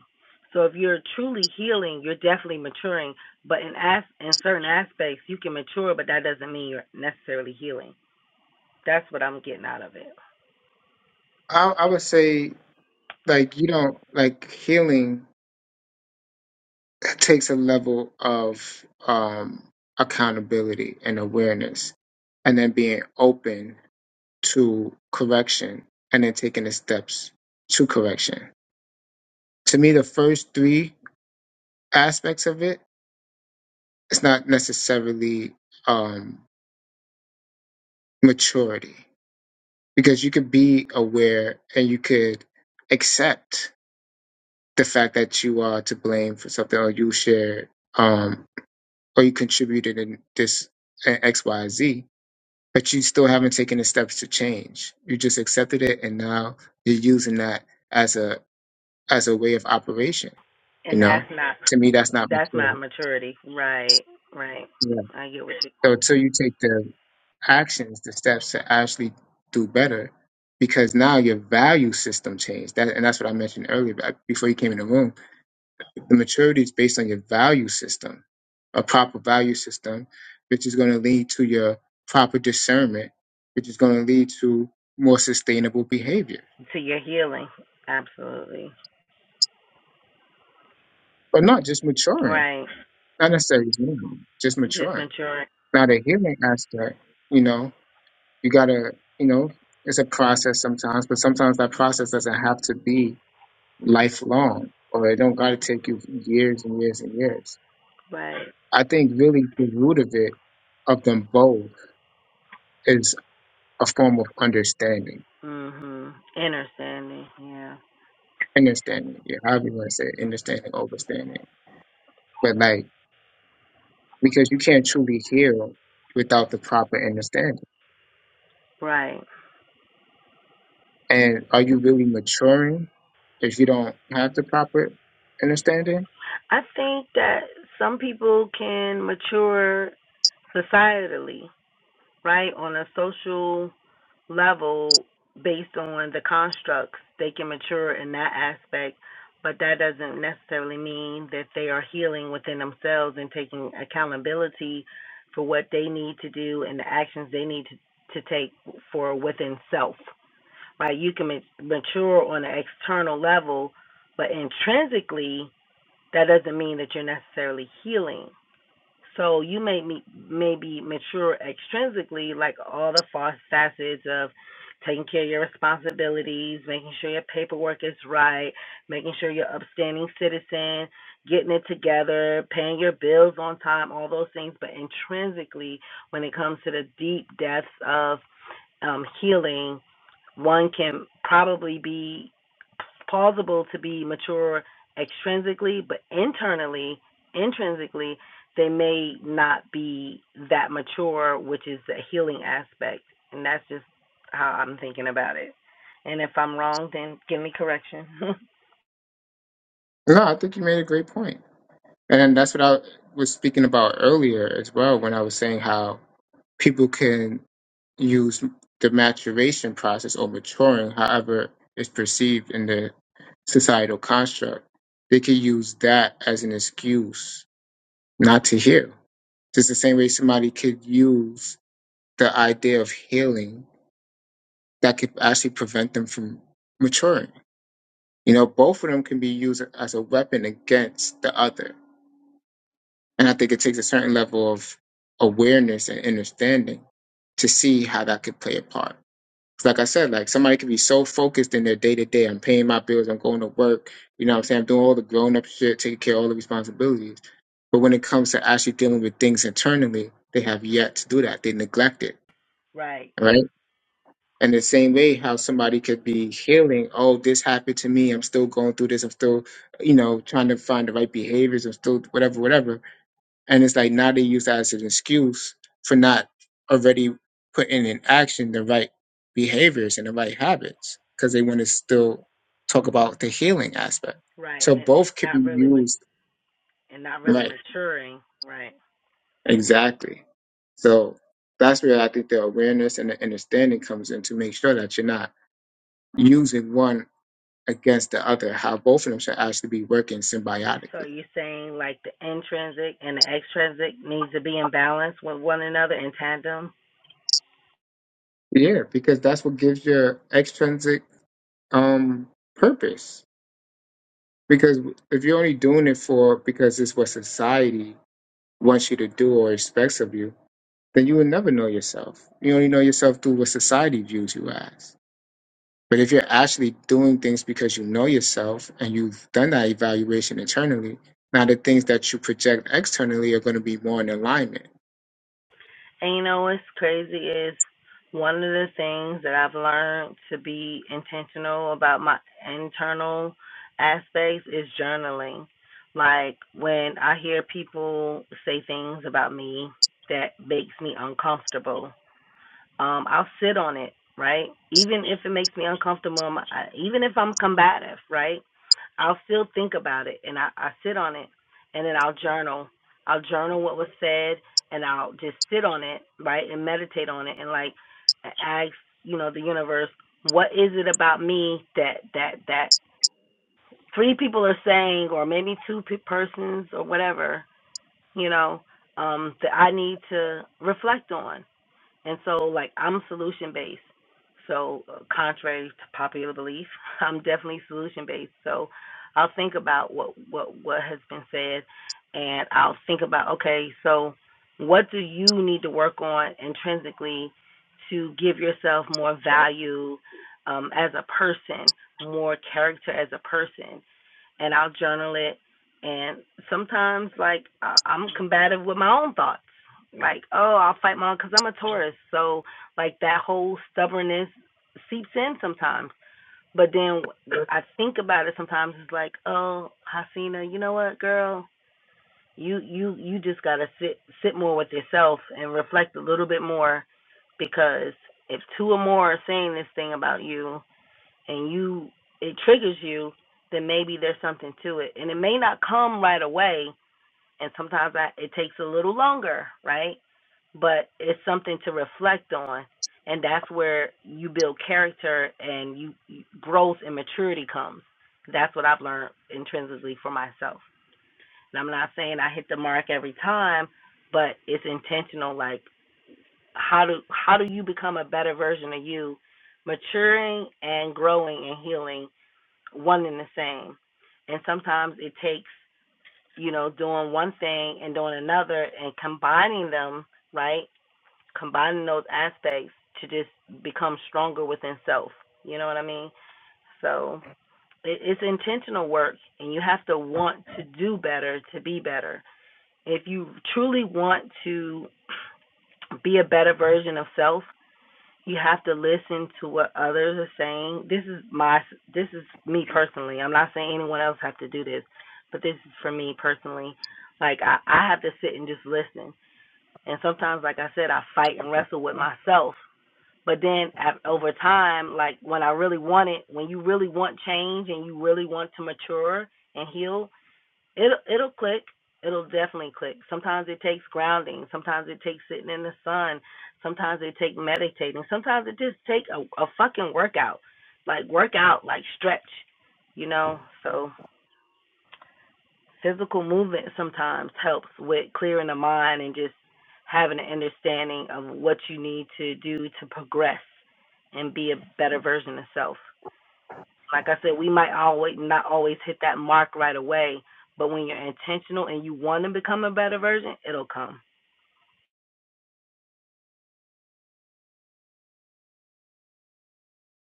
O: So if you're truly healing, you're definitely maturing, but in as in certain aspects you can mature, but that doesn't mean you're necessarily healing. That's what I'm getting out of it.
A: i, I would say like you don't like healing takes a level of um accountability and awareness and then being open to correction and then taking the steps to correction. To me, the first three aspects of it, it's not necessarily um, maturity because you could be aware and you could accept the fact that you are to blame for something or you shared um, or you contributed in this in X, Y, Z, but you still haven't taken the steps to change. You just accepted it and now you're using that as a as a way of operation. You
O: And
A: know,
O: that's not
A: to me, that's not
O: that's
A: mature.
O: not maturity. Right, right.
A: Yeah.
O: I get what you
A: So until you take the actions, the steps to actually do better, because now your value system changed. That, and that's what I mentioned earlier but before you came in the room. The maturity is based on your value system, a proper value system, which is going to lead to your proper discernment, which is going to lead to more sustainable behavior,
O: to your healing. Absolutely.
A: but not just maturing,
O: Right.
A: not necessarily, just
O: Just
A: maturing.
O: maturing.
A: Now the healing aspect, you know, you gotta, you know, it's a process sometimes, but sometimes that process doesn't have to be lifelong or it don't gotta take you years and years and years.
O: Right.
A: I think really the root of it, of them both, is a form of understanding.
O: Mhm. Inner Sandy. Yeah.
A: Understanding, yeah, however you want to say it, understanding, overstanding. But like, because you can't truly heal without the proper understanding.
O: Right.
A: And are you really maturing if you don't have the proper understanding?
O: I think that some people can mature societally, right, on a social level based on the constructs. They can mature in that aspect, but that doesn't necessarily mean that they are healing within themselves and taking accountability for what they need to do and the actions they need to, to take for within self. right? You can ma- mature on an external level, but intrinsically, that doesn't mean that you're necessarily healing. So you may me- maybe mature extrinsically, like all the fa- facets of taking care of your responsibilities, making sure your paperwork is right, making sure you're upstanding citizen, getting it together, paying your bills on time, all those things. But intrinsically, when it comes to the deep depths of um, healing, one can probably be plausible to be mature extrinsically, but internally, intrinsically, they may not be that mature, which is the healing aspect. And that's just how I'm thinking about it. And if I'm wrong, then give me correction.
A: No, I think you made a great point. And that's what I was speaking about earlier as well when I was saying how people can use the maturation process or maturing, however it's perceived in the societal construct. They could use that as an excuse not to heal. Just the same way somebody could use the idea of healing that could actually prevent them from maturing. You know, both of them can be used as a weapon against the other And I think it takes a certain level of awareness and understanding to see how that could play a part. 'Cause Like I said, like somebody could be so focused in their day to day, I'm paying my bills, I'm going to work, you know what I'm saying? I'm doing all the grown up shit, taking care of all the responsibilities. But when it comes to actually dealing with things internally, they have yet to do that. They neglect it,
O: right,
A: right? And the same way how somebody could be healing, oh, this happened to me, I'm still going through this, I'm still, you know, trying to find the right behaviors, I'm still whatever, whatever and it's like now they use that as an excuse for not already putting in action the right behaviors and the right habits because they want to still talk about the healing aspect.
O: right,
A: So
O: and
A: both can
O: not
A: be
O: really,
A: used
O: and not really
A: right.
O: maturing. Right.
A: Exactly. So that's where I think the awareness and the understanding comes in to make sure that you're not using one against the other, how both of them should actually be working
O: So
A: symbiotically.
O: you're saying like the intrinsic and the extrinsic needs to be in balance with one another in tandem.
A: Yeah, because that's what gives your extrinsic um purpose Because if you're only doing it for because it's what society wants you to do or expects of you, then you will never know yourself. You only know yourself through what society views you as. But if you're actually doing things because you know yourself and you've done that evaluation internally, now the things that you project externally are going to be more in alignment.
O: And you know what's crazy is one of the things that I've learned to be intentional about my internal aspects is journaling. Like when I hear people say things about me that makes me uncomfortable, um, I'll sit on it, right? Even if it makes me uncomfortable, i even if I'm combative, right? I'll still think about it and I, I sit on it and then I'll journal. I'll journal what was said and I'll just sit on it, right? And meditate on it and like ask, you know, the universe, what is it about me that, that, that three people are saying or maybe two pe- persons or whatever, you know, um, that I need to reflect on and so, like, I'm solution based. So, uh, contrary to popular belief, I'm definitely solution based. So, I'll think about what what what has been said, and I'll think about okay, so what do you need to work on intrinsically to give yourself more value um, as a person, more character as a person, and I'll journal it. And sometimes, like, I- I'm combative with my own thoughts like, oh, I'll fight my own because I'm a Taurus. So like that whole stubbornness seeps in sometimes. But then I think about it sometimes. It's like, oh, Hasina, you know what, girl, you you you just gotta sit sit more with yourself and reflect a little bit more, because if two or more are saying this thing about you and you it triggers you, then maybe there's something to it, and it may not come right away and sometimes I, it takes a little longer, right? But it's something to reflect on, and that's where you build character and you, you growth and maturity comes. That's what I've learned intrinsically for myself. And I'm not saying I hit the mark every time, but it's intentional. Like how do how do you become a better version of you? Maturing and growing and healing, one and the same. And sometimes it takes you know, doing one thing and doing another and combining them, right? Combining those aspects to just become stronger within self. You know what I mean? So it, it's intentional work, and you have to want to do better to be better. If you truly want to be a better version of self, you have to listen to what others are saying. This is my this is me personally. I'm not saying anyone else have to do this, but this is for me personally. Like I, I have to sit and just listen. And sometimes, like I said, I fight and wrestle with myself. But then at, over time, like when I really want it, when you really want change and you really want to mature and heal, It'll it'll click. It'll definitely click. Sometimes it takes grounding. Sometimes it takes sitting in the sun. Sometimes it takes meditating. Sometimes it just take a, a fucking workout, like workout, like stretch, you know. So physical movement sometimes helps with clearing the mind and just having an understanding of what you need to do to progress and be a better version of self. Like I said, we might always not always hit that mark right away, but when you're intentional and you want to become a better version, it'll come.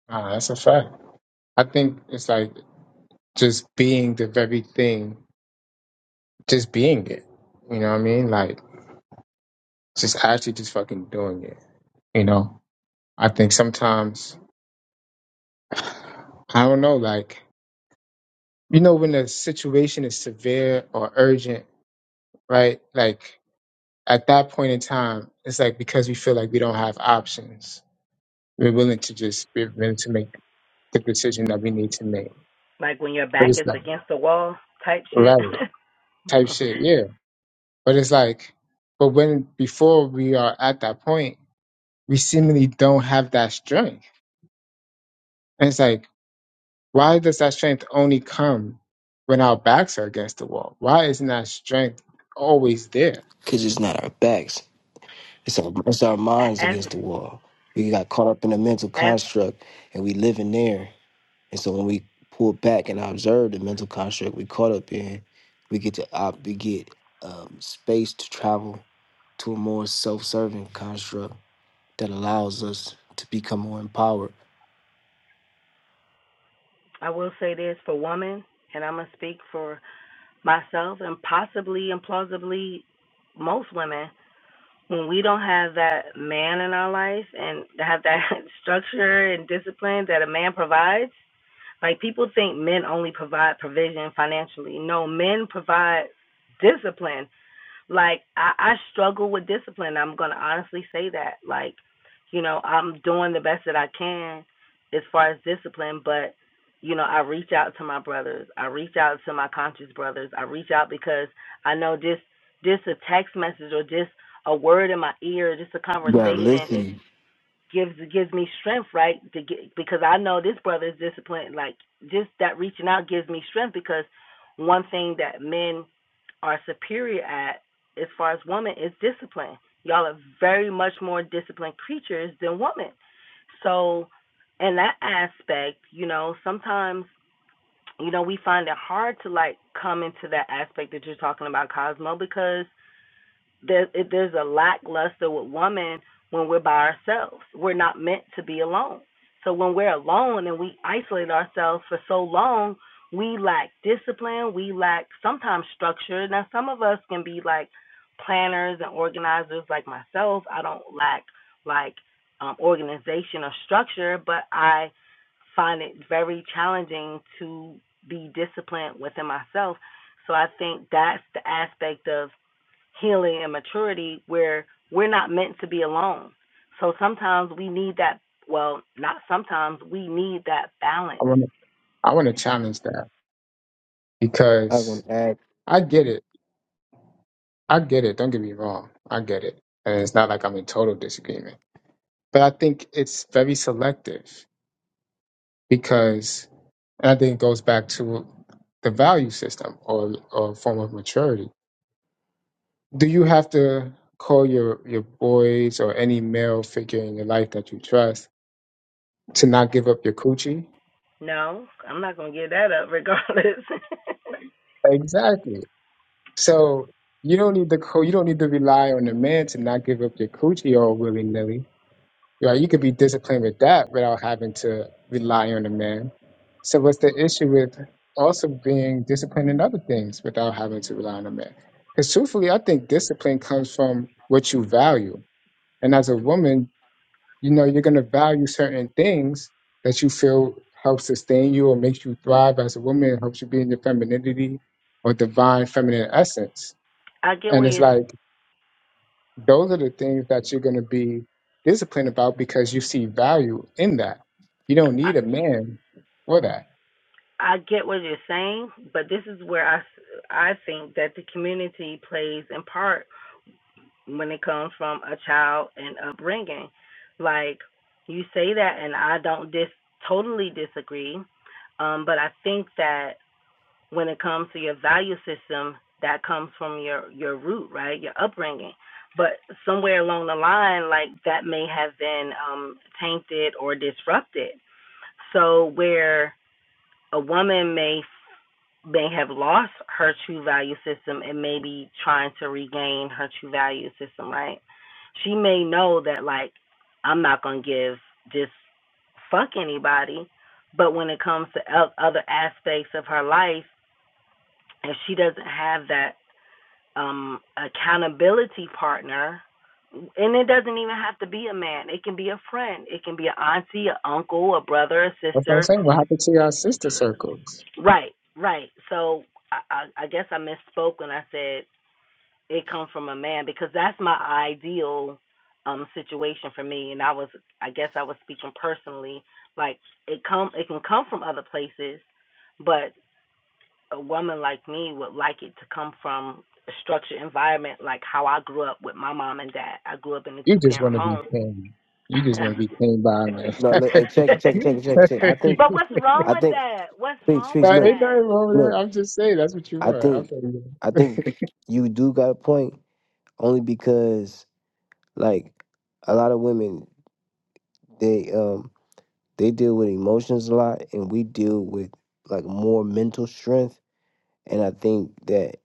A: Ah, that's a fact. I think it's like just being the very thing, just being it. You know what I mean? Like just actually just fucking doing it. You know? I think sometimes, I don't know, like, you know, when the situation is severe or urgent, right? Like, at that point in time, it's like because we feel like we don't have options, we're willing to just, we're willing to make the decision that we need to make.
O: Like when your
A: But
O: back
A: it's
O: is
A: like,
O: against the wall type shit.
A: right, type shit, yeah. But it's like, but when, before we are at that point, we seemingly don't have that strength. And it's like, Why does that strength only come when our backs are against the wall? Why isn't that strength always there?
C: Because it's not our backs; it's our it's our minds
O: as
C: against the wall. We got caught up in a mental
O: as
C: construct, and we live in there. And so when we pull back and observe the mental construct we caught up in, we get to op- we get um, space to travel to a more self-serving construct that allows us to become more empowered.
O: I will say this for women, and I'm gonna speak for myself and possibly and plausibly most women. When we don't have that man in our life and have that structure and discipline that a man provides Like people think men only provide provision financially. No, men provide discipline. Like I, I struggle with discipline. I'm gonna honestly say that. Like, you know, I'm doing the best that I can as far as discipline, but you know, I reach out to my brothers. I reach out to my conscious brothers. I reach out because I know just just a text message or just a word in my ear, just a
C: You gotta
O: conversation
C: listen.
O: gives gives me strength, right? To get because I know this brother is disciplined. Like just that reaching out gives me strength because one thing that men are superior at as far as women is discipline. Y'all are very much more disciplined creatures than women. So in that aspect, you know, sometimes you know we find it hard to like come into that aspect that you're talking about, Cosmo, because there, if there's a lackluster with women when we're by ourselves. We're not meant to be alone. So when we're alone and we isolate ourselves for so long, we lack discipline. We lack sometimes structure. Now, some of us can be like planners and organizers, like myself. I don't lack like um, organization or structure, but I find it very challenging to be disciplined within myself. So I think that's the aspect of healing and maturity where we're not meant to be alone. So sometimes we need that, well, not sometimes, we need that balance.
A: I want to I want to challenge that
C: I'm gonna
A: because
C: add.
A: I get it. I get it. Don't get me wrong. I get it. And it's not like I'm in total disagreement. But I think it's very selective because, and I think it goes back to the value system or, or form of maturity. Do you have to call your, your boys or any male figure in your life that you trust to not give up your coochie?
O: No, I'm not going to give that up regardless.
A: Exactly. So you don't need to call, you don't need to rely on a man to not give up your coochie all willy nilly You know, you could be disciplined with that without having to rely on a man. So what's the issue with also being disciplined in other things without having to rely on a man? Because truthfully, I think discipline comes from what you value. And as a woman, you know, you're going to value certain things that you feel help sustain you or makes you thrive as a woman, helps you be in your femininity or divine feminine essence.
O: I get what
A: And it's
O: you're
A: like, those are the things that you're going to be disciplined about because you see value in that. You don't
O: I,
A: need a man for that.
O: I get what you're saying, but this is where I. I think that the community plays in part when it comes from a child and upbringing. Like you say that, and I don't dis totally disagree. Um, but I think that when it comes to your value system, that comes from your your root, right? Your upbringing. But somewhere along the line, like that may have been um, tainted or disrupted. So where a woman may may have lost her true value system and may be trying to regain her true value system, right? She may know that like I'm not gonna give just fuck anybody, but when it comes to o- other aspects of her life if she doesn't have that um accountability partner and it doesn't even have to be a man it can be a friend it can be an auntie an uncle a brother a
A: That's what I'm
O: sister
A: saying. What happened to your sister circles?
O: right right so i i, guess i misspoke when i said it comes from a man because that's my ideal um situation for me and i was i guess i was speaking personally like it come it can come from other places but. a woman like me would like it to come from a structured environment like how I grew up with my mom and dad. I grew up in a
A: You
O: two
A: just
O: parent
A: want to be
O: home.
A: clean. You just want to be clean by a man.
C: No, look, hey, check it, check it, check it, check it, check it. I think,
O: but what's wrong
C: I
O: with
C: think,
O: that? What's
C: Peach,
O: wrong
C: Peach,
A: Now,
O: with
C: look,
A: ain't
O: that?
A: nothing wrong with that.
C: look.
A: I'm just saying that's what you
C: I
A: want. I'm
C: think,
A: saying
C: I think you do got a point only because like a lot of women they um They deal with emotions a lot, and we deal with like more mental strength. And I think that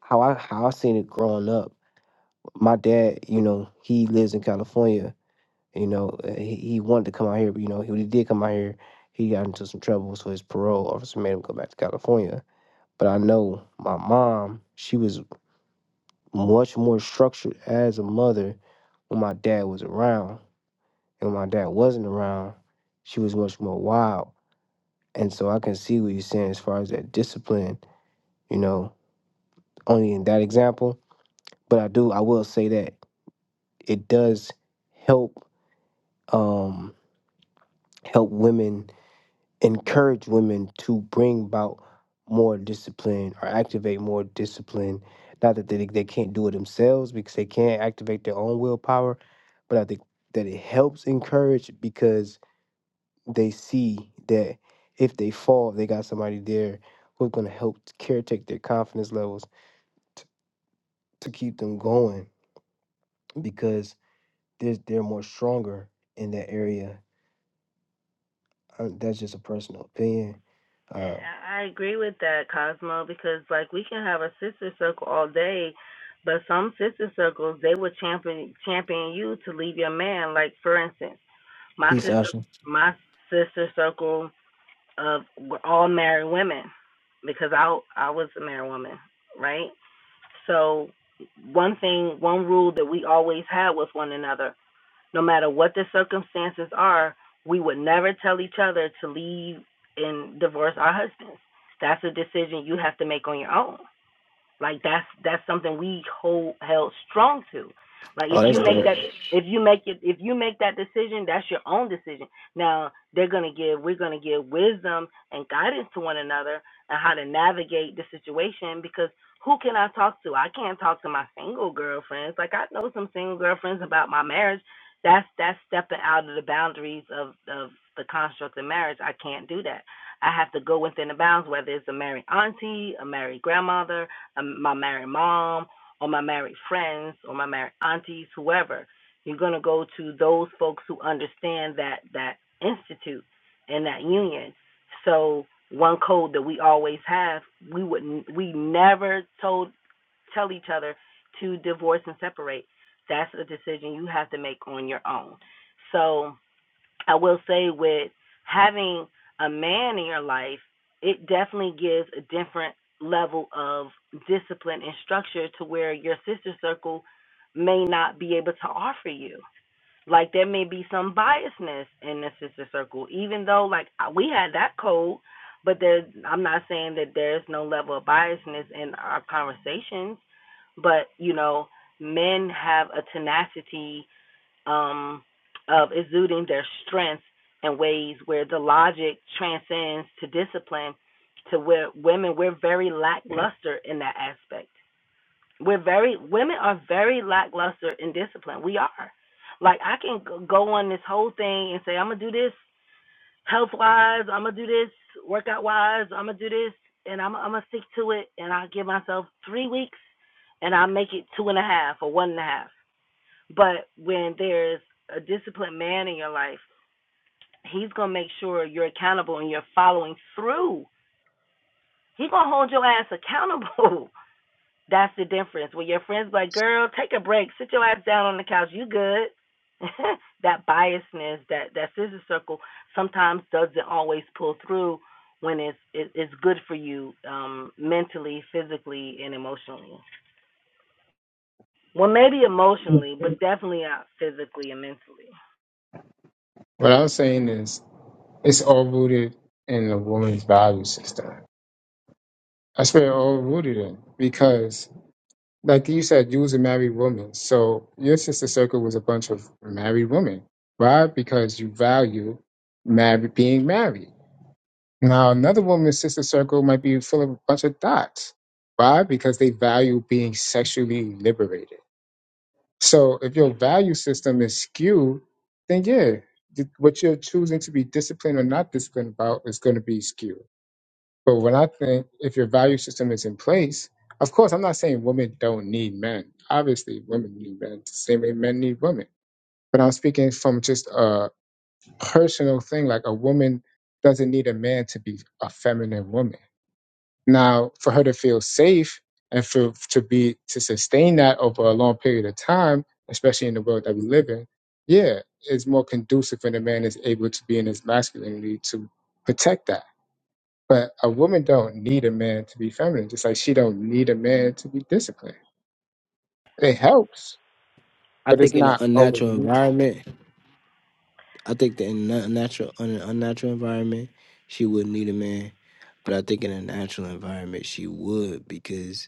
C: how I how I seen it growing up. My dad, you know, he lives in California. You know, uh, he, he wanted to come out here, but you know, he, when he did come out here, he got into some trouble, so his parole officer made him go back to California. But I know my mom, she was much more structured as a mother when my dad was around. And when my dad wasn't around, she was much more wild. And so I can see what you're saying as far as that discipline, you know, only in that example. But I do I will say that it does help um help women encourage women to bring about more discipline or activate more discipline. Not that they, they can't do it themselves because they can't activate their own willpower, but I think that it helps encourage because they see that if they fall, they got somebody there who's gonna help caretake their confidence levels t- to keep them going because they're, they're more stronger in that area. Uh, that's just a personal opinion. Uh,
O: I agree with that, Cosmo, because like we can have a sister circle all day, but some sister circles they will champion champion you to leave your man. Like for instance, my
C: Peace,
O: sister
C: Asha.
O: my sister circle of all married women because I I was a married woman, right? So one thing, one rule that we always had with one another, no matter what the circumstances are, we would never tell each other to leave and divorce our husbands. That's a decision you have to make on your own. Like that's that's something we hold held strong to. Like
C: Oh,
O: if you
C: that's
O: make
C: dope.
O: that if you make it if you make that decision, that's your own decision. Now they're gonna give we're gonna give wisdom and guidance to one another and how to navigate the situation because who can I talk to? I can't talk to my single girlfriends. Like I know some single girlfriends about my marriage. That's that's stepping out of the boundaries of, of the construct of marriage. I can't do that. I have to go within the bounds, whether it's a married auntie, a married grandmother, um, my married mom or my married friends or my married aunties, whoever. You're going to go to those folks who understand that that institute and that union. So one code that we always have, we would not we never told tell each other to divorce and separate. That's a decision you have to make on your own. So I will say with having a man in your life, it definitely gives a different level of discipline and structure to where your sister circle may not be able to offer you. Like there may be some biasness in the sister circle, even though like we had that code, but there I'm not saying that there's no level of biasness in our conversations, but you know, men have a tenacity um, of exuding their strengths in ways where the logic transcends to discipline to where women we're very lackluster in that aspect we're very women are very lackluster in discipline we are like i can g- go on this whole thing and say i'm gonna do this health wise i'm gonna do this workout wise i'm gonna do this and i'm, I'm gonna stick to it and i give myself three weeks and i make it two and a half or one and a half but when there's a disciplined man in your life, he's gonna make sure you're accountable and you're following through. He gonna hold your ass accountable. That's the difference. When your friends like, girl, take a break, sit your ass down on the couch, you good. that biasness, that that scissor circle, sometimes doesn't always pull through when it's it, it's good for you um, mentally, physically, and emotionally. Well, maybe
A: that.
O: emotionally, but definitely not physically and mentally.
A: What I'm saying is it's all rooted in the woman's value system. That's where it all rooted in because like you said, you was a married woman. So your sister circle was a bunch of married women. Why? Because you value married being married. Now another woman's sister circle might be full of a bunch of dots. Why? Because they value being sexually liberated. So if your value system is skewed, then yeah, th- what you're choosing to be disciplined or not disciplined about is going to be skewed. But when I think if your value system is in place, of course, I'm not saying women don't need men. Obviously, women need men the same way men need women. But I'm speaking from just a personal thing. Like a woman doesn't need a man to be a feminine woman. Now, for her to feel safe and for to be to sustain that over a long period of time, especially in the world that we live in, yeah, it's more conducive when a man is able to be in his masculinity to protect that but a woman don't need a man to be feminine, just like she don't need a man to be disciplined. It helps,
C: I
A: but it's
C: think in an
A: not always
C: unnatural
A: needed.
C: environment, I think that in an unnatural, in an unnatural environment, she wouldn't need a man. But I think in a natural environment, she would because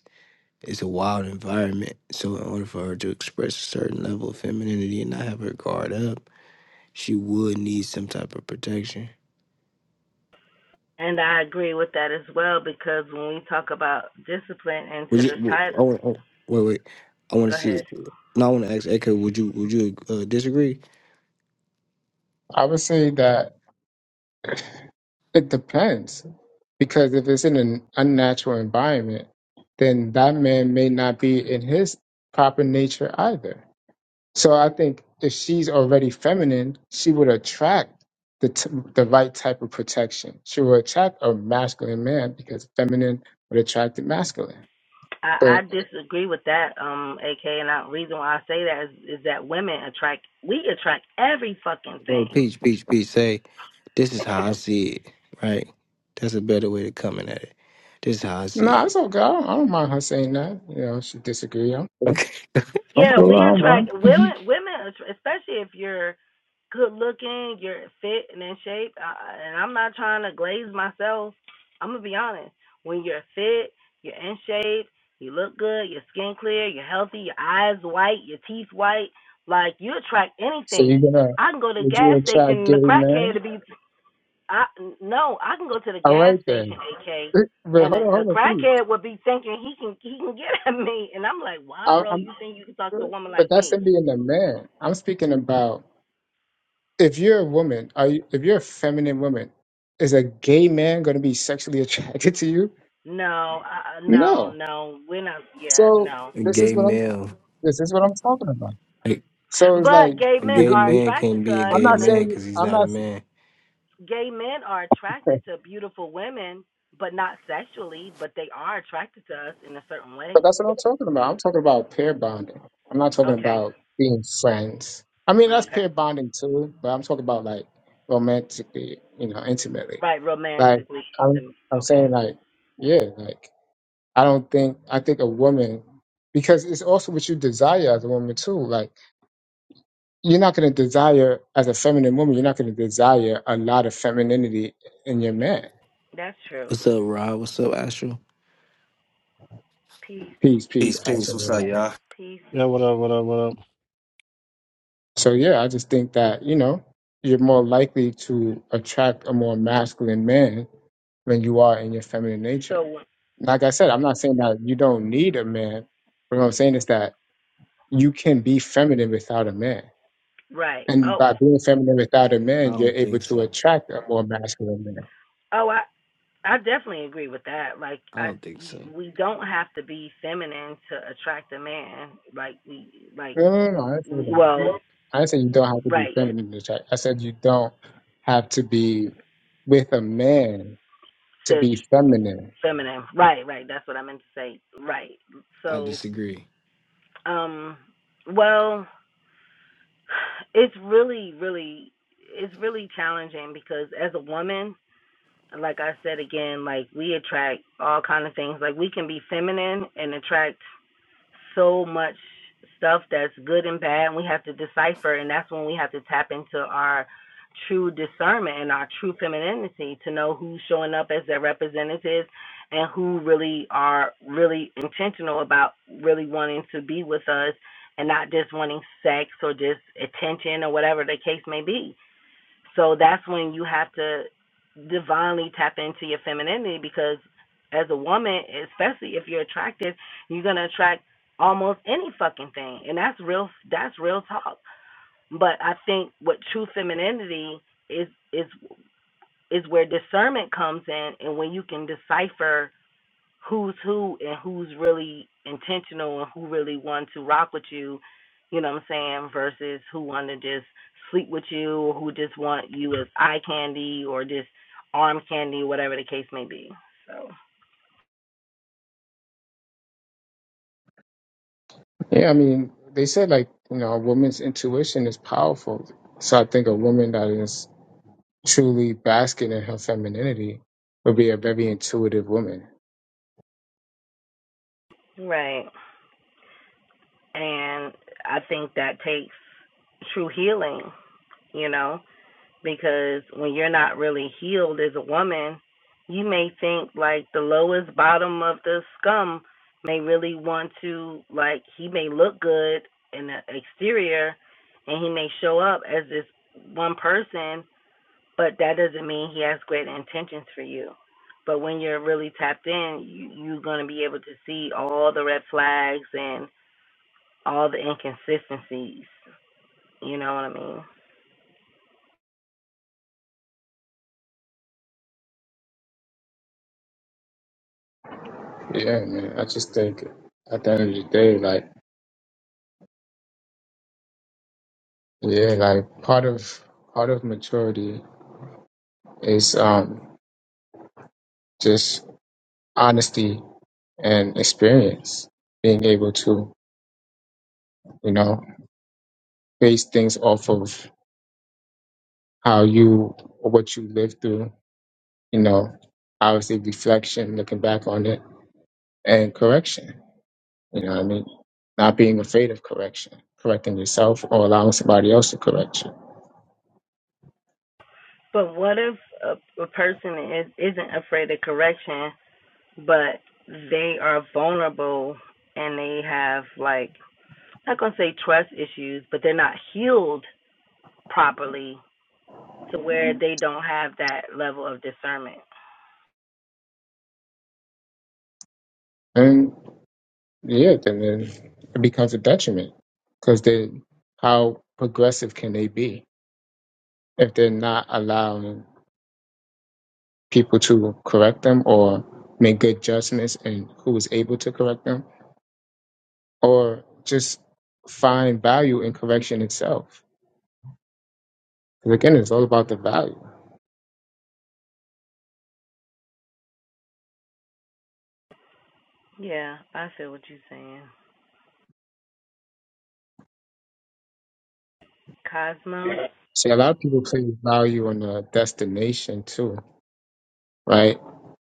C: it's a wild environment. So in order for her to express a certain level of femininity and not have her guard up, she would need some type of protection.
O: And I agree with that as well because when we talk about discipline
C: Would
O: into
C: you?
O: the
C: w- I
O: title,
C: want. oh, Wait, wait. I want
O: go
C: to see.
O: ahead.
C: Now I want to ask Echo. Would you? Would you uh, disagree?
A: I would say that it depends, because if it's in an unnatural environment, then that man may not be in his proper nature either. So I think if she's already feminine, she would attract the t- the right type of protection. She will attract a masculine man because feminine would attract the masculine.
O: I, I disagree with that, um, AK. And the reason why I say that is, is that women attract, we attract every fucking
C: Well,
O: thing.
C: Peach, Peach, Peach. Say, this is how I see it. Right. That's a better way to coming at it. This is how I see
A: No,
C: it.
A: it's okay. I don't, I don't mind her saying that. You know, she disagree. I'm cool.
C: Okay. Go
A: I'm
O: Yeah,
C: ahead.
A: cool.
O: we
A: I don't
O: attract
A: mind. hmm
O: women. Women, especially if you're good looking, you're fit and in shape. I, and I'm not trying to glaze myself. I'm gonna be honest. When you're fit, you're in shape, you look good, your skin clear, you're healthy, your eyes white, your teeth white. Like you attract
A: So you're
O: anything.
A: gonna
O: I can go to the
A: would you
O: gas station
A: attract
O: and
A: gay
O: the crackhead to
A: men?
O: be. I no, I can go to the
A: All
O: gas
A: right
O: station,
A: then.
O: AK.
A: But
O: And a,
A: hold on,
O: a
A: hold on, please.
O: crackhead would be thinking he can he can get at me, and I'm like, why,
A: I,
O: bro?
A: I'm,
O: You think you can talk to a woman
A: but
O: like
A: that's
O: me?
A: him being a man. I'm speaking about if you're a woman, are you, if you're a feminine woman, is a gay man going to be sexually attracted to you?
O: No, uh, uh, no,
A: No.
O: no. We're not. Yeah,
A: So
O: no.
C: A
A: this is
C: gay
A: what I'm.
C: male.
A: This is what I'm talking about.
C: A,
A: So it's
O: But
A: like
O: gay
C: a
A: you,
O: men
C: gay
O: are
A: you,
C: man
O: attracted
C: can't
O: to
C: be a
O: us,
A: I'm
C: gay
A: not
O: and
C: man
O: it's-
A: saying
C: because he's
A: I'm
C: not a
A: not.
C: man.
O: gay men are attracted to beautiful women, but not sexually. But they are attracted to us in a certain
A: But
O: way.
A: that's what I'm talking about. I'm talking about pair bonding. I'm not talking
O: Okay.
A: about being friends. I mean, that's
O: Okay.
A: pair bonding too, but I'm talking about like romantically, you know, intimately.
O: Right.
A: Like
O: Romantically.
A: I'm,
O: even-
A: I'm
O: Okay.
A: saying like, yeah, like I don't think I think a woman because it's also what you desire as a woman too. Like you're not going to desire as a feminine woman, you're not going to desire a lot of femininity in your man.
O: That's true.
C: What's up, Rob? What's up, Astro?
O: Peace.
A: Peace, peace,
P: Peace, peace. What's
A: passion.
P: up, y'all?
O: Peace.
Q: Yeah, what up, what up, what up?
A: So yeah, I just think that, you know, you're more likely to attract a more masculine man than you are in your feminine nature.
O: So
A: Like I said, I'm not saying that you don't need a man, but what I'm saying is that you can be feminine without a man.
O: right.
A: And
O: Oh.
A: by being feminine without a
C: I
A: man, you're
C: don't
A: able
C: think
A: to
C: so.
A: attract a more masculine man.
O: Oh. I. I definitely agree with that. Like,
C: I
O: I
C: don't think
O: you,
C: so.
O: we don't have to be feminine to attract a man. Like we like
A: No, no, no, I didn't say that.
O: Well,
A: I didn't say you don't have to be
O: right.
A: feminine to attract. I said you don't have to be with a man
O: So
A: to be feminine.
O: feminine. Right, right. That's what I meant to say. Right.
C: I
O: So,
C: disagree.
O: um, well, it's really, really, it's really challenging because as a woman, like I said again, like we attract all kind of things. Like we can be feminine and attract so much stuff that's good and bad and we have to decipher and that's when we have to tap into our true discernment and our true femininity to know who's showing up as their representatives and who really are really intentional about really wanting to be with us and not just wanting sex or just attention or whatever the case may be so that's when you have to divinely tap into your femininity because as a woman, especially if you're attractive, you're gonna attract almost any fucking thing. And that's real that's real talk. But I think what true femininity is is is where discernment comes in and when you can decipher who's who and who's really intentional and who really want to rock with you, you know what I'm saying, versus who want to just sleep with you or who just want you as eye candy or just arm candy, whatever the case may be. So,
A: Yeah, I mean, they said like, you know, a woman's intuition is powerful. So I think a woman that is truly basking in her femininity would be a very intuitive woman.
O: right. And I think that takes true healing, you know. because when you're not really healed as a woman, you may think like the lowest bottom of the scum may really want to like he may look good in the exterior and he may show up as this one person, but that doesn't mean he has great intentions for you. But when you're really tapped in, you, you're going to be able to see all the red flags and all the inconsistencies. You know what I mean?
A: Yeah, man. I just think at the end of the day, like, yeah, like part of part of maturity is um just honesty and experience. Being able to, you know, base things off of how you or what you lived through, you know, obviously reflection, looking back on it and correction. You know what I mean? Not being afraid of correction, correcting yourself or allowing somebody else to correct you.
O: But what if a, a person is isn't afraid of correction, but they are vulnerable and they have like I'm not gonna say trust issues, but they're not healed properly to where they don't have that level of discernment.
A: And yeah, then, then it becomes a detriment because then how progressive can they be if they're not allowing people to correct them or make good judgments and who is able to correct them? or just find value in correction itself. Because again, it's all about the value.
O: Yeah, I feel what you're saying. Cosmo,
A: See, a lot of people place value on the destination too, right?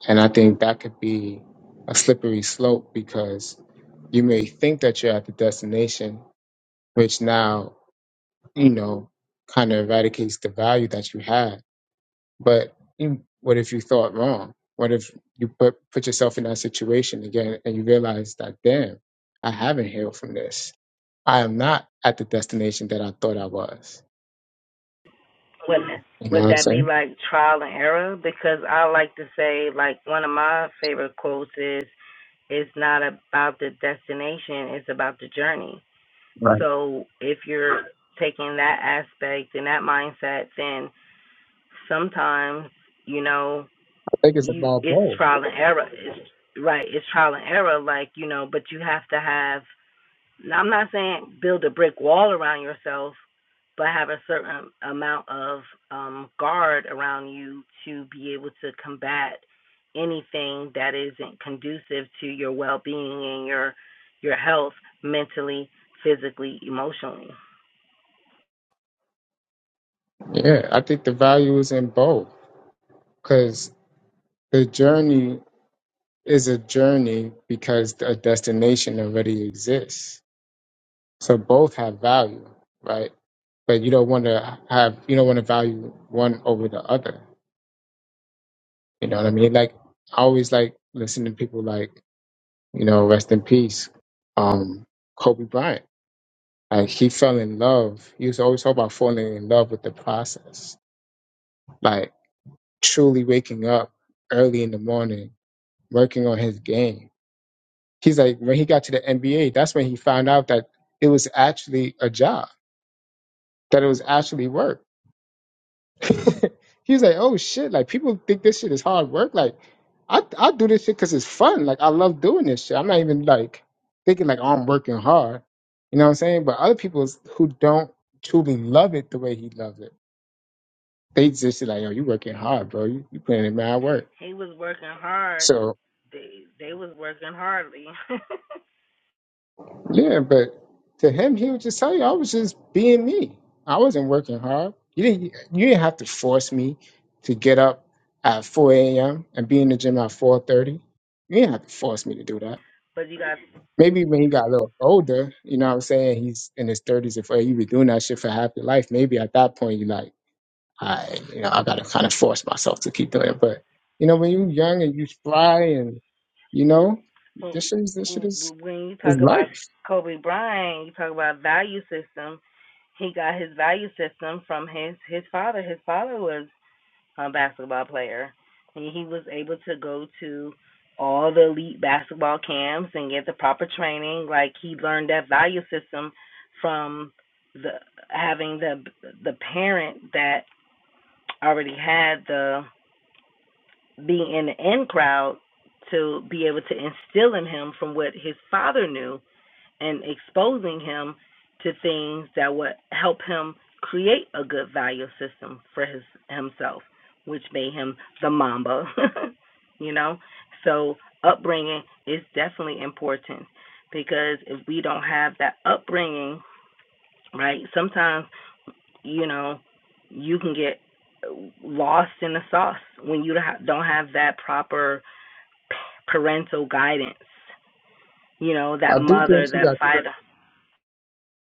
A: And I think that could be a slippery slope because you may think that you're at the destination, which now, you know, kind of eradicates the value that you had But mm, what if you thought wrong? What if you put put yourself in that situation again and you realize that damn, I haven't healed from this. I am not at the destination that I thought I was.
O: would
A: You know
O: would
A: what I'm
O: that be
A: saying?
O: like trial and error? Because I like to say like one of my favorite quotes is it's not about the destination, it's about the journey
A: Right.
O: So if you're taking that aspect and that mindset, then sometimes, you know,
A: I think it's
O: you
A: about
O: it's
A: both.
O: trial and error. It's, right, it's trial and error, like, you know, but you have to have I'm not saying build a brick wall around yourself, but have a certain amount of um guard around you to be able to combat anything that isn't conducive to your well being and your your health mentally, physically, emotionally.
A: Yeah, I think the value is in both because the journey is a journey because a destination already exists. So both have value, right? But you don't want to have you don't want to value one over the other. You know what I mean? Like I always like listening to people like, you know, rest in peace, um, Kobe Bryant. Like he fell in love. He was always talking about falling in love with the process. Like truly waking up early in the morning, working on his game. He's like when he got to the NBA, that's when he found out that it was actually a job, that it was actually work he was like, "Oh shit! Like people think this shit is hard work. Like I I do this shit because it's fun. Like I love doing this shit. I'm not even like thinking like oh, I'm working hard. You know what I'm saying? But other people who don't truly love it the way he loves it, they just like, yo, you working hard, bro. You you putting in mad work.
O: He was working hard.
A: So
O: They they was working hardly.
A: Yeah, but to him, he would just tell you, I was just being me. I wasn't working hard. You didn't, you didn't have to force me to get up at 4 a.m. and be in the gym at 4:30. You didn't have to force me to do that.
O: but you got
A: Maybe when he got a little older, you know what I'm saying? He's in his 30s or 40, you were doing that shit for half your life. Maybe at that point, you're like, I, you know, I gotta kind of force myself to keep doing it. But you know, when you're young and you fly and you know, this shit is this shit is
O: when you
A: is
O: talk about
A: life.
O: Kobe Bryant, you talk about value system. He got his value system from his his father. His father was a basketball player, and he was able to go to all the elite basketball camps and get the proper training. Like he learned that value system from the having the the parent that already had the being in the in crowd to be able to instill in him from what his father knew and exposing him to things that would help him create a good value system for his himself, which made him the mamba, you know. So upbringing is definitely important because if we don't have that upbringing, right? Sometimes you know, you can get lost in the sauce when you don't have that proper parental guidance. You know,
A: I
O: that
A: do think
O: mother,
A: she
O: that
A: got.
O: father.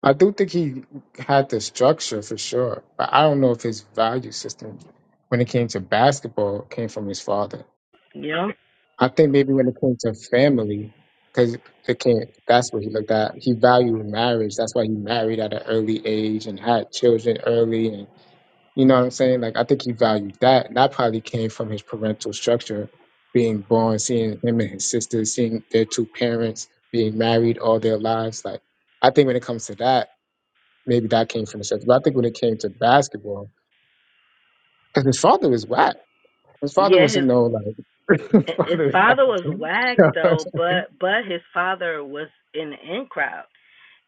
A: I do think he had the structure for sure, but I don't know if his value system, when it came to basketball, came from his father.
O: You know,
A: I think maybe when it came to family, because it came, that's what he looked at. He valued marriage. That's why he married at an early age and had children early. And you know what I'm saying? Like, I think he valued that. And that probably came from his parental structure, being born, seeing him and his sister, seeing their two parents being married all their lives. Like, I think when it comes to that, maybe that came from the sets. But I think when it came to basketball, because his father was whack. His father
O: yeah,
A: wasn't no
O: his
A: like his
O: his
A: father was
O: father was whack
A: ass.
O: though, but but his father was in the in crowd,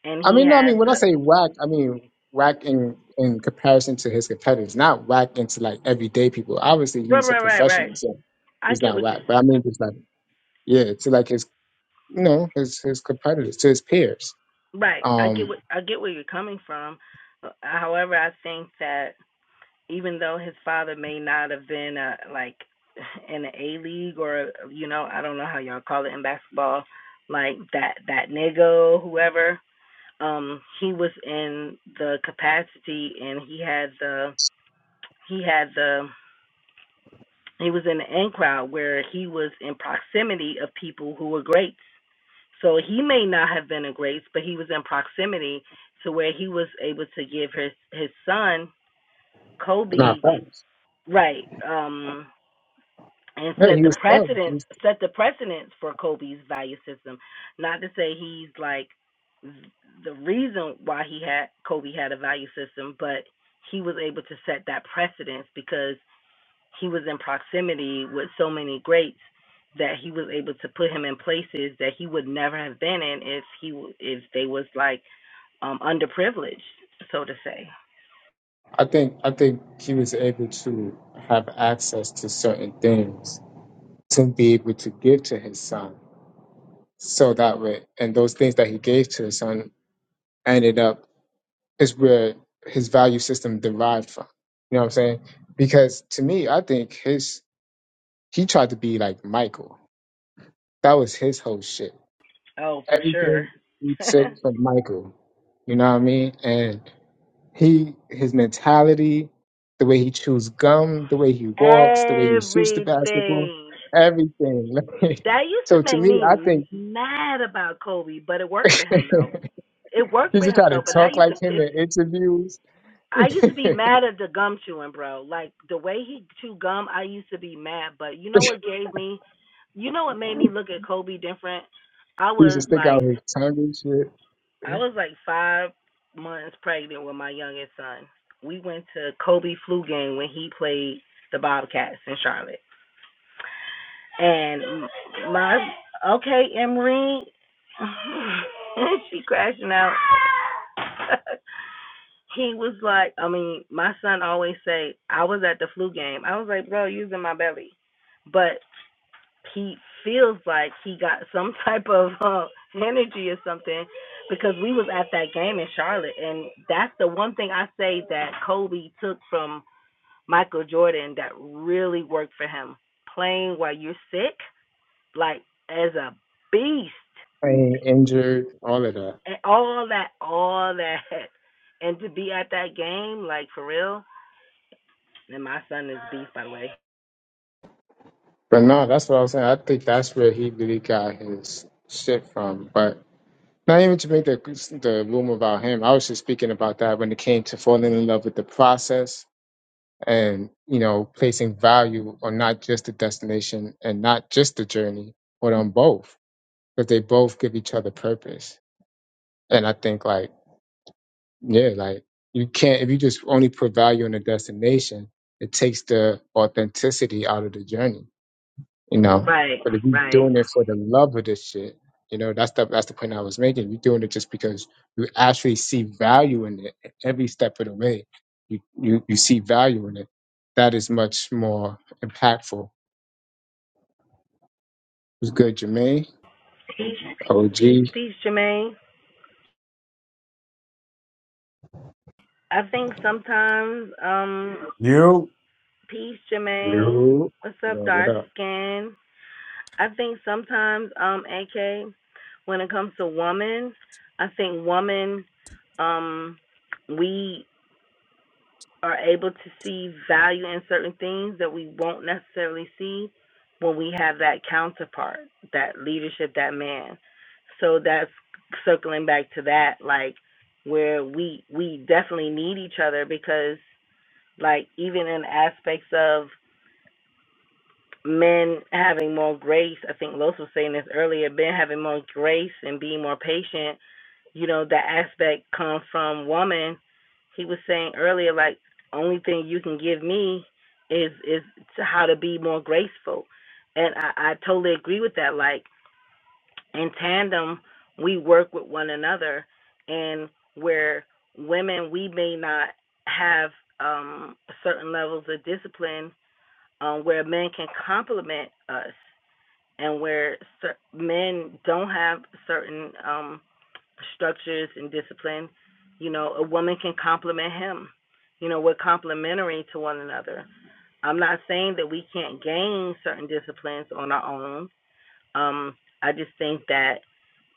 O: and
A: I
O: he
A: mean, no, I
O: has
A: mean when I
O: a
A: say whack, I mean whack in in comparison to his competitors, not whack into like everyday people. Obviously,
O: right,
A: he's a
O: right, right, right.
A: professional, so
O: I
A: he's
O: get
A: not
O: what you
A: whack. But I mean, just like yeah, to like his you know his his competitors, to his peers.
O: right. I get
A: Um,
O: what I get where you're coming from. Uh, However, I think that even though his father may not have been a like in the A league or you know I don't know how y'all call it in basketball, like that that nigga whoever. Um, he was in the capacity and he had the he had the he was in the in crowd where he was in proximity of people who were greats. So he may not have been a greats, but he was in proximity to where he was able to give his his son Kobe
A: not facts.
O: right um and
A: Yeah,
O: set
A: he
O: the
A: was fun. He
O: precedence
A: was-
O: set the precedence for Kobe's value system. Not to say he's like the reason why he had Kobe had a value system, but he was able to set that precedence because he was in proximity with so many greats that he was able to put him in places that he would never have been in if he w- if they was like um underprivileged, so to say.
A: I think I think he was able to have access to certain things to be able to give to his son. So that way, and those things that he gave to his son ended up is where his value system derived from. You know what I'm saying? Because to me, I think his he tried to be like Michael. That was his whole shit.
O: Oh, for sure.
A: Everything he took from Michael. You know what I mean? And he his mentality, the way he chews gum, the way he walks, the way he shoots the basketball,
O: Everything.
A: everything.
O: That used
A: so
O: to
A: to
O: make
A: me, I
O: me
A: think
O: mad about Kobe, but it worked for him though. It worked
A: He
O: for
A: should
O: him
A: try to
O: though, but that
A: talk
O: used to
A: like him
O: piss.
A: in interviews.
O: I
A: he
O: used to be mad at the gum chewing, bro. Like the way he chew gum, I used to be mad. But you know what gave me, you know what made me look at Kobe different. I
A: should
O: was
A: stick
O: like,
A: out his tongue and shit.
O: I was like five months pregnant with my youngest son. We went to Kobe flu game when he played the Bobcats in Charlotte. And my okay, Emery, she crashing out. he was like, I mean, my son always say, I was at the flu game. I was like, bro, you was in my belly, but he feels like he got some type of uh, energy or something because we was at that game in Charlotte, and that's the one thing I say that Kobe took from Michael Jordan that really worked for him. Playing while you're sick like as a beast
A: Ain't injured, all of that.
O: and all that, all that, and to be at that game, like for real. And my son is beast, by the way.
A: But no, that's what I was saying. I think that's where he really got his shit from. But not even to make the the room about him. I was just speaking about that when it came to falling in love with the process and you know placing value on not just the destination and not just the journey, but on both because they both give each other purpose. And I think like Yeah, like you can't if you just only put value on the destination, it takes the authenticity out of the journey, you know.
O: Right,
A: But if you're
O: right.
A: doing it for the love of this shit, you know, that's the that's the point I was making. You're doing it just because you actually see value in it every step of the way. You you you see value in it. That is much more impactful. It's good, Jermaine,
O: Peace,
A: OG,
O: peace,
A: you,
O: peace, Jermaine. I think sometimes, um,
R: You?
O: peace, Jermaine.
A: you
O: What's up,
A: know, what
O: dark
A: up?
O: skin? I think sometimes, um, AK, when it comes to woman, I think woman, um, we are able to see value in certain things that we won't necessarily see when we have that counterpart, that leadership, that man. So that's circling back to that, like where we we definitely need each other because like even in aspects of men having more grace, I think Los was saying this earlier, men having more grace and being more patient you know, that aspect come from woman. He was saying earlier, like, only thing you can give me is is to how to be more graceful, and I, I totally agree with that. Like in tandem, we work with one another, and where women we may not have um, certain levels of discipline, um, where men can complement us, and where cer- men don't have certain um, structures and discipline, you know, a woman can complement him. You know, we're complementary to one another. I'm not saying that we can't gain certain disciplines on our own, um, I just think that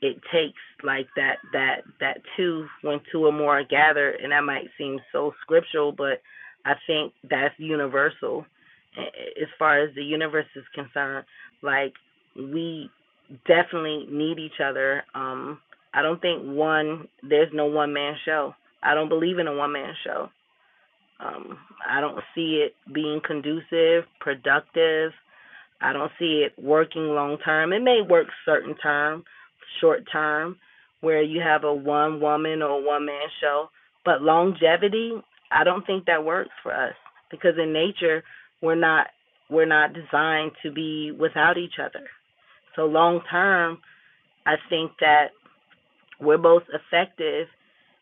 O: it takes like that that that two when two or more are gathered, and that might seem so scriptural, but I think that's universal as far as the universe is concerned. Like we definitely need each other. Um, I don't think one there's no one man show. I don't believe in a one man show. Um, I don't see it being conducive, productive I don't see it working long term. It may work certain time, short term, where you have a one woman or one man show, but longevity, I don't think that works for us because in nature we're not we're not designed to be without each other. So long term, I think that we're most effective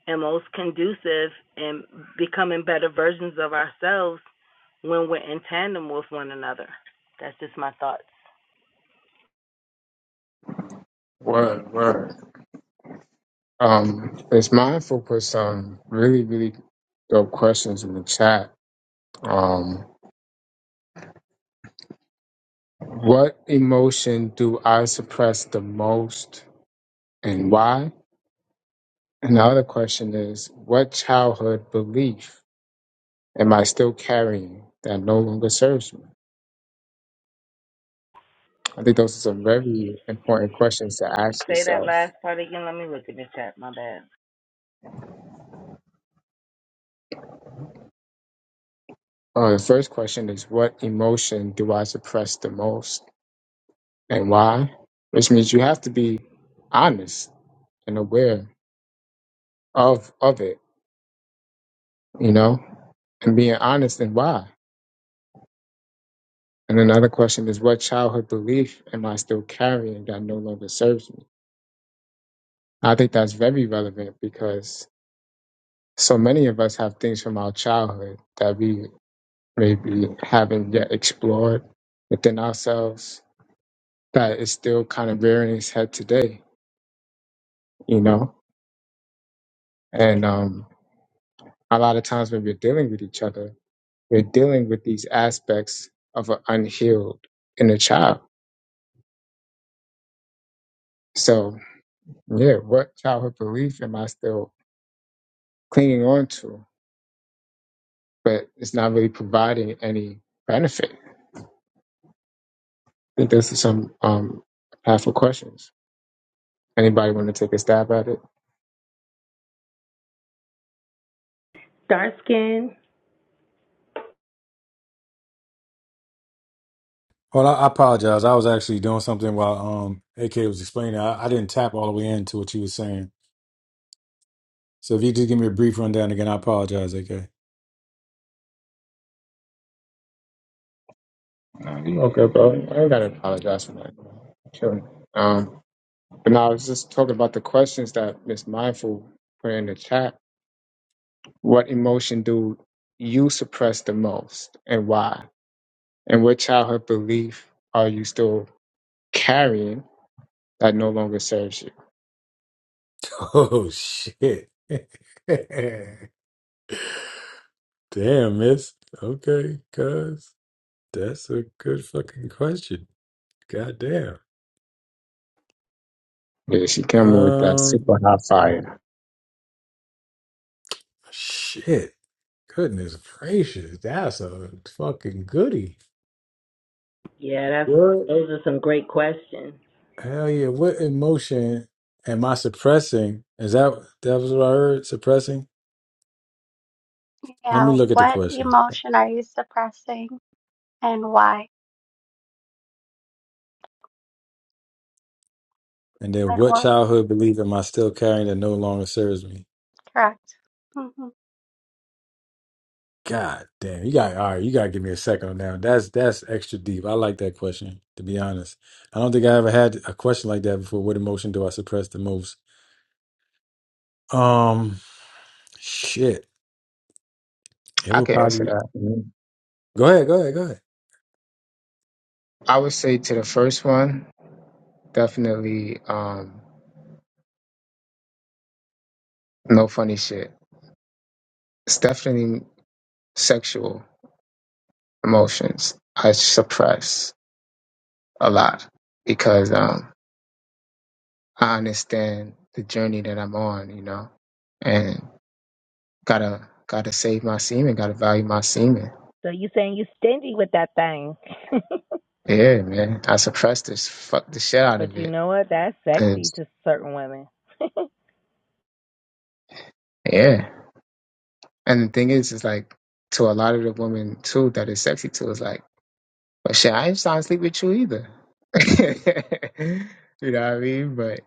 O: and most conducive in becoming better versions of ourselves when we're in tandem with one another. That's just my thoughts.
A: Word, word. Um, it's mindful for some really, really Dope questions in the chat. Um, what emotion do I suppress the most and why? And the other question is, what childhood belief am I still carrying that no longer serves me? I think those are some very important questions to ask
O: Say that
A: yourself.
O: last part again. Let me look in the chat. My bad.
A: Uh, the first question is, what emotion do I suppress the most and why? Which means you have to be honest and aware of of it, you know, and being honest and why. And another question is, what childhood belief am I still carrying that no longer serves me? I think that's very relevant because so many of us have things from our childhood that we maybe haven't yet explored within ourselves that is still kind of rearing its head today, you know? And um, a lot of times when we're dealing with each other, we're dealing with these aspects of an unhealed inner child. So, yeah, what childhood belief am I still clinging on to? but it's not really providing any benefit. I think those are some um, half questions. Anybody want to take a stab at it?
O: Dark skin.
R: Well, I, I apologize. I was actually doing something while um AK was explaining. I, I didn't tap all the way into what you were saying. So if you just give me a brief rundown again, I apologize, AK.
A: Okay, bro. I ain't gotta apologize for that. Killing. Um, but now I was just talking about the questions that Miss Mindful put in the chat. What emotion do you suppress the most, and why? And what childhood belief are you still carrying that no longer serves you?
R: Oh shit. Damn, miss. Okay, cuz that's a good fucking question. God damn.
A: Yeah, she came with that super
R: Um
A: hot fire.
R: shit. Goodness gracious. That's a fucking goodie.
O: Yeah, that's those are some great questions.
R: Hell yeah. What emotion am I suppressing? Is that that was what I heard? Suppressing? Let me
B: Yeah.
R: look at the
B: What
R: question.
B: emotion are you suppressing and why?
R: And then
B: Like,
R: what
B: what?
R: childhood belief am I still carrying that no longer serves me?
B: Correct. hmm
R: God damn. You got all right, you gotta give me a second on that. one. That's that's extra deep. I like that question, to be honest. I don't think I ever had a question like that before. What emotion do I suppress the most? Um shit. It
A: I
R: would
A: can answer
R: probably
A: that. Mm-hmm.
R: go ahead, go ahead, go ahead.
A: I would say to the first one, definitely um, no funny shit. It's definitely sexual emotions. I suppress a lot because um, I understand the journey that I'm on, you know, and gotta gotta save my semen, gotta value my semen.
O: So you saying you stingy with that thing.
A: Yeah, man, I suppress this, fuck the shit out
O: but
A: of
O: you
A: it,
O: know what? That's sexy
A: 'cause-
O: to certain women.
A: yeah. And the thing is, is like to a lot of the women too that is sexy to is like But shit, I ain't trying to sleep with you either. you know what I mean? But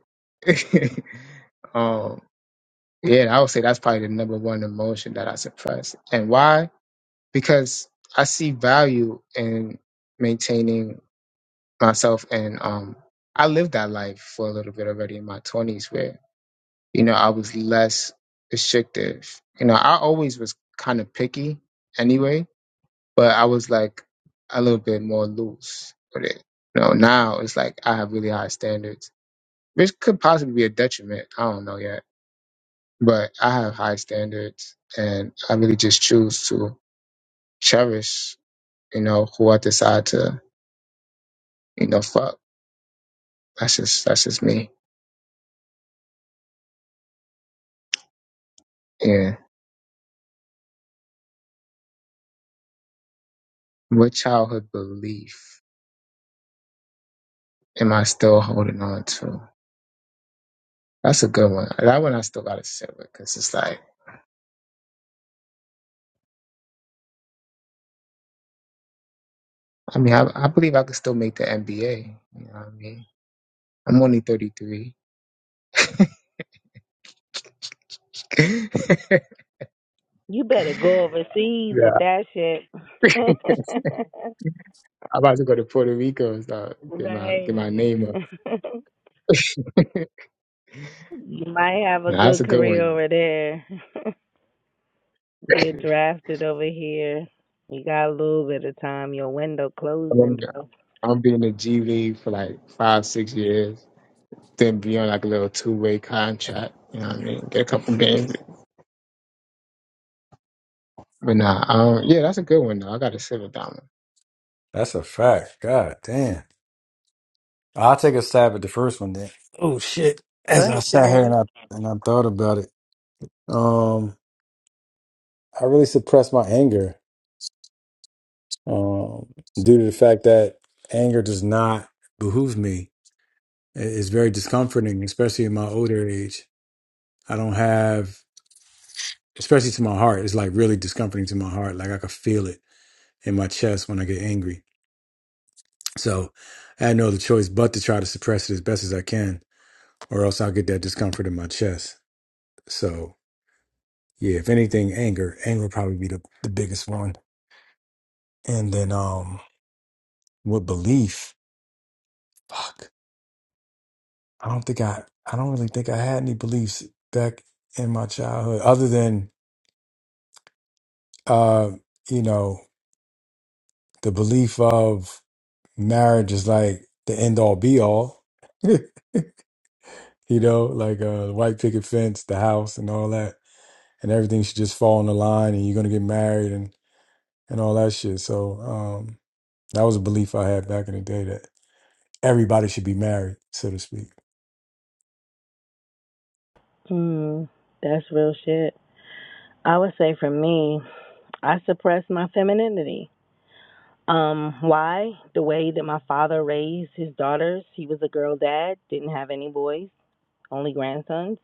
A: um, yeah, I would say that's probably the number one emotion that I suppress. And why? Because I see value in maintaining myself and um I lived that life for a little bit already in my twenties where, you know, I was less restrictive. You know, I always was kind of picky anyway but I was like a little bit more loose with it. You know, now it's like I have really high standards, which could possibly be a detriment. I don't know yet, but I have high standards, and I really just choose to cherish, you know, who I decide to, you know, fuck. That's just that's just me. Yeah. What childhood belief am I still holding on to? That's a good one. That one I still gotta sit with because it's like, I mean, I, I believe I could still make the NBA. You know what I mean? I'm only 33. yeah.
O: You better go overseas with that shit.
A: I'm about to go to Puerto Rico and start get my get my
O: right.
A: name up.
O: you might have a
A: Nah, That's
O: good
A: a good
O: career
A: one.
O: over there. Get drafted over here. You got a little bit of time. Your window
A: I'm, gonna
O: closing,
A: be
O: bro.
A: I'm being a G League for like five, six years. Then be on like a little two way contract. You know what I mean? Get a couple games. But nah, um, yeah, that's a good one though. I got to sit with that one.
R: That's a fact. God damn. I'll take a stab at the first one then. Oh shit.
O: Go
R: As I
O: ahead,
R: sat here
O: Jermaine.
R: and I and I thought about it. Um I really suppressed my anger. Um due to the fact that anger does not behoove me. It- It's very discomforting, especially in my older age. I don't have especially to my heart. It's like really discomforting to my heart. Like I could feel it in my chest when I get angry. So I had no other choice but to try to suppress it as best as I can, or else I'll get that discomfort in my chest. So Yeah, if anything, anger. Anger would probably be the, the biggest one. And then um with belief, fuck. I don't think I I don't really think I had any beliefs back in my childhood other than uh, you know, the belief of marriage is like the end all be all. you know, like uh the white picket fence, the house and all that. And everything should just fall in the line and you're gonna get married and and all that shit. So um that was a belief I had back in the day everybody should be married, so to speak.
O: Hmm, that's real shit. I would say for me, I suppressed my femininity. Um, why? The way that my father raised his daughters. He was a girl dad, didn't have any boys, only grandsons.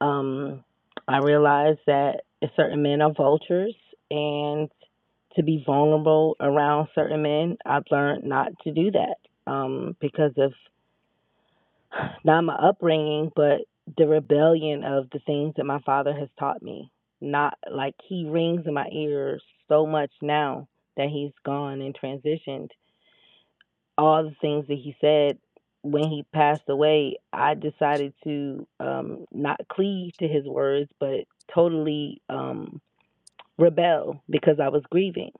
O: Um, I realized that certain men are vultures and to be vulnerable around certain men, I've learned not to do that. Um, because of not my upbringing, but the rebellion of the things that my father has taught me. Not like he rings in my ears so much now that he's gone and transitioned. All the things that he said when he passed away, I decided to um, not cleave to his words, but totally um, rebel because I was grieving.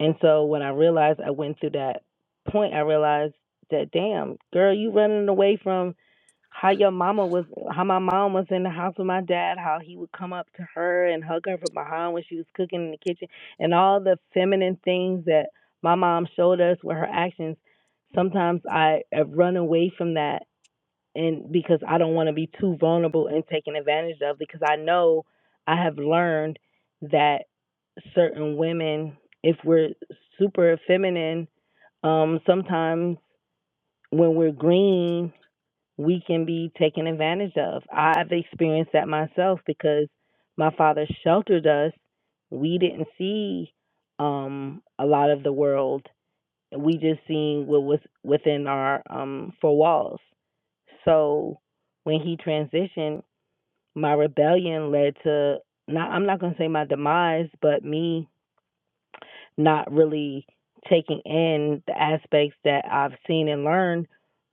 O: And so when I realized I went through that point, I realized that, damn, girl, you running away from how your mama was how my mom was in the house with my dad, how he would come up to her and hug her from behind when she was cooking in the kitchen and all the feminine things that my mom showed us with her actions, sometimes I have run away from that and because I don't want to be too vulnerable and taken advantage of because I know I have learned that certain women, if we're super feminine, um, sometimes when we're green we can be taken advantage of. I've experienced that myself because my father sheltered us. We didn't see um, a lot of the world. We just seen what was within our um, four walls. So when he transitioned, my rebellion led to not I'm not gonna say my demise, but me not really taking in the aspects that I've seen and learned,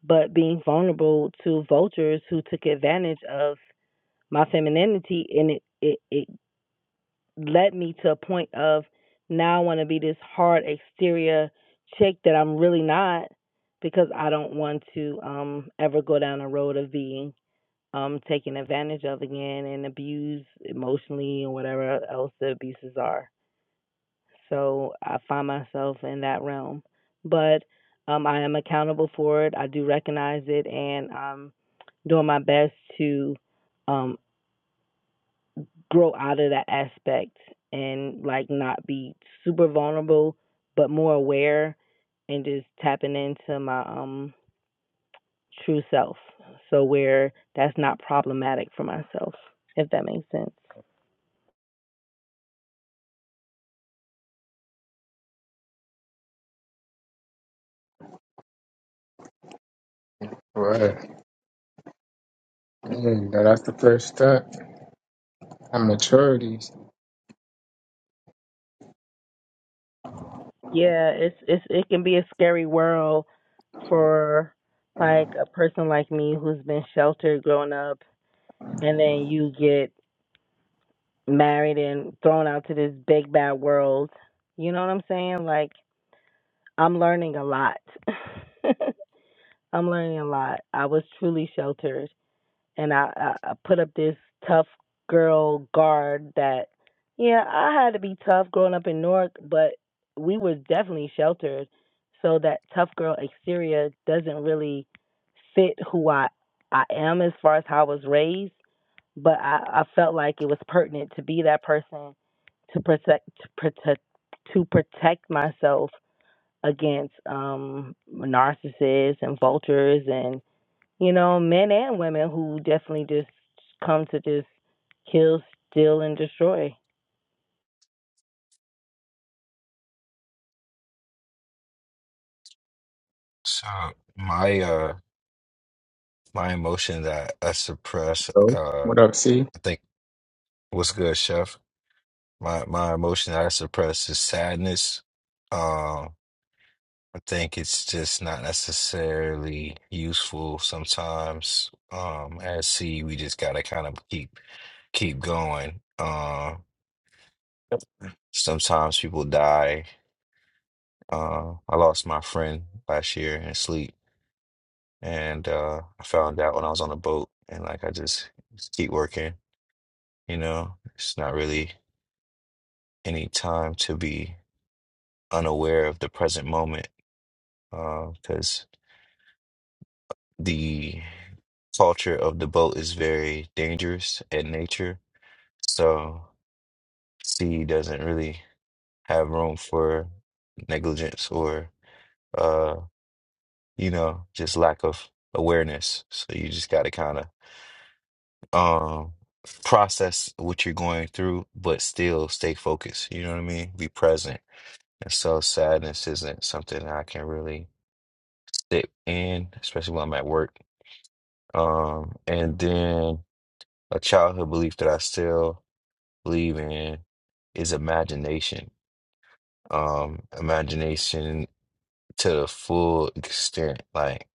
O: but being vulnerable to vultures who took advantage of my femininity. And it, it, it led me to a point of now I want to be this hard exterior chick that I'm really not because I don't want to um, ever go down a road of being um, taken advantage of again and abused emotionally or whatever else the abuses are. So I find myself in that realm. But um, I am accountable for it. I do recognize it, and I'm doing my best to um, grow out of that aspect and like not be super vulnerable, but more aware and just tapping into my um true self. So where that's not problematic for myself, if that makes sense.
A: Right. Mm, now that's the first step. I'm maturity.
O: Yeah, it's it's it can be a scary world for like a person like me who's been sheltered growing up and then you get married and thrown out to this big bad world. You know what I'm saying? Like I'm learning a lot. I'm learning a lot. I was truly sheltered and I, I, put up this tough girl guard that, yeah, I had to be tough growing up in Newark, but we were definitely sheltered. So that tough girl exterior doesn't really fit who I, I am as far as how I was raised, but I, I felt like it was pertinent to be that person to protect to protect to protect myself against um narcissists and vultures and you know, men and women who definitely just come to just kill, steal, and destroy.
S: So my uh my emotion that I suppress
A: So
S: uh
A: what
S: I
A: up, C?
S: think what's good, chef. My my emotion that I suppress is sadness. Um I think it's just not necessarily useful sometimes. Um as C we just gotta kind of keep keep going. Um sometimes people die. Uh, I lost my friend last year in sleep, and uh, I found out when I was on a boat, and like I just keep working. You know, it's not really any time to be unaware of the present moment because the culture of the boat is very dangerous at nature. So, sea doesn't really have room for negligence or, uh, you know, just lack of awareness. So, you just got to kind of um, process what you're going through, but still stay focused. You know what I mean? Be present And so sadness isn't something I can really sit in, especially when I'm at work. Um, and then a childhood belief that I still believe in is imagination. Um, imagination to the full extent. Like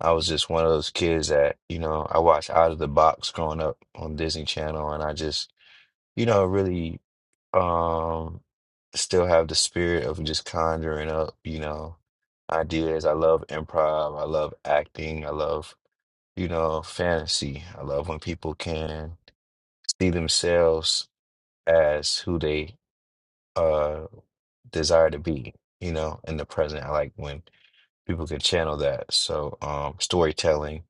S: I was just one of those kids that, you know, I watched Out of the Box growing up on Disney Channel and I just, you know, really Um, still have the spirit of just conjuring up, you know, ideas. I love improv. I love acting. I love, you know, fantasy. I love when people can see themselves as who they uh desire to be, you know, in the present. I like when people can channel that. So, um, storytelling,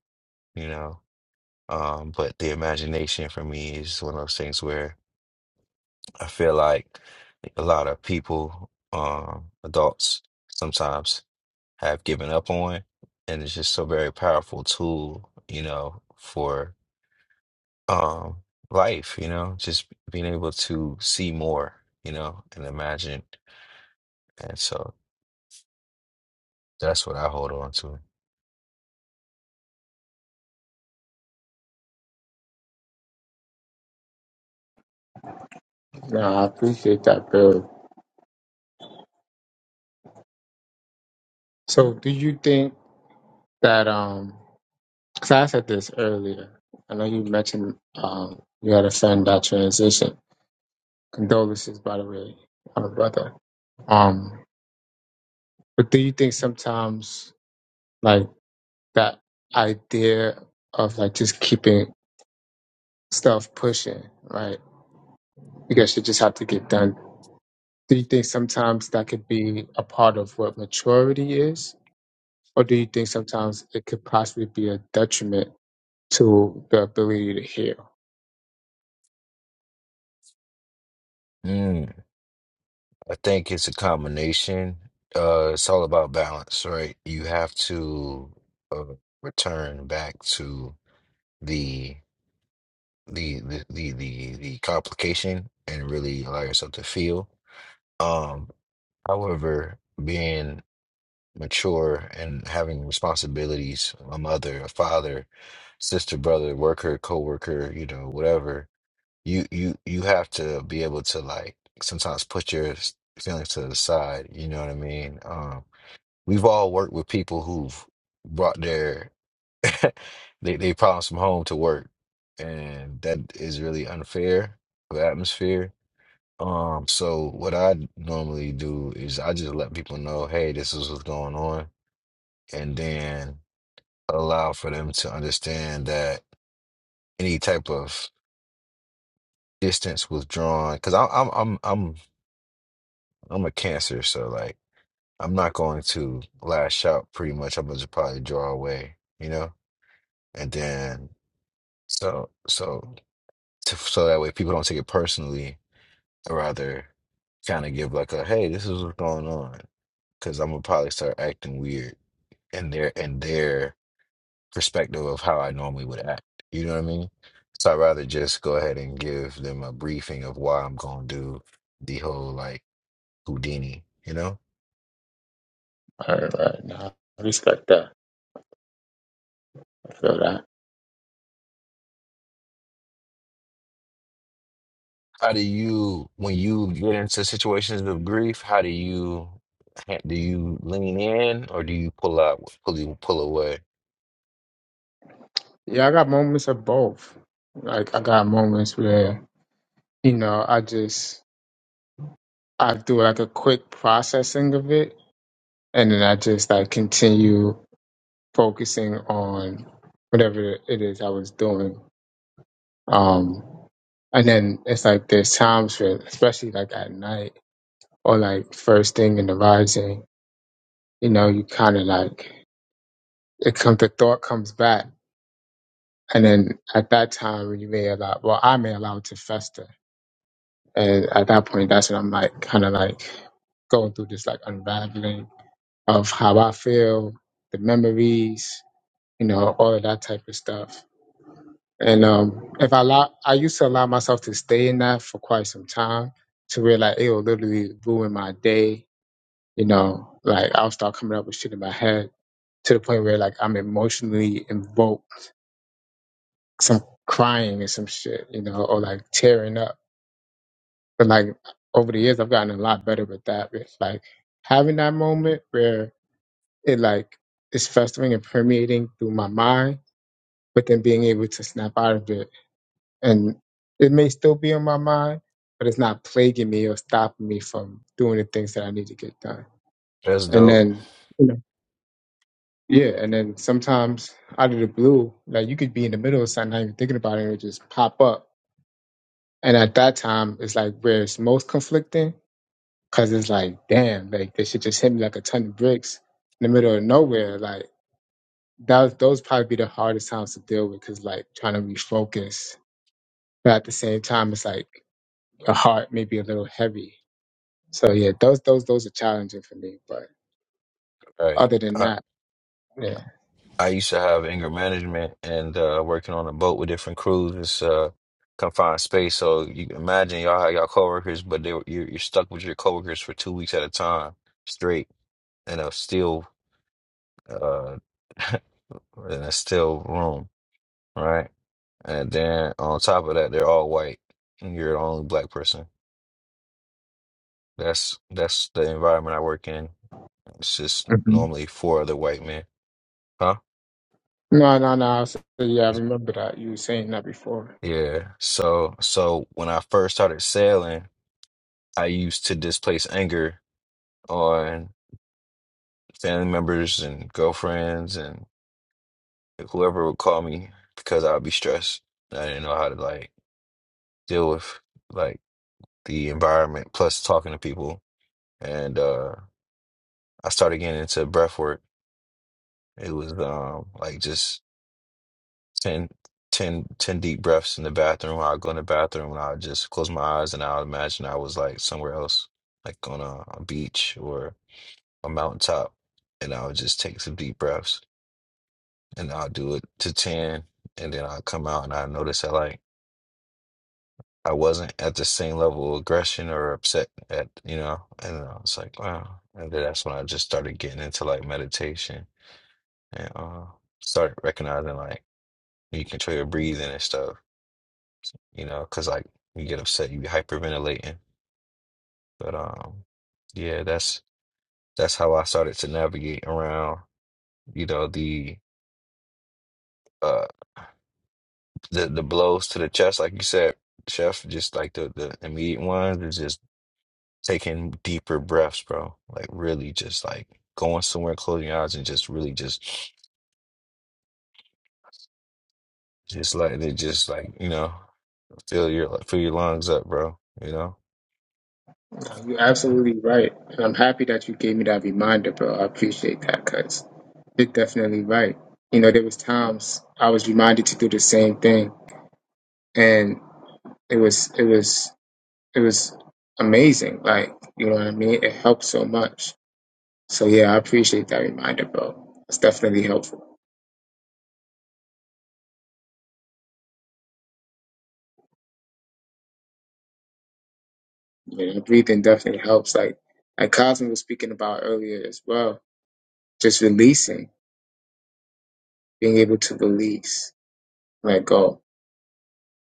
S: you know, um, but the imagination for me is one of those things where. I feel like a lot of people, um, adults, sometimes have given up on, and it's just a very powerful tool, you know, for um, life, you know, just being able to see more, you know, and imagine. And so that's what I hold on to.
A: Nah, I appreciate that, Bill. So do you think that um so I said this earlier. I know you mentioned um you had a son that transition. Condolences by the way on a brother. Um but do you think sometimes like that idea of like just keeping stuff pushing, right? Because you just have to get done. Do you think sometimes that could be a part of what maturity is? Or do you think sometimes it could possibly be a detriment to the ability to heal?
S: Mm, I think it's a combination. Uh, it's all about balance, right? You have to uh, return back to the the the the the, the complication and really allow yourself to feel. Um, however, being mature and having responsibilities, a mother, a father, sister, brother, worker, coworker, you know, whatever, you you you have to be able to like sometimes put your s- feelings to the side. You know what I mean? Um, we've all worked with people who've brought their They they promise from home to work, and that is really unfair for the atmosphere. Um, so what I normally do is I just let people know, hey, this is what's going on, and then allow for them to understand that any type of distance withdrawn, because I'm I'm I'm I'm I'm a cancer, so like I'm not going to lash out. Pretty much, I'm gonna just probably draw away, you know, and then so so. to, so that way people don't take it personally. I rather kind of give like a hey, this is what's going on because I'm gonna probably start acting weird in their in their perspective of how I normally would act. You know what I mean? So I'd rather just go ahead and give them a briefing of why I'm gonna do the whole like Houdini. You know?
A: All right, now respect that. Feel that?
S: How do you when you get into situations of grief? How do you ha- do you lean in or do you pull out pull you pull away?
A: Yeah, I got moments of both. Like I got moments where you know I just I do like a quick processing of it, and then I just like continue focusing on whatever it is I was doing. Um, and then it's like there's times where, especially like at night or like first thing in the rising, you know, you kind of like it comes the thought comes back, and then at that time you may allow, well, I may allow it to fester And at that point, that's when I'm like kind of like going through this like unraveling of how I feel, the memories, you know, all of that type of stuff. And um, if I allow, I used to allow myself to stay in that for quite some time to realize it will literally ruin my day. You know, like I'll start coming up with shit in my head to the point where like I'm emotionally invoked, some crying and some shit, you know, or like tearing up But like over the years, I've gotten a lot better with that. It's like having that moment where it like is festering and permeating through my mind, but then being able to snap out of it. And it may still be on my mind, but it's not plaguing me or stopping me from doing the things that I need to get done.
S: That's
A: And
S: dope.
A: then, you know, yeah, and then sometimes out of the blue, like you could be in the middle of something, not even thinking about it, and it just pop up. And at that time, it's like where it's most conflicting Cause it's like, damn, like this shit just hit me like a ton of bricks in the middle of nowhere. Like that, those probably be the hardest times to deal with. Cause like trying to refocus, but at the same time, it's like your heart may be a little heavy. So yeah, those those those are challenging for me. But
S: Right.
A: other than that, yeah.
S: I used to have anger management and uh, working on a boat with different crews. It's uh, confined space, so you can imagine y'all have y'all coworkers, but they, were- you're, you're stuck with your coworkers for two weeks at a time straight in a still uh, in a still room, right? And then on top of that, they're all white, and you're the only black person. That's that's the environment I work in. It's just
A: hmm
S: normally four other white men, huh?
A: No, no, no. I was- yeah, I remember that you were saying that before.
S: Yeah. So so when I first started sailing. I used to displace anger on family members and girlfriends and whoever would call me because I would be stressed. I didn't know how to like deal with like the environment plus talking to people. And uh I started getting into breath work. It was um like just ten, ten, ten deep breaths in the bathroom. I'd go in the bathroom and I would just close my eyes and I would imagine I was like somewhere else, like on a, a beach or a mountaintop. And I would just take some deep breaths and I'll do it to 10 and then I'll come out and I notice that like I wasn't at the same level of aggression or upset at you know and I was like wow and then that's when I just started getting into like meditation and uh started recognizing like you control your breathing and stuff you know because like you get upset you be hyperventilating but um yeah that's that's how I started to navigate around you know the uh, the the blows to the chest, like you said, Chef, just like the the immediate ones, is just taking deeper breaths, bro. Like really, just like going somewhere, closing your eyes, and just really just just letting it just like you know fill your like, fill your lungs up, bro. You know.
A: You're absolutely right. And I'm happy that you gave me that reminder, bro. I appreciate that because you're definitely right. You know, there was times I was reminded to do the same thing and it was it was it was amazing. Like, you know what I mean? It helped so much. So yeah, I appreciate that reminder, bro. It's definitely helpful. You know, breathing definitely helps. Like like Cosmo was speaking about earlier as well. Just releasing, being able to release, let go.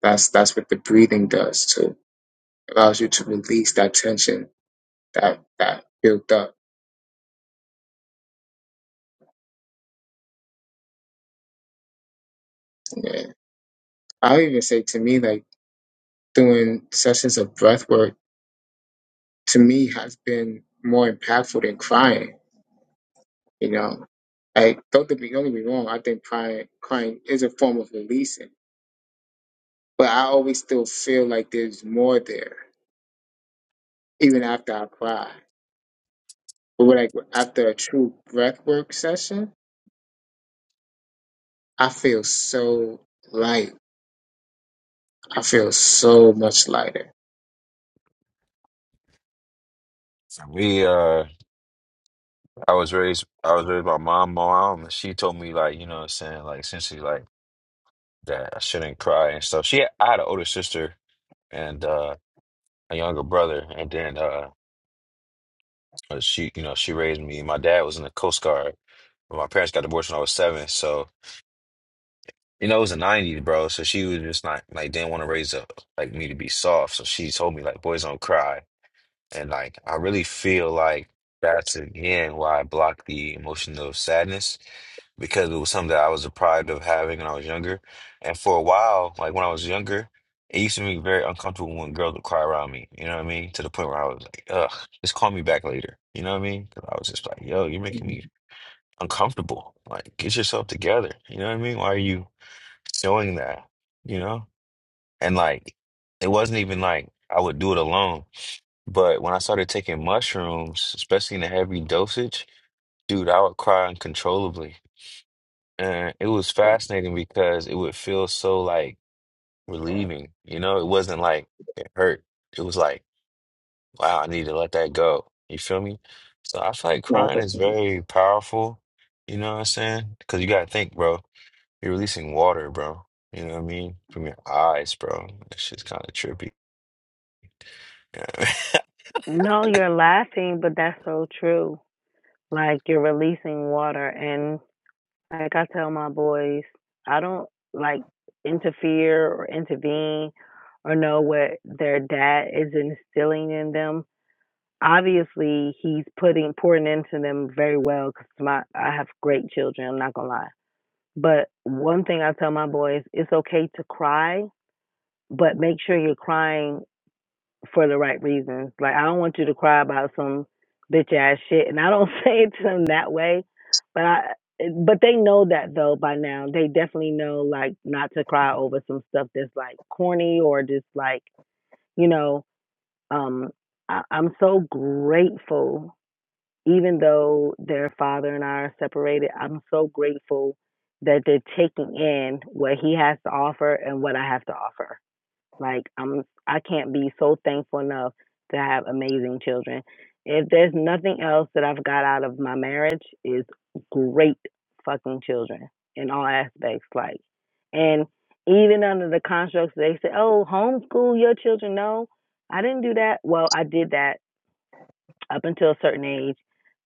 A: That's that's what the breathing does too allows you to release that tension that that built up. Yeah. I'll even say to me, like doing sessions of breath work to me has been more impactful than crying. You know, like don't get me don't get me wrong. I think crying crying is a form of releasing, but I always still feel like there's more there even after I cry. But when like after a true breath work session, I feel so light. I feel so much lighter.
S: we uh, I was raised I was raised by my mom. and She told me like you know what I'm saying like essentially like that I shouldn't cry and stuff. She I had an older sister and uh, a younger brother, and then uh. Uh, She, you know, she raised me. My dad was in the Coast Guard. but My parents got divorced when I was seven, so you know it was the '90s, bro. So she was just not like didn't want to raise up like me to be soft. So she told me like, boys don't cry. And like, I really feel like that's again why I blocked the emotion of sadness because it was something that I was deprived of having when I was younger. And for a while, like when I was younger, it used to be very uncomfortable when girls would cry around me. You know what I mean? To the point where I was like, ugh, just call me back later. You know what I mean? 'Cause I was just like, yo, you're making me uncomfortable. Like, get yourself together. You know what I mean? Why are you showing that? You know? And like, it wasn't even like I would do it alone. But when I started taking mushrooms, especially in a heavy dosage, dude, I would cry uncontrollably. And it was fascinating because it would feel so like relieving. You know, it wasn't like it hurt. It was like, wow, I need to let that go. You feel me? So I feel like
A: No, I
S: crying is
A: definitely-
S: very powerful. You know what I'm saying? Because you gotta think, bro. You're releasing water, bro. You know what I mean? From your eyes, bro. That shit's kind of trippy.
O: No, you're laughing, but that's so true. Like you're releasing water, and like I tell my boys, I don't like interfere or intervene or know what their dad is instilling in them. Obviously, he's putting pouring into them very well because my I have great children. I'm not gonna lie. But one thing I tell my boys, it's okay to cry but make sure you're crying for the right reasons. Like I don't want you to cry about some bitch ass shit, and I don't say it to them that way, but I but they know that though by now. They definitely know like not to cry over some stuff that's like corny or just like you know. Um, I, I'm so grateful, even though their father and I are separated. I'm so grateful that they're taking in what he has to offer and what I have to offer like I'm I can't be so thankful enough to have amazing children. If there's nothing else that I've got out of my marriage is great fucking children in all aspects like and even under the constructs they say, "Oh, homeschool your children." No, I didn't do that. Well, I did that up until a certain age,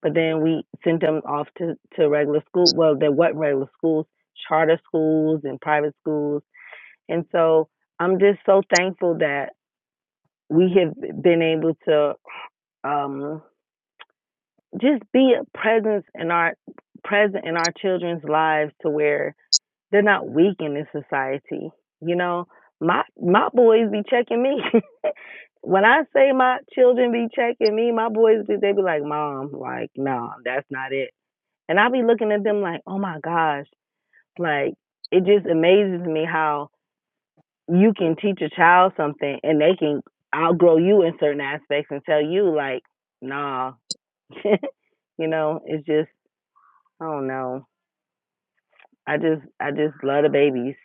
O: but then we sent them off to to regular school. Well, there wasn't regular schools, charter schools and private schools. And so I'm just so thankful that we have been able to um, just be a presence in our present in our children's lives to where they're not weak in this society. You know, my my boys be checking me. when I say my children be checking me, my boys be they be like, Mom, like, no, that's not it. And I be looking at them like, oh my gosh, like it just amazes me how you can teach a child something and they can outgrow you in certain aspects and tell you like, nah, you know, it's just I don't know. I just I just love the babies.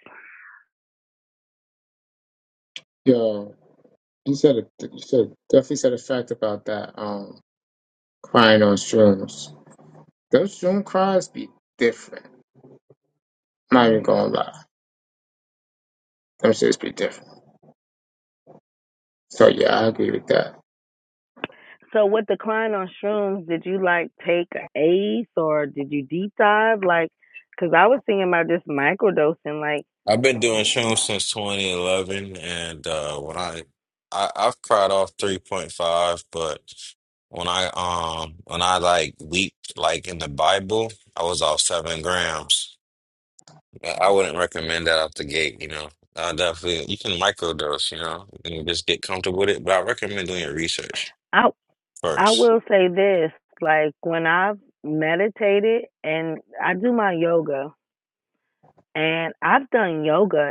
A: Yo, you said a, you said definitely said a fact about that um crying on shrooms. Those shroom cries be different. I'm not even gonna lie. Them shits be different. So yeah, I agree with that.
O: So with the decline on shrooms, did you like take an ace or did you deep dive? Like, cause I was thinking about just microdosing. Like,
S: I've been doing shrooms since 2011, and uh, when I, I I've cried off 3.5, but when I um when I like leaped like in the Bible, I was off seven grams. I I wouldn't recommend that out the gate, you know. I definitely you can microdose, you know, and just get comfortable with it, but I recommend doing your research
O: I I
S: first.
O: will just like when I've met and and,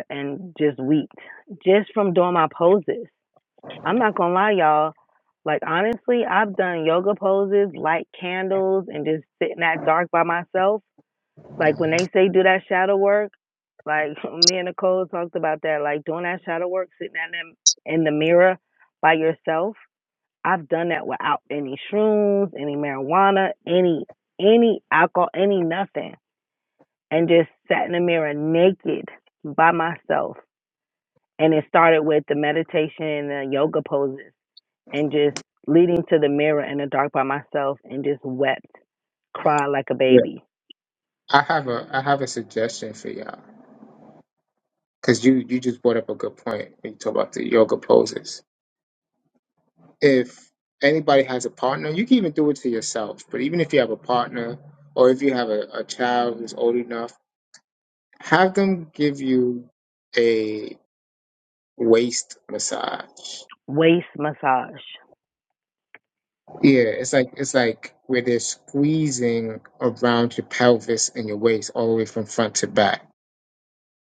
O: and just weeped just from doing my poses. I'm not gonna lie, y'all. Like honestly, I've done yoga poses, light candles, and just sit in that dark by myself. Like when they say do that shadow work, like me and Nicole talked about that, like doing that shadow work, sitting at them in the mirror by yourself. I've done that without any shrooms, any marijuana, any any alcohol, any nothing. And just sat in the mirror naked by myself. And it started with the meditation and the yoga poses and just leading to the mirror in the dark by myself and just wept, cried like a
A: Yeah,
O: baby.
A: I have a I have a suggestion for y'all because you you just brought up a good point when you talk about the yoga poses. If anybody has a partner, you can even do it to yourself. But even if you have a partner or if you have a, a child who's old enough, have them give you a. waist massage.
O: Waist massage.
A: Yeah, it's like it's like where they're squeezing around your pelvis and your waist all the way from front to back.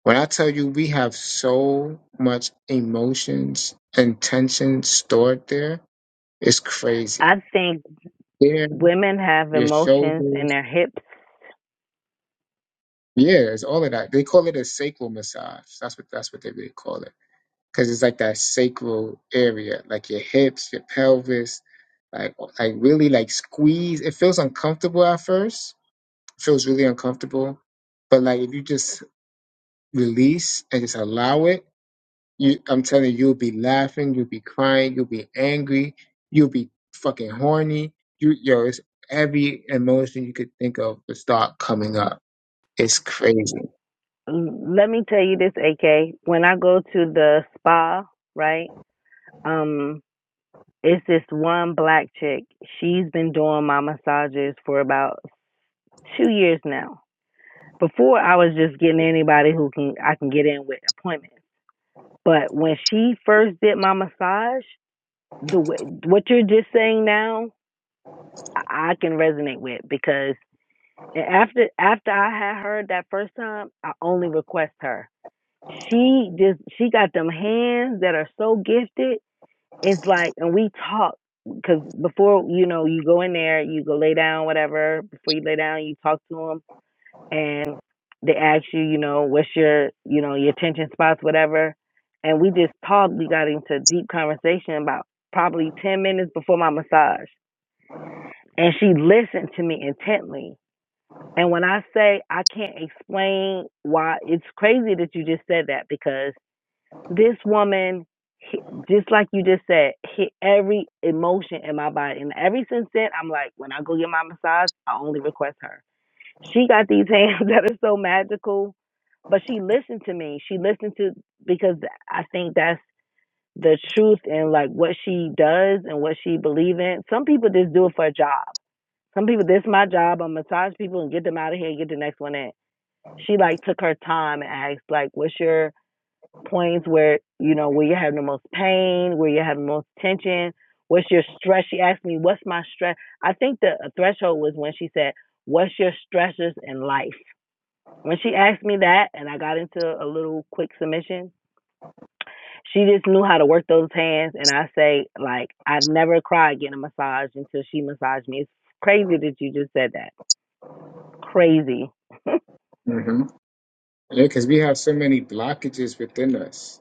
A: When I tell you we have so much emotions and tension stored there, it's crazy.
O: I think
A: There,
O: women have
A: your
O: emotions in
A: shoulders,
O: their hips.
A: yeah, it's all of that. They call it a sacral massage. That's what that's what they really call it. because it's like that sacral area, like your hips, your pelvis, like like really like squeeze. It feels uncomfortable at first. It feels really uncomfortable, but like if you just release and just allow it, you I'm telling you, you'll be laughing, you'll be crying, you'll be angry, you'll be fucking horny. You yo, it's every emotion you could think of will start coming up. It's crazy.
O: Let me tell you this, AK. When I go to the spa, right? Um, it's this one black chick. She's been doing my massages for about two years now. Before I was just getting anybody who can I can get in with appointments. But when she first did my massage, the way, what you're just saying now, I I can resonate with because after after I had heard that first time, I only request her. She just she got them hands that are so gifted. It's like, and we talk because before you know you go in there, you go lay down, whatever. Before you lay down, you talk to them, and they ask you, you know, what's your you know your attention spots, whatever. And we just talked. We got into deep conversation about probably ten minutes before my massage and she listened to me intently. And when I say I can't explain why, it's crazy that you just said that because this woman, hit- just like you just said, hit every emotion in my body. And ever since then, I'm like, when I go get my massage, I only request her. She got these hands that are so magical, but she listened to me. She listened to, because I think that's the truth and like what she does and what she believes in. Some people just do it for a job some people, this is my job. I massage people and get them out of here and get the next one in. She like took her time and asked like, what's your points where you know where you're having the most pain, where you're having the most tension, what's your stress? She asked me, what's my stress? I think the threshold was when she said, what's your stressors in life? When she asked me that, and I got into a little quick submission, she just knew how to work those hands. And I say, like, I've never cried getting a massage until she massaged me. It's crazy that you just said that. Crazy
A: hmm Yeah, because we have so many blockages within us,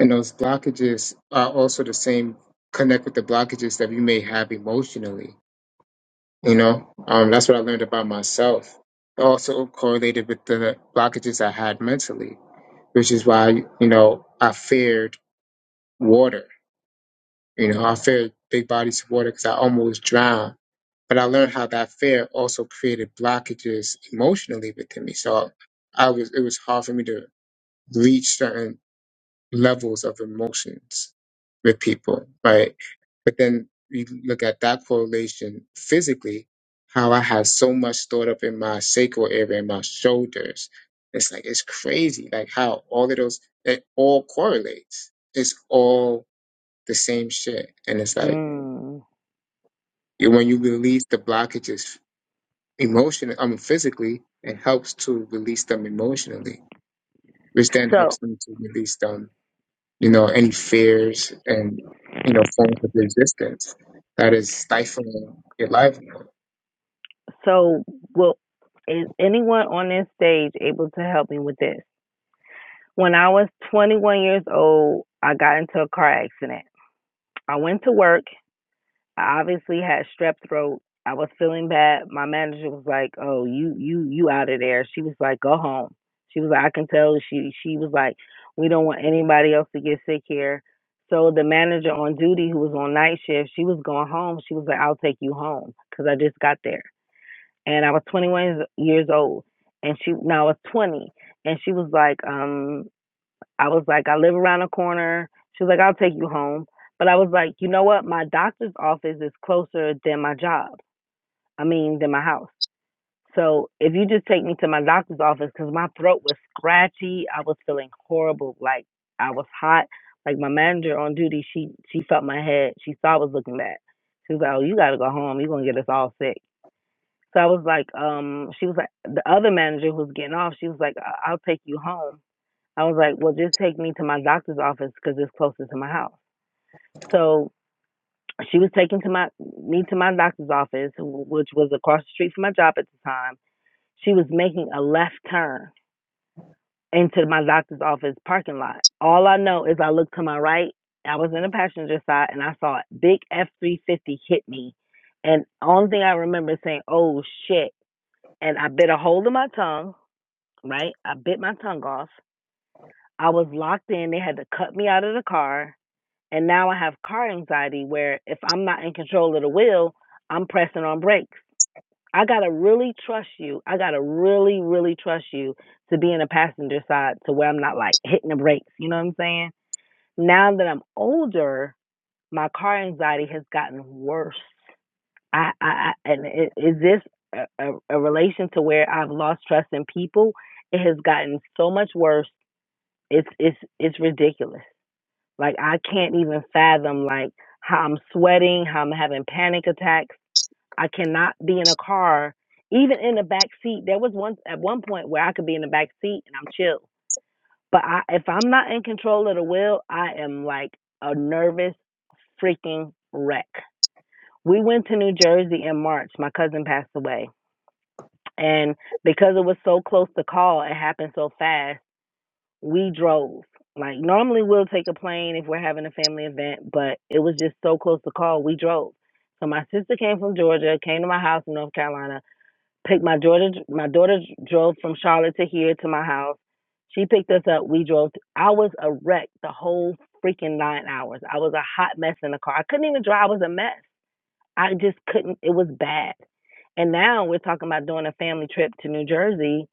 A: and those blockages are also the same connect with the blockages that we may have emotionally. You know, um, that's what I learned about myself. Also correlated with the blockages I had mentally, which is why you know I feared water You know, I feared big bodies of water because I almost drowned. But I learned how that fear also created blockages emotionally within me. So I was it was hard for me to reach certain levels of emotions with people, right? But then you look at that correlation physically, how I had so much stored up in my sacral area, in my shoulders. It's like it's crazy, like how all of those it all correlates. It's all the same shit, and it's like
O: Mm.
A: You- When you release the blockages emotionally, I mean physically, it helps to release them emotionally, which then
O: So,
A: helps them to release them, you know, any fears and you know forms of resistance that is stifling your livelihood.
O: so well, is anyone on this stage able to help me with this? When I was 21 years old, I got into a car accident. I went to work. I obviously had strep throat. I was feeling bad. My manager was like, "Oh, you, you, you out of there." She was like, "Go home." She was like, "I can tell." She, she was like, "We don't want anybody else to get sick here." So the manager on duty, who was on night shift, she was going home. She was like, "I'll take you home," because I just got there. and I was 21 years old, and she now I was 20, and she was like, um, I was like, I live around the corner. She was like, I'll take you home, but I was like, you know what? My doctor's office is closer than my job. I mean, than my house. So if you just take me to my doctor's office, because my throat was scratchy, I was feeling horrible, like I was hot. Like my manager on duty, she she felt my head. She saw I was looking bad. She was like, "Oh, you gotta go home. You're gonna get us all sick." So I was like, um, she was like, the other manager who was getting off, she was like, I- I'll take you home. I was like, well, just take me to my doctor's office because it's closer to my house. So she was taking to my me to my doctor's office, which was across the street from my job at the time. She was making a left turn into my doctor's office parking lot. All I know is I looked to my right. I was in the passenger side and I saw a big F three fifty hit me. And only thing I remember is saying, "Oh shit!" And I bit a hold of my tongue right? I bit my tongue off. I was locked in. They had to cut me out of the car. And now I have car anxiety where if I'm not in control of the wheel, I'm pressing on brakes. I got to really trust you. I got to really, really trust you to be in the passenger side to where I'm not like hitting the brakes. You know what I'm saying? Now that I'm older, my car anxiety has gotten worse. I, I, I and i- is this a, a, a relation to where I've lost trust in people? It has gotten so much worse It's it's it's ridiculous. Like I can't even fathom like how I'm sweating, how I'm having panic attacks. I cannot be in a car, even in the back seat. There was one at one point where I could be in the back seat and I'm chill. But I, if I'm not in control of the wheel, I am like a nervous freaking wreck. We went to New Jersey in March. My cousin passed away. And because it was so close to call, it happened so fast we drove. Like normally we'll take a plane if we're having a family event, but it was just so close to call, we drove. So my sister came from Georgia, came to my house in North Carolina, picked my daughter. my daughter drove from Charlotte to here to my house. She picked us up, we drove. I was a wreck the whole freaking 9 hours. I was a hot mess in the car. I couldn't even drive, I was a mess. I just couldn't. It was bad. And now we're talking about doing a family trip to New Jersey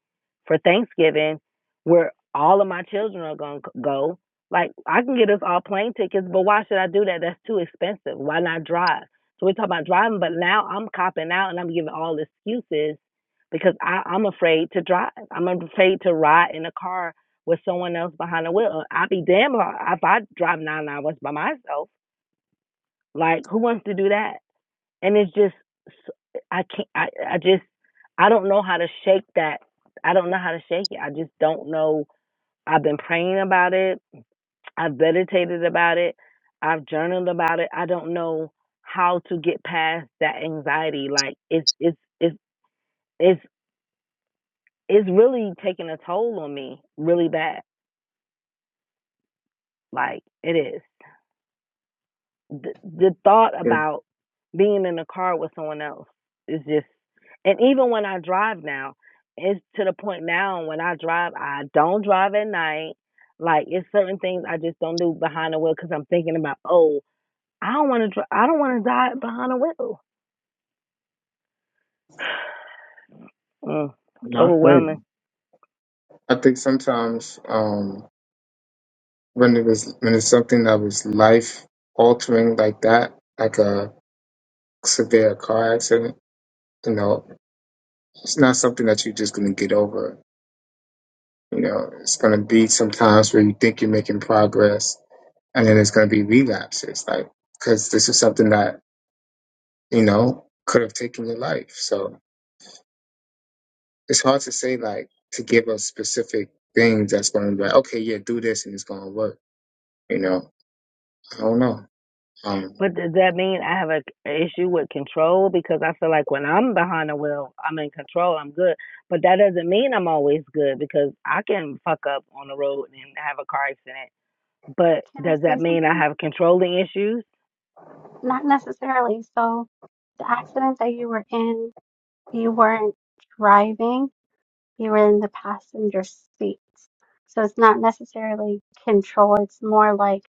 O: for Thanksgiving, where all of my children are gonna go. Like I can get us all plane tickets, but why should I do that? That's too expensive. Why not drive? So we're talking about driving, but now I'm copping out and I'm giving all excuses because I, I'm afraid to drive. I'm afraid to ride in a car with someone else behind the wheel. I'd be damn if I drive nine hours by myself. Like who wants to do that? and it's just I I can't I, I just I don't know how to shake that I don't know how to shake it I just don't know I've been praying about it I've meditated about it I've journaled about it I don't know how to get past that anxiety like it's it's it's it's it's really taking a toll on me really bad like it is the, the thought
A: Yeah,
O: about being in a car with someone else is just and even when I drive now, it's to the point now when I drive, I don't drive at night. Like it's certain things I just don't do behind the wheel because I'm thinking about, oh, I don't want to, I don't want to die behind the wheel. Mm, it's
A: I heard
O: overwhelming.
A: I think sometimes um, when it was when it's something that was life altering like that, like a severe car accident, you know, it's not something that you're just gonna get over. You know, it's gonna be sometimes where you think you're making progress, and then it's gonna be relapses, like because this is something that you know could have taken your life. So it's hard to say like to give us specific things that's gonna be like, okay, yeah, do this and it's gonna work. You know, I don't know. Um,
O: But does that mean I have a a issue with control? Because I feel like when I'm behind the wheel, I'm in control, I'm good. But that doesn't mean I'm always good because I can fuck up on the road and have a car accident. But
B: Can I
O: does that
B: say
O: mean I
B: something?
O: have controlling issues?
B: Not necessarily. So, the accident that you were in, you weren't driving You were in the passenger seat, So it's not necessarily control, it's more like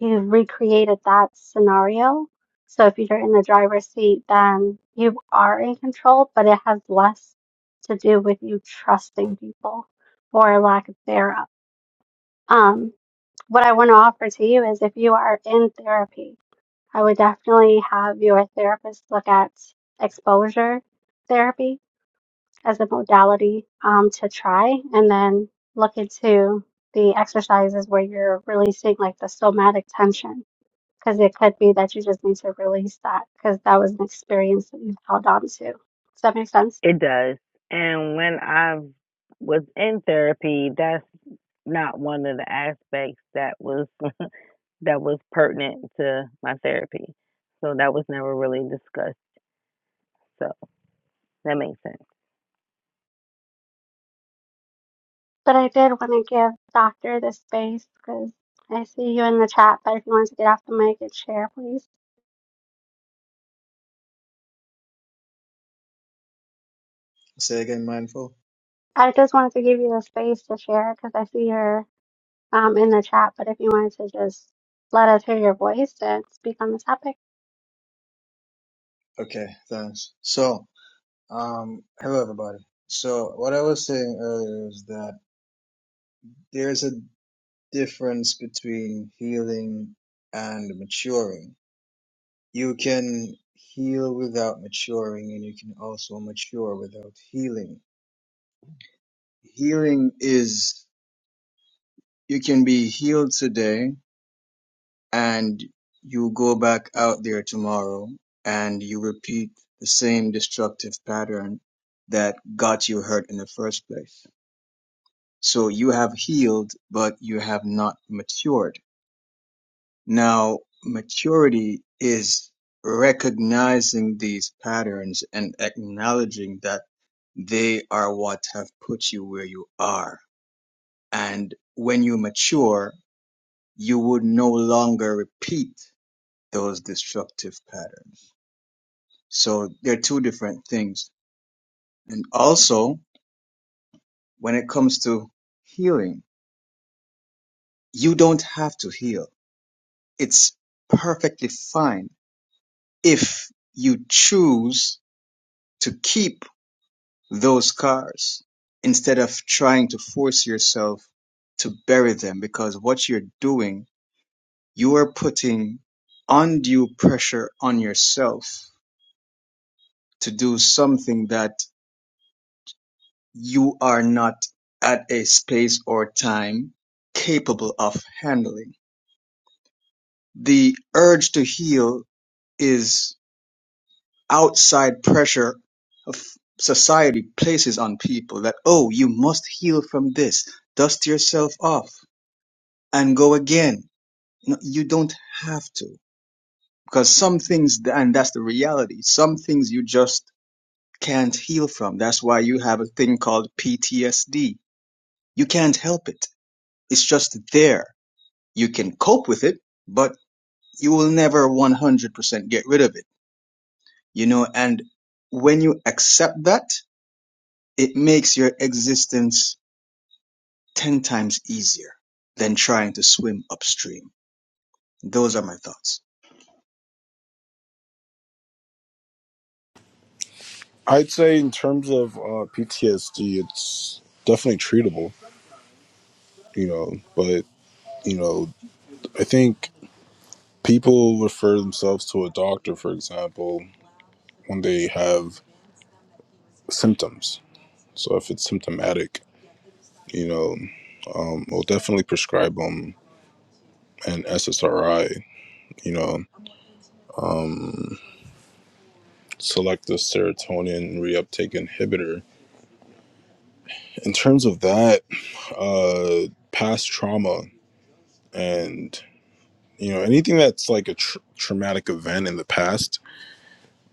B: you recreated that scenario. So if you're in the driver's seat, then you are in control, but it has less to do with you trusting people or lack thereof. Um, what I want to offer to you is if you are in therapy, I would definitely have your therapist look at exposure therapy as a modality um, to try and then look into the exercises where you're releasing like the somatic tension because it could be that you just need to release that because that was an experience that you've held on to. Does that make sense?
O: It does. And when I was in therapy, that's not one of the aspects that was that was pertinent to my therapy. So that was never really discussed. So that makes sense.
B: But I did want to give Doctor this space because I see you in the chat, but if you wanted to get off the mic and share, please.
T: Say again, mindful.
B: I just wanted to give you the space to share because I see you're um, in the chat, but if you wanted to just let us hear your voice and speak on the topic.
T: Okay, thanks. So, um, hello everybody. So, what I was saying earlier is that there's a difference between healing and maturing. You can heal without maturing, and you can also mature without healing. Healing is you can be healed today and you go back out there tomorrow and you repeat the same destructive pattern that got you hurt in the first place. So you have healed, but you have not matured. Now, maturity is recognizing these patterns and acknowledging that they are what have put you where you are. And when you mature, you would no longer repeat those destructive patterns. So they're two different things. And also, when it comes to healing, you don't have to heal. It's perfectly fine if you choose to keep those scars instead of trying to force yourself to bury them because what you're doing, you are putting undue pressure on yourself to do something that You are not at a space or time capable of handling. The urge to heal is outside pressure of society places on people that, oh, you must heal from this. Dust yourself off and go again. No, you don't have to because some things, and that's the reality, some things you just can't heal from. That's why you have a thing called PTSD. You can't help it. It's just there you can cope with it, but you will never 100% get rid of it, you know, and when you accept that, it makes your existence 10 times easier than trying to swim upstream. Those are my thoughts.
U: I'd say in terms of uh, PTSD, it's definitely treatable, you know. But you know, I think people refer themselves to a doctor, for example, when they have symptoms. So if it's symptomatic, you know, um, we'll definitely prescribe them an SSRI, you know, um, selective serotonin reuptake inhibitor. In terms of that, uh, past trauma and you know anything that's like a tr- traumatic event in the past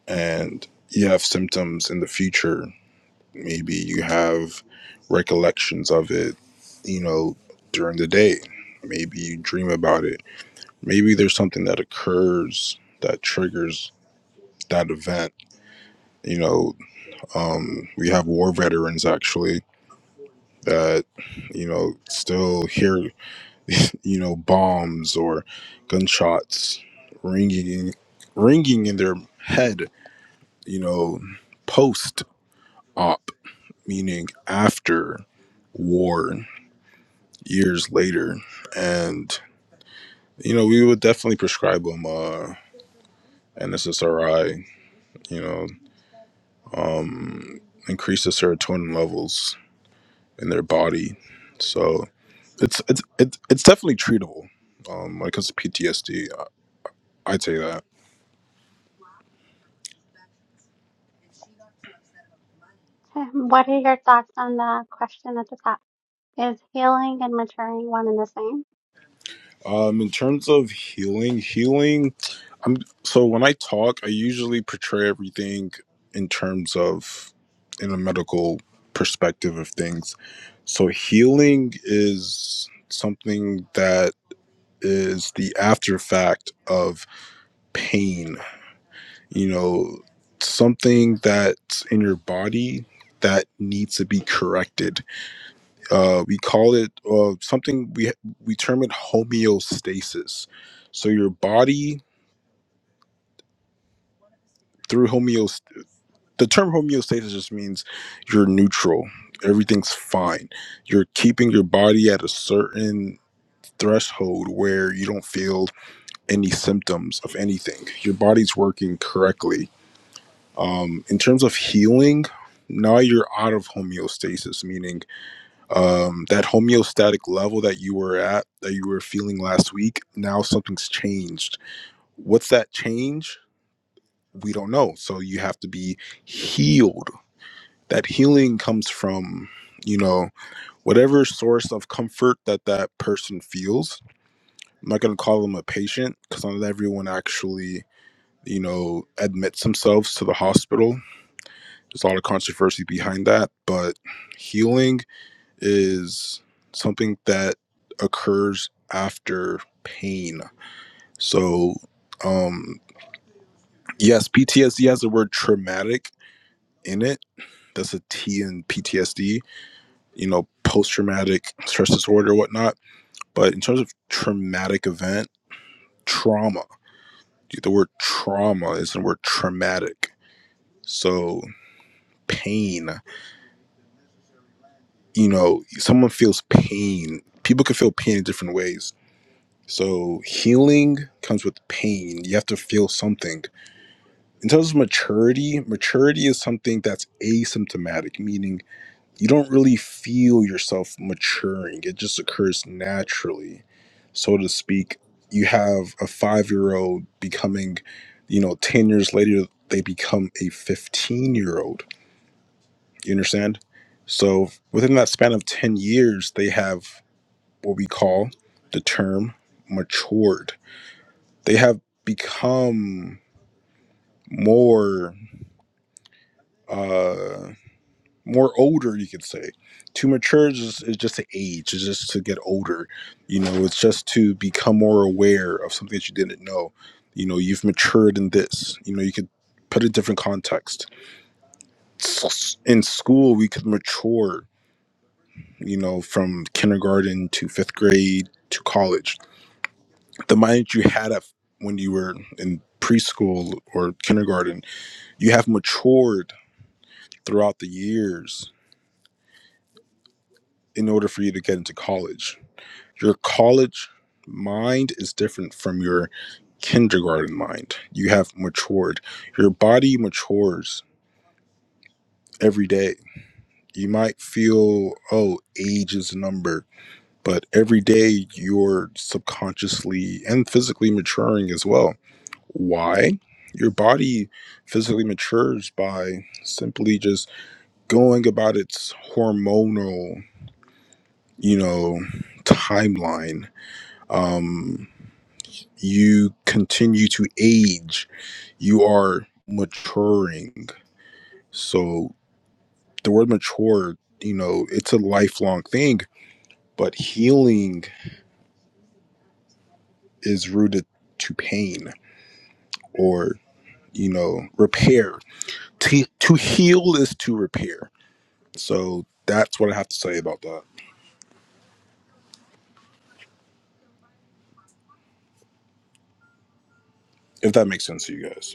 U: and you have symptoms in the future maybe you have recollections of it you know during the day maybe you dream about it maybe there's something that occurs that triggers that event you know um we have war veterans actually that you know still hear you know, bombs or gunshots ringing in, ringing in their head, you know, post op, meaning after war, years later. And, you know, we would definitely prescribe them uh, an SSRI, you know, um, increase the serotonin levels in their body. So it's, it's, it's, it's definitely treatable. Um, when it comes to PTSD, I'd say that.
B: What are your thoughts on the question at the top? Is healing and maturing one and the same?
U: Um, in terms of healing, healing, I'm so when I talk, I usually portray everything in terms of in a medical perspective of things. So healing is something that is the after fact of pain, you know, something that's in your body that needs to be corrected uh, we call it uh, something we we term it homeostasis. So your body through homeost the term homeostasis just means you're neutral. Everything's fine. You're keeping your body at a certain threshold where you don't feel any symptoms of anything. Your body's working correctly. Um, in terms of healing, now you're out of homeostasis, meaning um, that homeostatic level that you were at, that you were feeling last week, now something's changed. What's that change? We don't know. So you have to be healed. That healing comes from, you know, whatever source of comfort that that person feels. I'm not going to call them a patient because not everyone actually, you know, admits themselves to the hospital. There's a lot of controversy behind that, but healing is something that occurs after pain. So, um, yes, PTSD has the word traumatic in it. That's a T in PTSD, you know, post traumatic stress disorder, or whatnot. But in terms of traumatic event, trauma, the word trauma is the word traumatic. So, pain, you know, someone feels pain. People can feel pain in different ways So healing comes with pain. You have to feel something. In terms of maturity, maturity is something that's asymptomatic, meaning you don't really feel yourself maturing. It just occurs naturally. So to speak, you have a five year old becoming, you know, 10 years later, they become a 15 year old. You understand? So within that span of 10 years, they have what we call the term matured they have become more uh more older you could say to mature is just, is just to age it's just to get older you know it's just to become more aware of something that you didn't know you know you've matured in this you know you could put a different context S- in school we could mature you know from kindergarten to fifth grade to college the mind that you had at, when you were in preschool or kindergarten you have matured throughout the years in order for you to get into college. Your college mind is different from your kindergarten mind. You have matured. Your body matures every day. You might feel, oh, age is a number, but every day you're subconsciously and physically maturing as well. Why? Your body physically matures by simply just going about its hormonal you know timeline um you continue to age you are maturing so the word mature you know it's a lifelong thing but healing is rooted to pain or you know repair to, to heal is to repair so that's what i have to say about that if that makes sense to you guys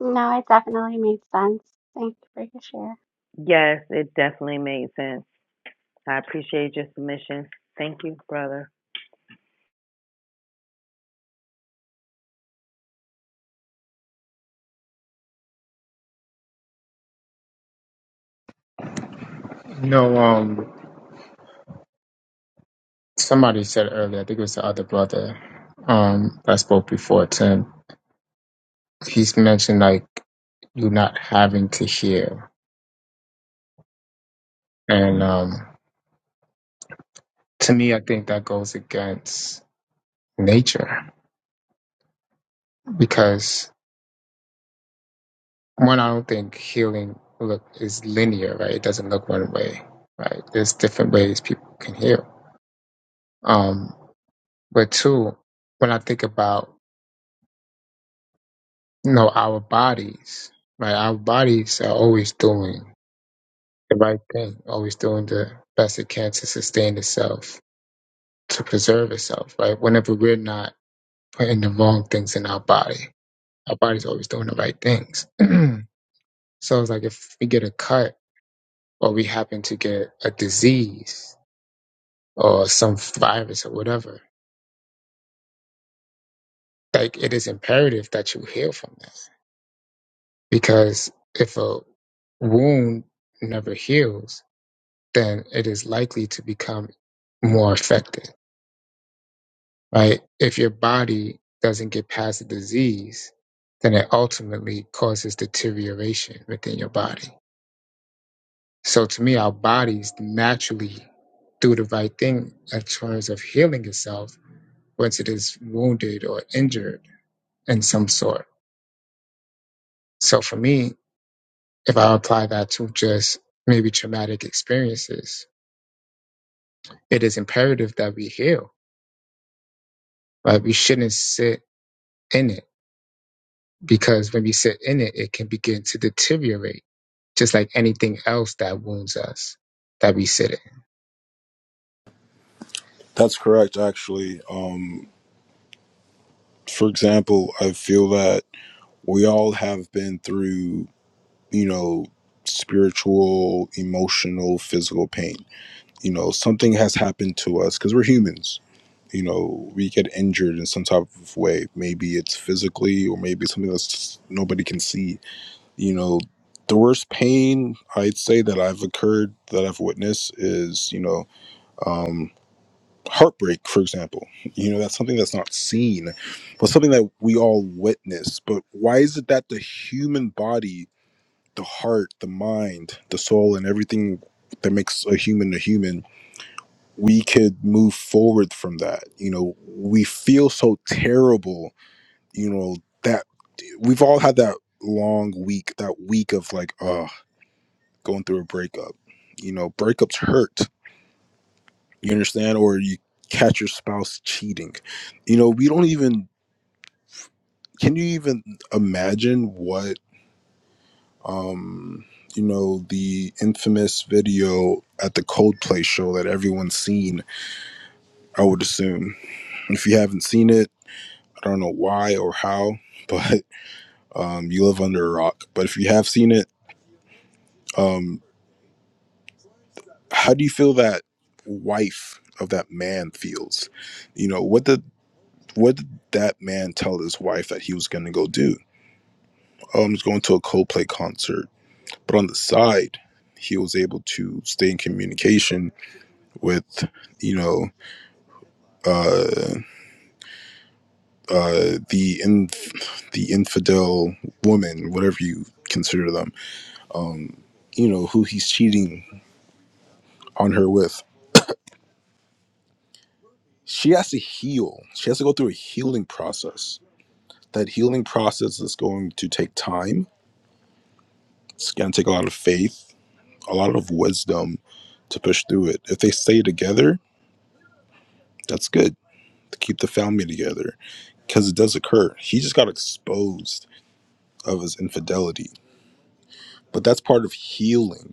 B: No, it definitely made sense. Thank you for your share.
O: Yes, it definitely made sense. I appreciate your submission. Thank you, brother.
A: No, um, somebody said earlier, I think it was the other brother, um, that spoke before Tim. He's mentioned like you not having to hear. And um to me I think that goes against nature because one, I don't think healing look is linear, right? It doesn't look one way, right? There's different ways people can heal. Um, but two, when I think about you know our bodies, right? Our bodies are always doing the right thing, always doing the best it can to sustain itself, to preserve itself, right? Whenever we're not putting the wrong things in our body, our body's always doing the right things. so it's like if we get a cut or we happen to get a disease or some virus or whatever, like it is imperative that you heal from that. Because if a wound never heals, then it is likely to become more effective right? If your body doesn't get past the disease, then it ultimately causes deterioration within your body. So to me, our bodies naturally do the right thing in terms of healing itself once it is wounded or injured in some sort. So for me, if I apply that to just maybe traumatic experiences, it is imperative that we heal, right? We shouldn't sit in it because when we sit in it, it can begin to deteriorate, just like anything else that wounds us that we sit in.
U: that's correct actually um for example i feel that we all have been through, you know, spiritual, emotional, physical pain. You know, something has happened to us because we're humans. You know, we get injured in some type of way. Maybe it's physically, or maybe something that's nobody can see. You know, the worst pain I'd say that I've occurred, that I've witnessed, is you know, um, heartbreak. For example, you know, that's something that's not seen, but something that we all witness. But why is it that the human body the heart, the mind, the soul, and everything that makes a human a human, we could move forward from that. You know, we feel so terrible, you know, that we've all had that long week, that week of like, oh, going through a breakup. You know, breakups hurt. You understand? Or you catch your spouse cheating. You know, we don't even, can you even imagine what? um, you know, the infamous video at the Coldplay show that everyone's seen, I would assume. If you haven't seen it, I don't know why or how, but um, you live under a rock. But if you have seen it, um, how do you feel that wife of that man feels? You know, what did what did that man tell his wife that he was going to go do? Oh, I'm just going to a Coldplay concert. But on the side, he was able to stay in communication with you know uh, uh, the in, the infidel woman, whatever you consider them, um, you know who he's cheating on her with. She has to heal. She has to go through a healing process. That healing process is going to take time. It's going to take a lot of faith, a lot of wisdom to push through it. If they stay together, that's good to keep the family together because it does occur. He just got exposed of his infidelity, but that's part of healing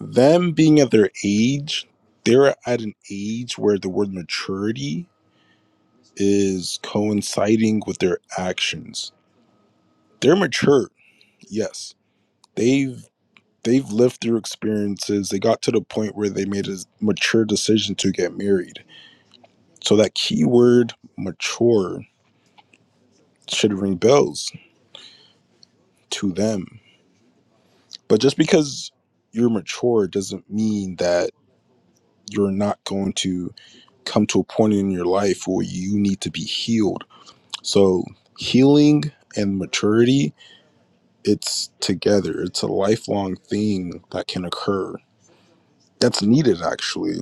U: them being at their age, they're at an age where the word maturity is coinciding with their actions. They're mature, yes. They've they've lived through experiences. They got to the point where they made a mature decision to get married. So that keyword mature should ring bells to them. But just because you're mature doesn't mean that you're not going to come to a point in your life where you need to be healed So healing and maturity, it's together. It's a lifelong thing that can occur. That's needed actually.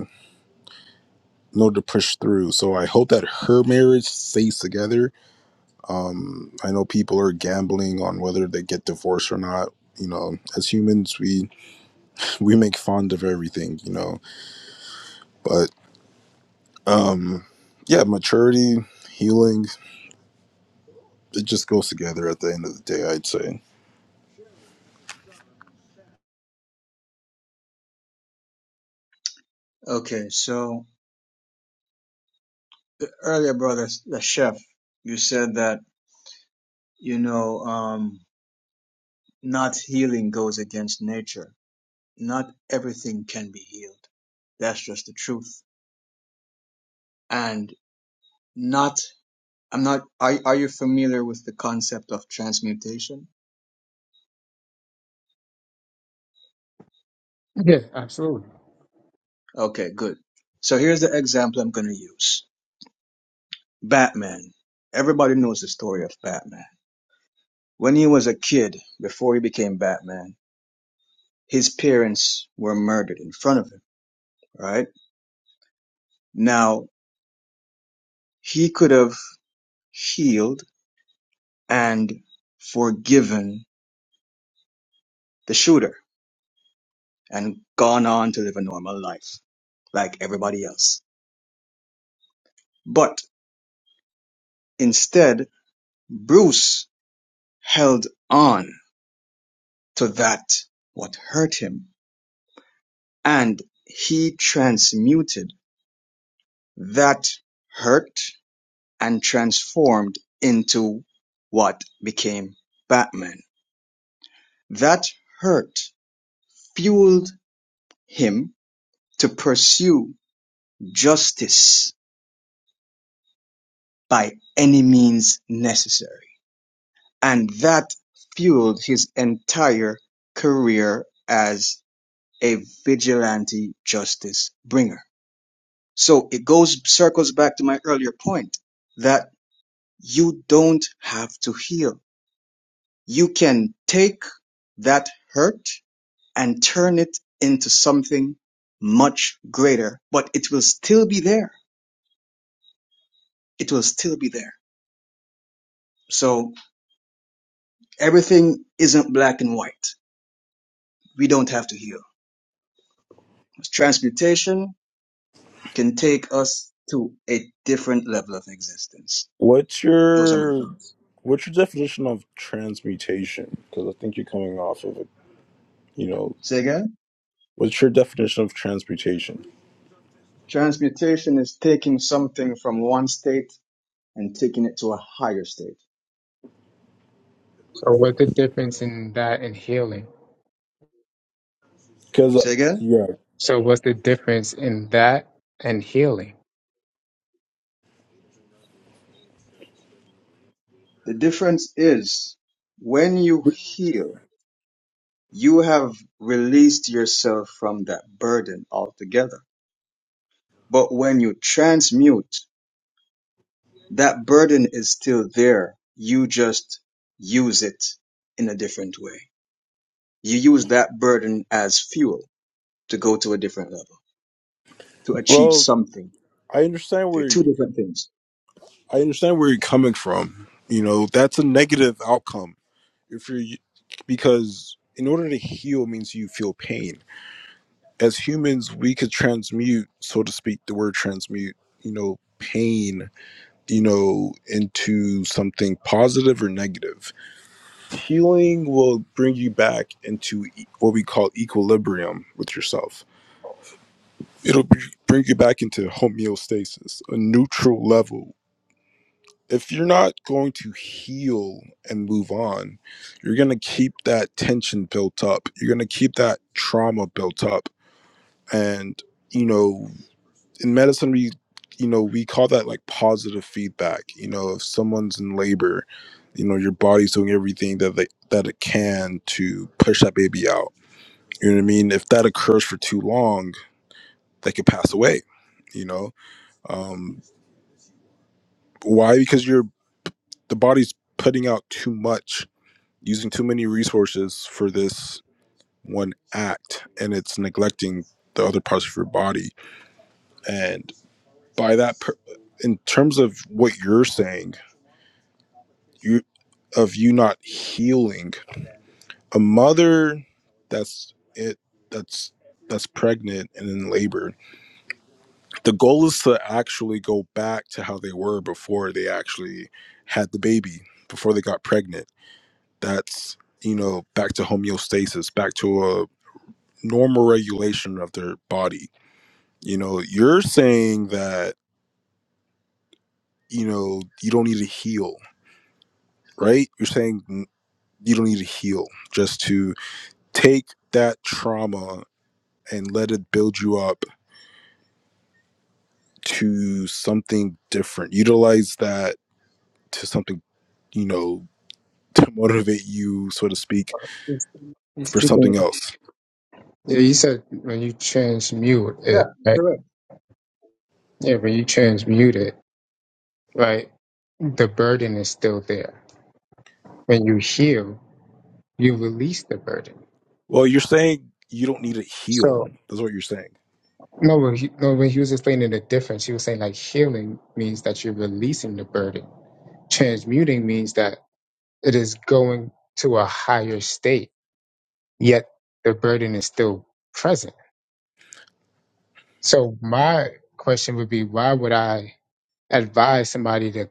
U: In order to push through. So I hope that her marriage stays together. Um, I know people are gambling on whether they get divorced or not. You know, as humans we we make fond of everything, you know. But yeah, maturity, healing, it just goes together at the end of the day, I'd say.
T: Okay. So earlier brother, the chef, you said that, you know, um, Not healing goes against nature. Not everything can be healed. That's just the truth. And not, I'm not, are, are you familiar with the concept of transmutation?
A: Yeah, absolutely.
T: Okay, good. So here's the example I'm going to use. Batman. Everybody knows the story of Batman. When he was a kid, before he became Batman, his parents were murdered in front of him, right? Now, he could have healed and forgiven the shooter and gone on to live a normal life like everybody else. But instead, Bruce held on to that what hurt him and he transmuted that hurt and transformed into what became Batman. That hurt fueled him to pursue justice by any means necessary And that fueled his entire career as a vigilante justice bringer. So it goes, circles back to my earlier point that you don't have to heal. You can take that hurt and turn it into something much greater, but it will still be there. It will still be there. So everything isn't black and white. We don't have to heal. Transmutation can take us to a different level of existence.
U: What's
T: Those are my
U: your
T: thoughts.
U: what's your definition of transmutation? Because I think you're coming off of it. You know,
T: Say again?
U: what's your definition of transmutation?
T: Transmutation is taking something from one state and taking it to a higher state.
A: So, what's the difference in that and healing?
U: Because uh,
T: Say again?
U: yeah,
A: So, what's the difference in that and healing?
T: The difference is when you heal, you have released yourself from that burden altogether. But when you transmute, that burden is still there. You just use it in a different way. You use that burden as fuel. to go to a different level, to achieve
U: well,
T: something.
U: I understand
T: They're
U: where you,
T: two different things.
U: I understand where you're coming from. You know, that's a negative outcome if you're because in order to heal means you feel pain. As humans, we could transmute, so to speak, the word transmute. You know, pain. You know, into something positive or negative healing will bring you back into e- what we call equilibrium with yourself. It'll br- bring you back into homeostasis, a neutral level. If you're not going to heal and move on, you're going to keep that tension built up. You're going to keep that trauma built up. And, you know, in medicine, we, you know, we call that like positive feedback. You know, if someone's in labor, you know, your body's doing everything that they, that it can to push that baby out You know what I mean? If that occurs for too long, they could pass away. You know, um, why? Because you're the body's putting out too much, using too many resources for this one act, and it's neglecting the other parts of your body. And by that, per- in terms of what you're saying, you of you not healing a mother that's it that's that's pregnant and in labor the goal is to actually go back to how they were before they actually had the baby, before they got pregnant. That's, you know, back to homeostasis, back to a normal regulation of their body. You know, you're saying that, you know, you don't need to heal, right? You're saying mm, you don't need to heal, just to take that trauma and let it build you up to something different. Utilize that to something, you know, to motivate you, so to speak,
A: It's- He's
U: for
A: speaking.
U: something else.
A: Yeah, you said when you transmute
T: Yeah,
A: it, right?
T: correct.
A: Yeah, when you transmute it, right? The burden is still there. When you heal, you release the burden.
U: Well, you're saying you don't need to heal.
A: So.
U: That's what you're saying.
A: No, when he, no, when he was explaining the difference, he was saying like healing means that you're releasing the burden. Transmuting means that it is going to a higher state, yet the burden is still present. So my question would be, why would I advise somebody to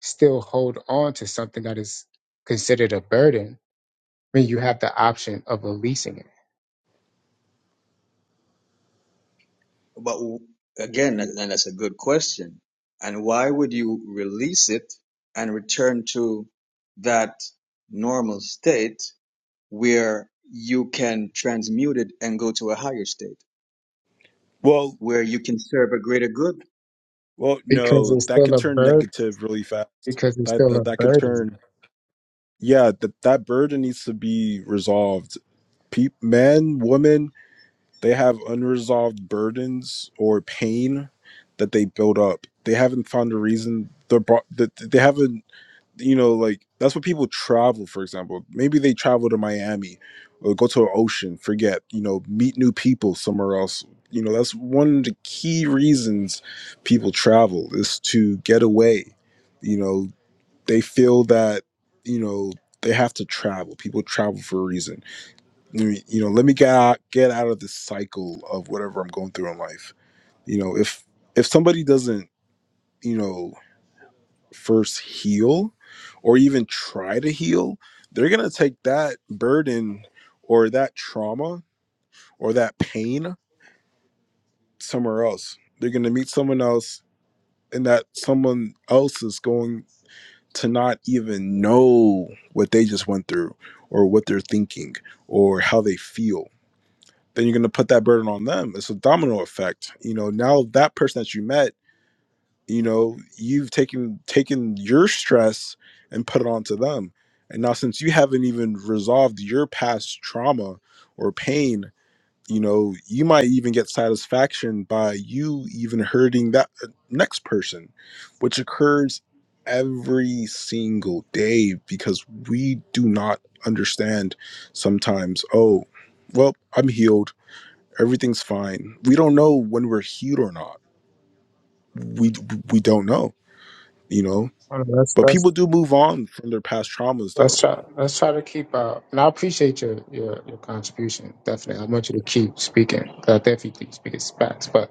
A: still hold on to something that is considered a burden when you have the option of releasing it?
T: But w- again, and and that's a good question. And why would you release it and return to that normal state where you can transmute it and go to a higher state
U: Well,
T: where you can serve a greater good?
U: well,
A: Because
U: no,
A: it's
U: that
A: still
U: could
A: a
U: turn
A: burden
U: negative really fast.
A: because it's
U: That
A: still
U: that,
A: a
U: that could
A: burden.
U: turn. Yeah, that that burden needs to be resolved. Pe- men, women, they have unresolved burdens or pain that they build up. They haven't found a reason. They're brought. They, they haven't you know, like that's what people travel, for example. Maybe they travel to Miami or go to an ocean, forget, you know, meet new people somewhere else. You know, that's one of the key reasons people travel is to get away. You know, they feel that, you know, they have to travel. People travel for a reason. I mean, You know, let me get out, get out of this cycle of whatever I'm going through in life. You know, if if somebody doesn't, you know, first heal or even try to heal, they're going to take that burden or that trauma or that pain somewhere else. They're going to meet someone else, and that someone else is going to not even know what they just went through or what they're thinking or how they feel. Then you're going to put that burden on them. It's a domino effect. You know, now that person that you met you know you've taken taken your stress and put it onto them and now since you haven't even resolved your past trauma or pain you know you might even get satisfaction by you even hurting that uh, next person which occurs every single day because we do not understand sometimes oh well i'm healed everything's fine we don't know when we're healed or not we we don't know you know
A: Well, Let's
U: but
A: let's
U: people do move on from their past traumas, though.
A: let's try let's try to keep uh and I appreciate your your, your contribution definitely. I want you to keep speaking. 'cause I definitely speak as facts, but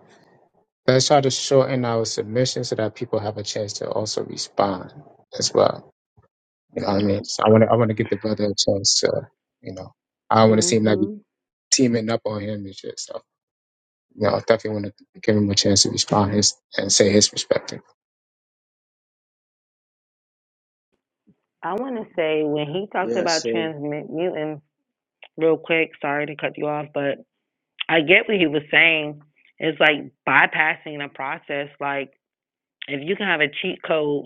A: let's try to shorten our submission so that people have a chance to also respond as well. You know what I mean? So I want to I want to give the brother a chance to, you know, I don't want to seem like we
O: hmm
A: teaming up on him and shit. So you know, I definitely want to give him a chance to respond his and say his perspective.
O: I want to say when he talked
T: Yeah,
O: about
T: so
O: transmuting, real quick, sorry to cut you off, but I get what he was saying. It's like bypassing a process. Like, if you can have a cheat code,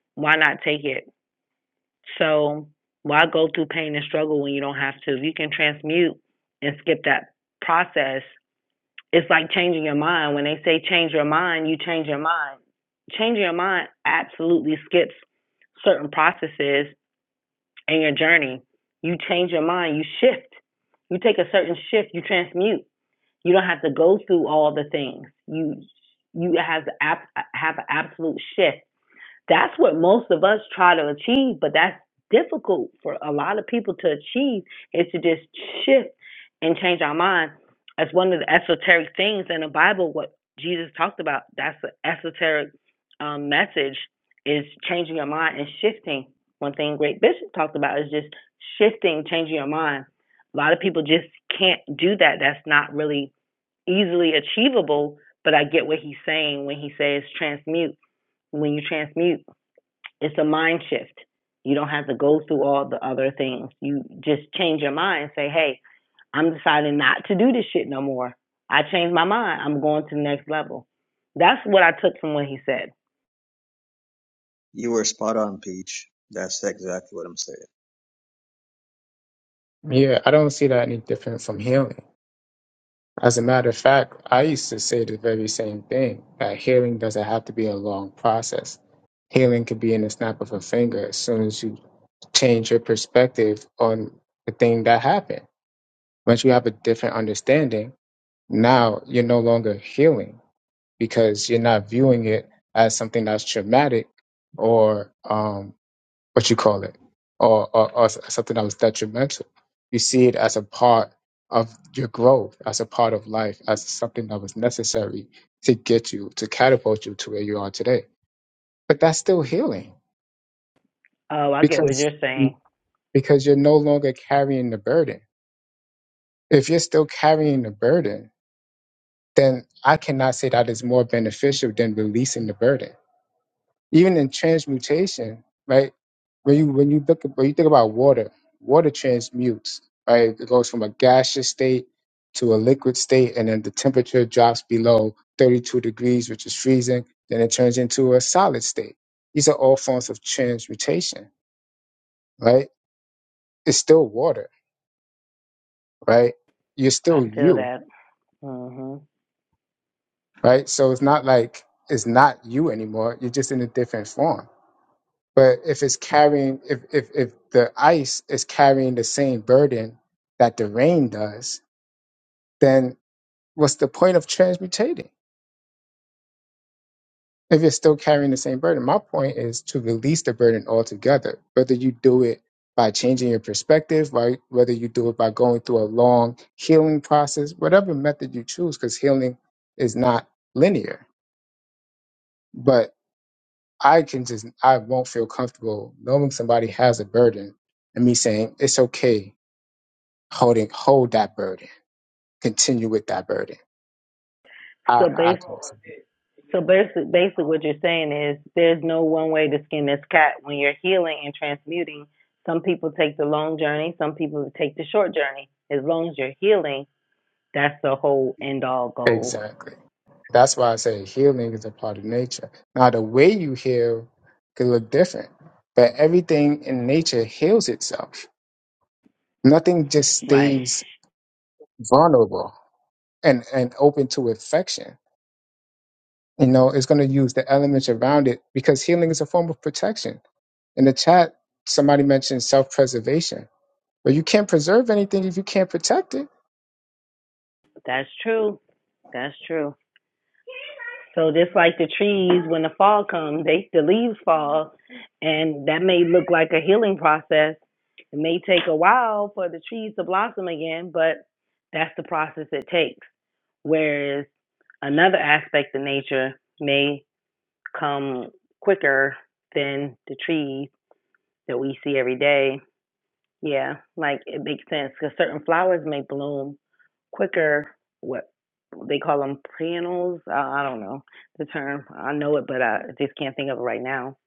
O: why not take it? So, why go through pain and struggle when you don't have to? If you can transmute and skip that process, it's like changing your mind. When they say change your mind, you change your mind. Changing your mind absolutely skips certain processes in your journey. You change your mind, you shift. You take a certain shift, you transmute. You don't have to go through all the things. You you have to ab- have an absolute shift that's what most of us try to achieve, but that's difficult for a lot of people to achieve is to just shift and change our mind. That's one of the esoteric things in the Bible, what Jesus talked about. That's the esoteric um, message is changing your mind and shifting. One thing Great Bishop talked about is just shifting, changing your mind. A lot of people just can't do that. That's not really easily achievable, but I get what he's saying when he says transmute. When you transmute, it's a mind shift. You don't have to go through all the other things. You just change your mind. and Say, hey, I'm deciding not to do this shit no more. I changed my mind. I'm going to the next level. That's what I took from what he said.
T: you were spot on, Peach. That's exactly what I'm saying.
A: Yeah, I don't see that any different from healing. As a matter of fact, I used to say the very same thing that healing doesn't have to be a long process. Healing could be in the snap of a finger as soon as you change your perspective on the thing that happened. Once you have a different understanding, now you're no longer healing because you're not viewing it as something that's traumatic or um, what you call it, or, or, or something that was detrimental. You see it as a part of your growth, as a part of life, as something that was necessary to get you, to catapult you to where you are today. But that's still healing
O: Oh, I get what
A: because
O: you're saying.
A: because you're no longer carrying the burden. If you're still carrying the burden, then I cannot say that is more beneficial than releasing the burden Even in transmutation, right? When you when you look at, when you think about water, water transmutes, right? It goes from a gaseous state to a liquid state, and then the temperature drops below 32 degrees, which is freezing. Then it turns into a solid state. These are all forms of transmutation, right? It's still water, right? You're
O: I
A: still
O: feel
A: you,
O: that. hmm
A: right? So it's not like it's not you anymore. You're just in a different form But if it's carrying, if, if, if the ice is carrying the same burden that the rain does, then what's the point of transmutating? If you're still carrying the same burden, my point is to release the burden altogether. Whether you do it by changing your perspective, right? Whether you do it by going through a long healing process, whatever method you choose, because healing is not linear. But I can just, I won't feel comfortable knowing somebody has a burden and me saying it's okay holding hold that burden continue with that burden i
O: So
A: i
O: bas
A: can't see
O: so basic, Basically, what you're saying is there's no one way to skin this cat when you're healing and transmuting. Some people take the long journey. Some people take the short journey. As long as you're healing, that's the whole end all goal.
A: exactly that's why i say healing is a part of nature now the way you heal can look different but everything in nature heals itself nothing just
O: Right.
A: stays vulnerable and and open to infection you know it's going to use the elements around it because healing is a form of protection in the chat somebody mentioned self-preservation But you can't preserve anything if you can't protect it.
O: That's true. That's true. So just like the trees, when the fall comes, they the leaves fall, and that may look like a healing process. It may take a while for the trees to blossom again, but that's the process it takes. Whereas another aspect of nature may come quicker than the trees that we see every day. Yeah, like it makes sense because certain flowers may bloom quicker what they call them panels I, I don't know the term i know it but i just can't think of it right now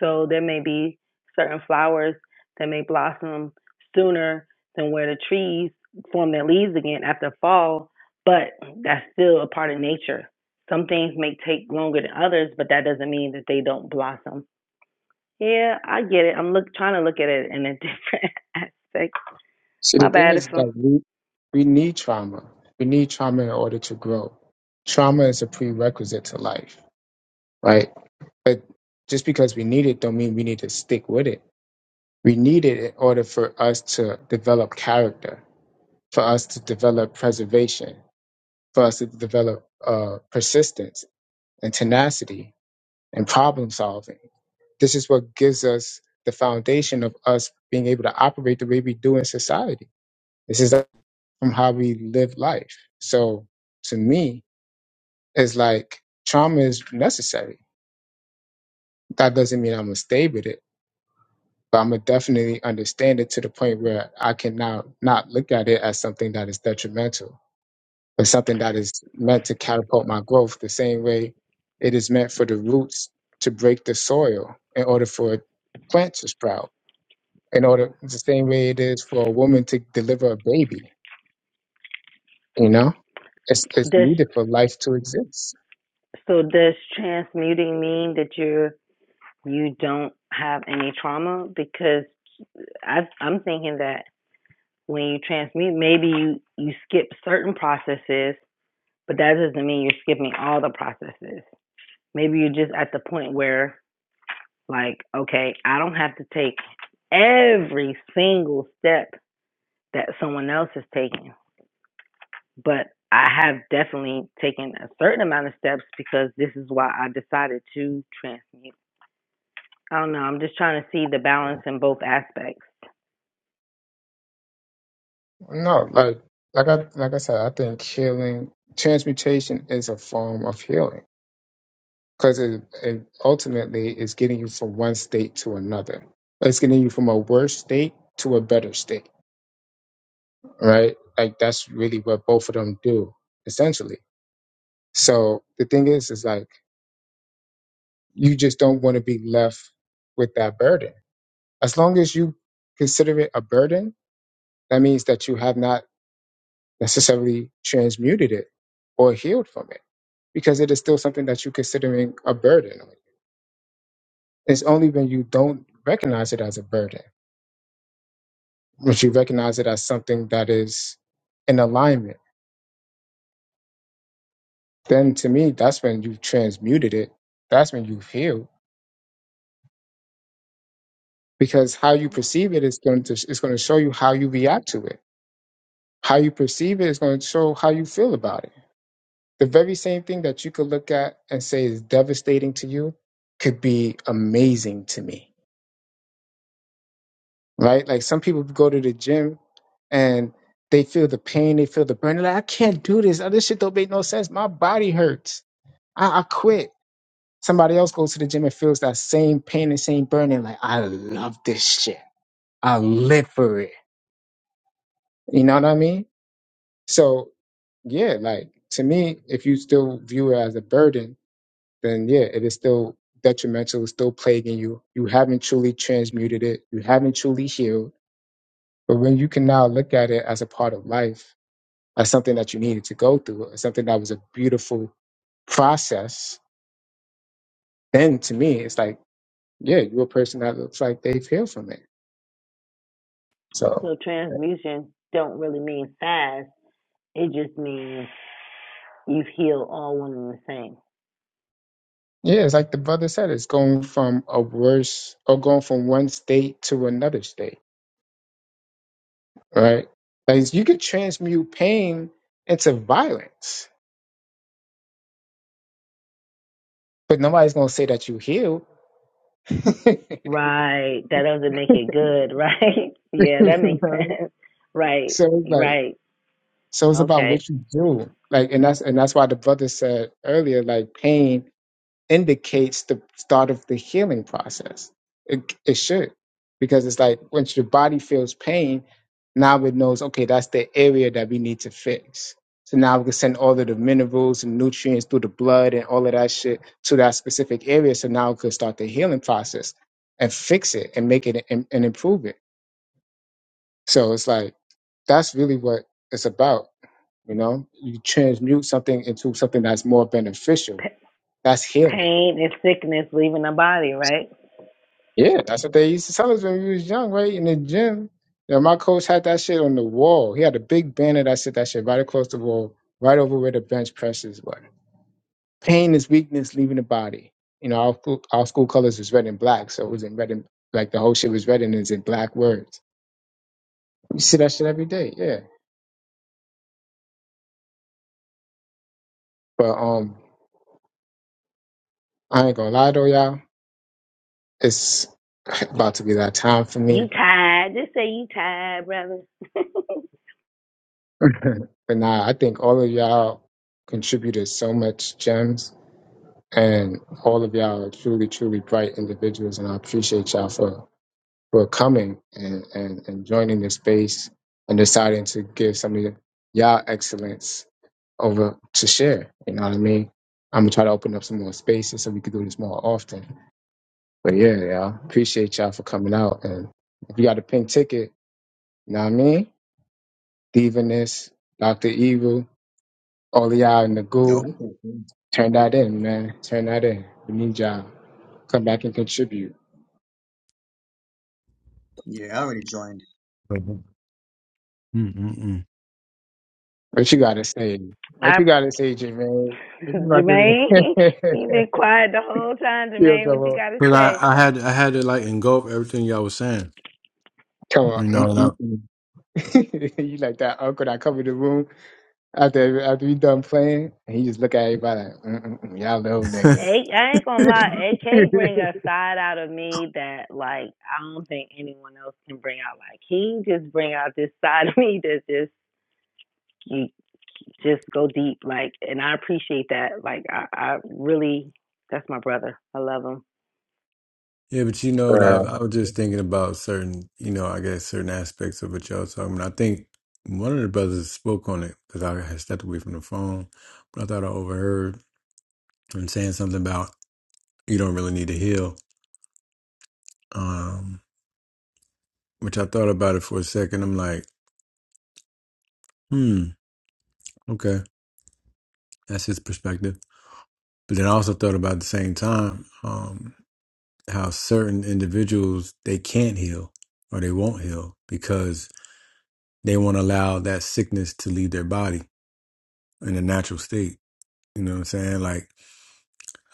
O: so there may be certain flowers that may blossom sooner than where the trees form their leaves again after fall but that's still a part of nature some things may take longer than others but that doesn't mean that they don't blossom yeah i get it i'm look trying to look at it in a different aspect
A: See, the
O: my
A: thing
O: bad if
A: is
O: i'm
A: that we, we need trauma. We need trauma in order to grow. Trauma is a prerequisite to life, right? But just because we need it don't mean we need to stick with it. We need it in order for us to develop character, for us to develop preservation, for us to develop uh, persistence and tenacity and problem solving. This is what gives us the foundation of us being able to operate the way we do in society. This is from how we live life. So to me, it's like trauma is necessary. That doesn't mean I'm gonna stay with it, but I'm gonna definitely understand it to the point where I can now not look at it as something that is detrimental but something that is meant to catapult my growth the same way it is meant for the roots to break the soil in order for a plant to sprout in order the same way it is for a woman to deliver a baby you know it's, it's
O: does
A: needed for life to exist
O: So does transmuting mean that you're you don't have any trauma? Because I, I'm thinking that when you transmute, maybe you you skip certain processes, but that doesn't mean you're skipping all the processes. Maybe you're just at the point where like, okay, I don't have to take every single step that someone else is taking, but I have definitely taken a certain amount of steps because this is why I decided to transmute. I don't know. I'm just trying to see the balance in both aspects.
A: no like like i like i said i think healing transmutation is a form of healing because it, it ultimately is getting you from one state to another it's getting you from a worse state to a better state right? Like that's really what both of them do, essentially. So the thing is, is like you just don't want to be left with that burden. As long as you consider it a burden, that means that you have not necessarily transmuted it or healed from it, because it is still something that you're considering a burden. It's only when you don't recognize it as a burden, when you recognize it as something that is in alignment, then to me, that's when you've transmuted it. That's when you've healed because how you perceive it is going to is going to show you how you react to it. How you perceive it is going to show how you feel about it. The very same thing that you could look at and say is devastating to you could be amazing to me, right? Like some people go to the gym and they feel the pain, they feel the burn. They're like, I can't do this. Oh, this shit don't make no sense. My body hurts. I, I quit. Somebody else goes to the gym and feels that same pain and same burning. Like, I love this shit. I live for it. You know what I mean? So yeah, like to me, if you still view it as a burden, then yeah, it is still detrimental, it's still plaguing you. You haven't truly transmuted it, you haven't truly healed. But when you can now look at it as a part of life, as something that you needed to go through, as something that was a beautiful process, then to me, it's like, yeah, you're a person that looks like they've healed from it. So
O: So transmutation don't really mean fast. It just means you've healed all one and the same.
A: yeah, it's like the brother said, it's going from a worse or going from one state to another state right? Like you could transmute pain into violence, but nobody's gonna say that you heal. so
O: Right. That doesn't make it good, right? yeah, that makes sense. Right.
A: it's like,
O: Right.
A: so it's about
O: Okay.
A: what you do, like, and that's and that's why the brother said earlier, like, pain. indicates the start of the healing process. It, it should, because it's like once your body feels pain, now it knows, okay, that's the area that we need to fix. So now we can send all of the minerals and nutrients through the blood and all of that shit to that specific area. So now we could start the healing process and fix it and make it and, and improve it. So it's like, that's really what it's about. You know, you transmute something into something that's more beneficial.
O: P-
A: That's healing
O: pain and sickness leaving the body, right?
A: Yeah, that's what they used to tell us when we was young, right? In the gym. You know, my coach had that shit on the wall. He had a big banner that said that shit right across the wall, right over where the bench presses were. Pain is weakness leaving the body. You know, our school, our school colors was red and black, so it was in red and like the whole shit was red and it's in black words. You see that shit every day, yeah. But um, I ain't gonna lie though, y'all. It's about to be that time for
O: You
A: me.
O: tired. Just say you tired, brother.
A: but nah, I think all of y'all contributed so much gems And all of y'all are truly, truly bright individuals, and I appreciate y'all for for coming and and, and joining this space and deciding to give some of y'all excellence over to share. You know what I mean? I'm gonna try to open up some more spaces so we can do this more often. But yeah, y'all, appreciate y'all for coming out. And if you got a pink ticket, you know what I mean? Divinus, Doctor Evil, all of y'all in the
T: Oh,
A: goo,
T: okay. cool.
A: turn that in, man. Turn that in. We need y'all come back and contribute.
T: Yeah, I already joined.
R: Mm-mm-mm.
A: What you gotta say? What
O: I,
A: you gotta say, Jermaine? What you about
O: Jermaine,
A: to
O: you've been quiet the whole time,
A: feel
O: Jermaine. What you
A: trouble?
O: got to
R: Cause I,
O: say?
R: I had I had to like engulf everything y'all was saying,
A: Come on,
R: you know.
A: Mm,
R: And I,
A: mm, mm. you like that uncle that come in the room after after you done playing, and he just look at everybody like, mm, mm, mm, y'all little niggas.
O: A- I ain't gonna lie, AK bring a side out of me that like I don't think anyone else can bring out. Like he just bring out this side of me that just you just go deep. Like and I appreciate that. Like I, I really that's my brother. I love him.
R: yeah, but you know,
A: Bruh,
R: I, I was just thinking about certain, you know, I guess certain aspects of what y'all was talking. about. I think one of the brothers spoke on it because I had stepped away from the phone, but I thought I overheard him saying something about you don't really need to heal. Um, which I thought about it for a second. I'm like, hmm, okay, that's his perspective. But then I also thought about at the same time. um, how certain individuals they can't heal or they won't heal because they won't allow that sickness to leave their body in a natural state. You know what I'm saying? Like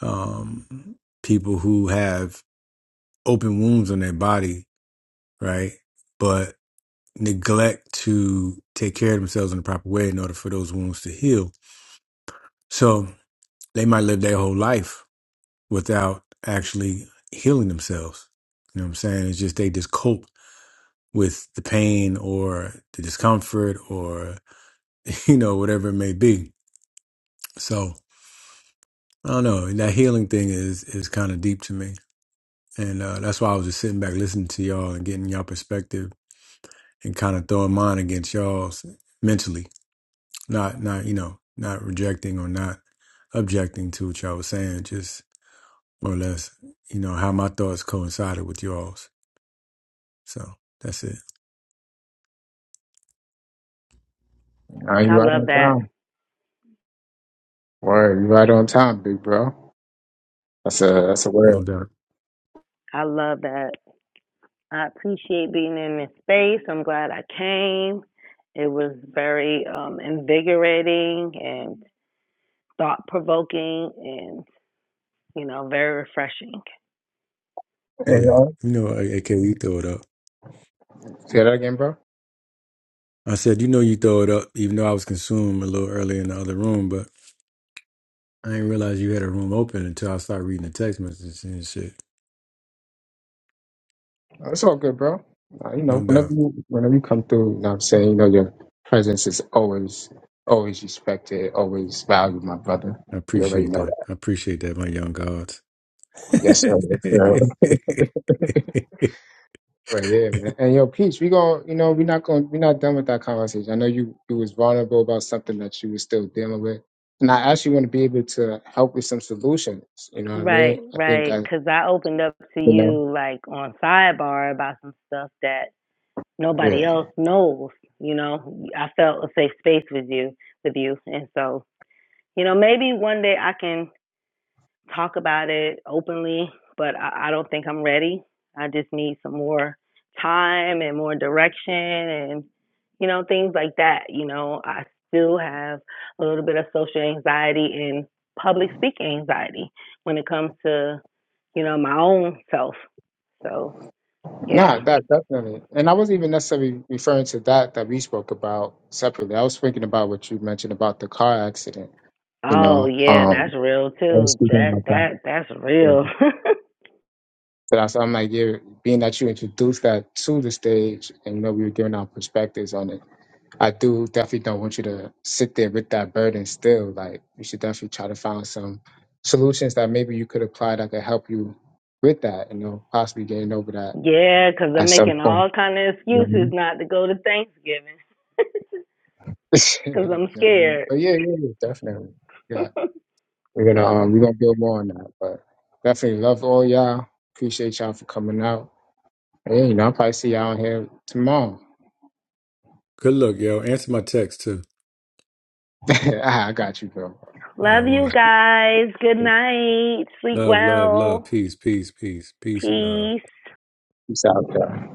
R: um, people who have open wounds on their body, right? But neglect to take care of themselves in the proper way in order for those wounds to heal. So they might live their whole life without actually healing themselves. You know what I'm saying? It's just they just cope with the pain or the discomfort or you know whatever it may be so i don't know that healing thing is is kind of deep to me and uh, that's why i was just sitting back listening to y'all and getting y'all perspective and kind of throwing mine against y'all's mentally not not you know not rejecting or not objecting to what y'all was saying just more or less you know how my thoughts coincided with y'all's so that's it
A: nah, you
O: I
A: right
O: love
A: on
O: that.
A: time. Word, you right on time, big bro. That's a that's a
R: no
A: word.
R: doubt
O: I love that. I appreciate being in this space. I'm glad I came. It was very um invigorating and thought provoking and you know, very refreshing.
A: You
R: yeah
A: know?
R: you know A- ak you throw it up
A: Say that again, bro.
R: I said, you know, you throw it up, even though I was consumed a little early in the other room, but I didn't realize you had a room open until I started reading the text messages and shit.
A: Uh, It's all good, bro. Uh, you know,
R: No
A: whenever
R: doubt.
A: you whenever you come through, you know what I'm saying, you know, your presence is always always respected, always valued, my brother.
R: I
A: You already
R: appreciate
A: know
R: that.
A: that.
R: I appreciate that, my young gods.
A: Yes, sir. Yes, sir. but yeah, man. And yo, peace, we going you know, we're not going we're not done with that conversation. I know you you was vulnerable about something that you was still dealing with. And I actually want to be able to help with some solutions. You know what I mean?
O: Right,
A: I think I
O: right. Because I opened up to
A: you know.
O: you like on sidebar about some stuff that
A: Yeah.
O: nobody else knows. You know, I felt a safe space with you, with you, and so you know maybe one day I can talk about it openly, but I, I don't think I'm ready. I just need some more time and more direction and, you know, things like that. You know, I still have a little bit of social anxiety and public speaking anxiety when it comes to, you know, my own self. So, yeah.
A: Nah, that definitely. And I wasn't even necessarily referring to that that we spoke about separately. I was thinking about what you mentioned about the car accident. You
O: Oh,
A: know,
O: yeah,
A: um,
O: that's real
A: I was
O: too.
A: speaking
O: That,
A: about that.
O: that, that's
A: So
O: real.
A: that's I'm like, yeah, being that you introduced that to the stage, and you know, we were giving our perspectives on it. I do definitely don't want you to sit there with that burden still. Like, you should definitely try to find some solutions that maybe you could apply that could help you with that. You know, possibly getting over that
O: Yeah, because 'cause I'm
A: at some
O: making
A: point.
O: all kind of excuses not to go to Thanksgiving because 'cause
A: You
O: I'm
A: know what I mean?
O: scared.
A: But yeah, yeah, yeah, definitely. Yeah. We're gonna
O: So,
A: um we're gonna build more on that. But definitely love all y'all. Appreciate y'all for coming out. And, yeah, you know, I'll probably see y'all here tomorrow.
R: Good luck, yo. Answer my text too.
A: Ah, I got you, bro.
R: All right,
O: love you
R: one.
O: guys. Good night. Sleep
R: Love, love, love.
O: well.
R: Peace, peace, peace, peace, and love.
O: Peace.
A: Peace out, y'all.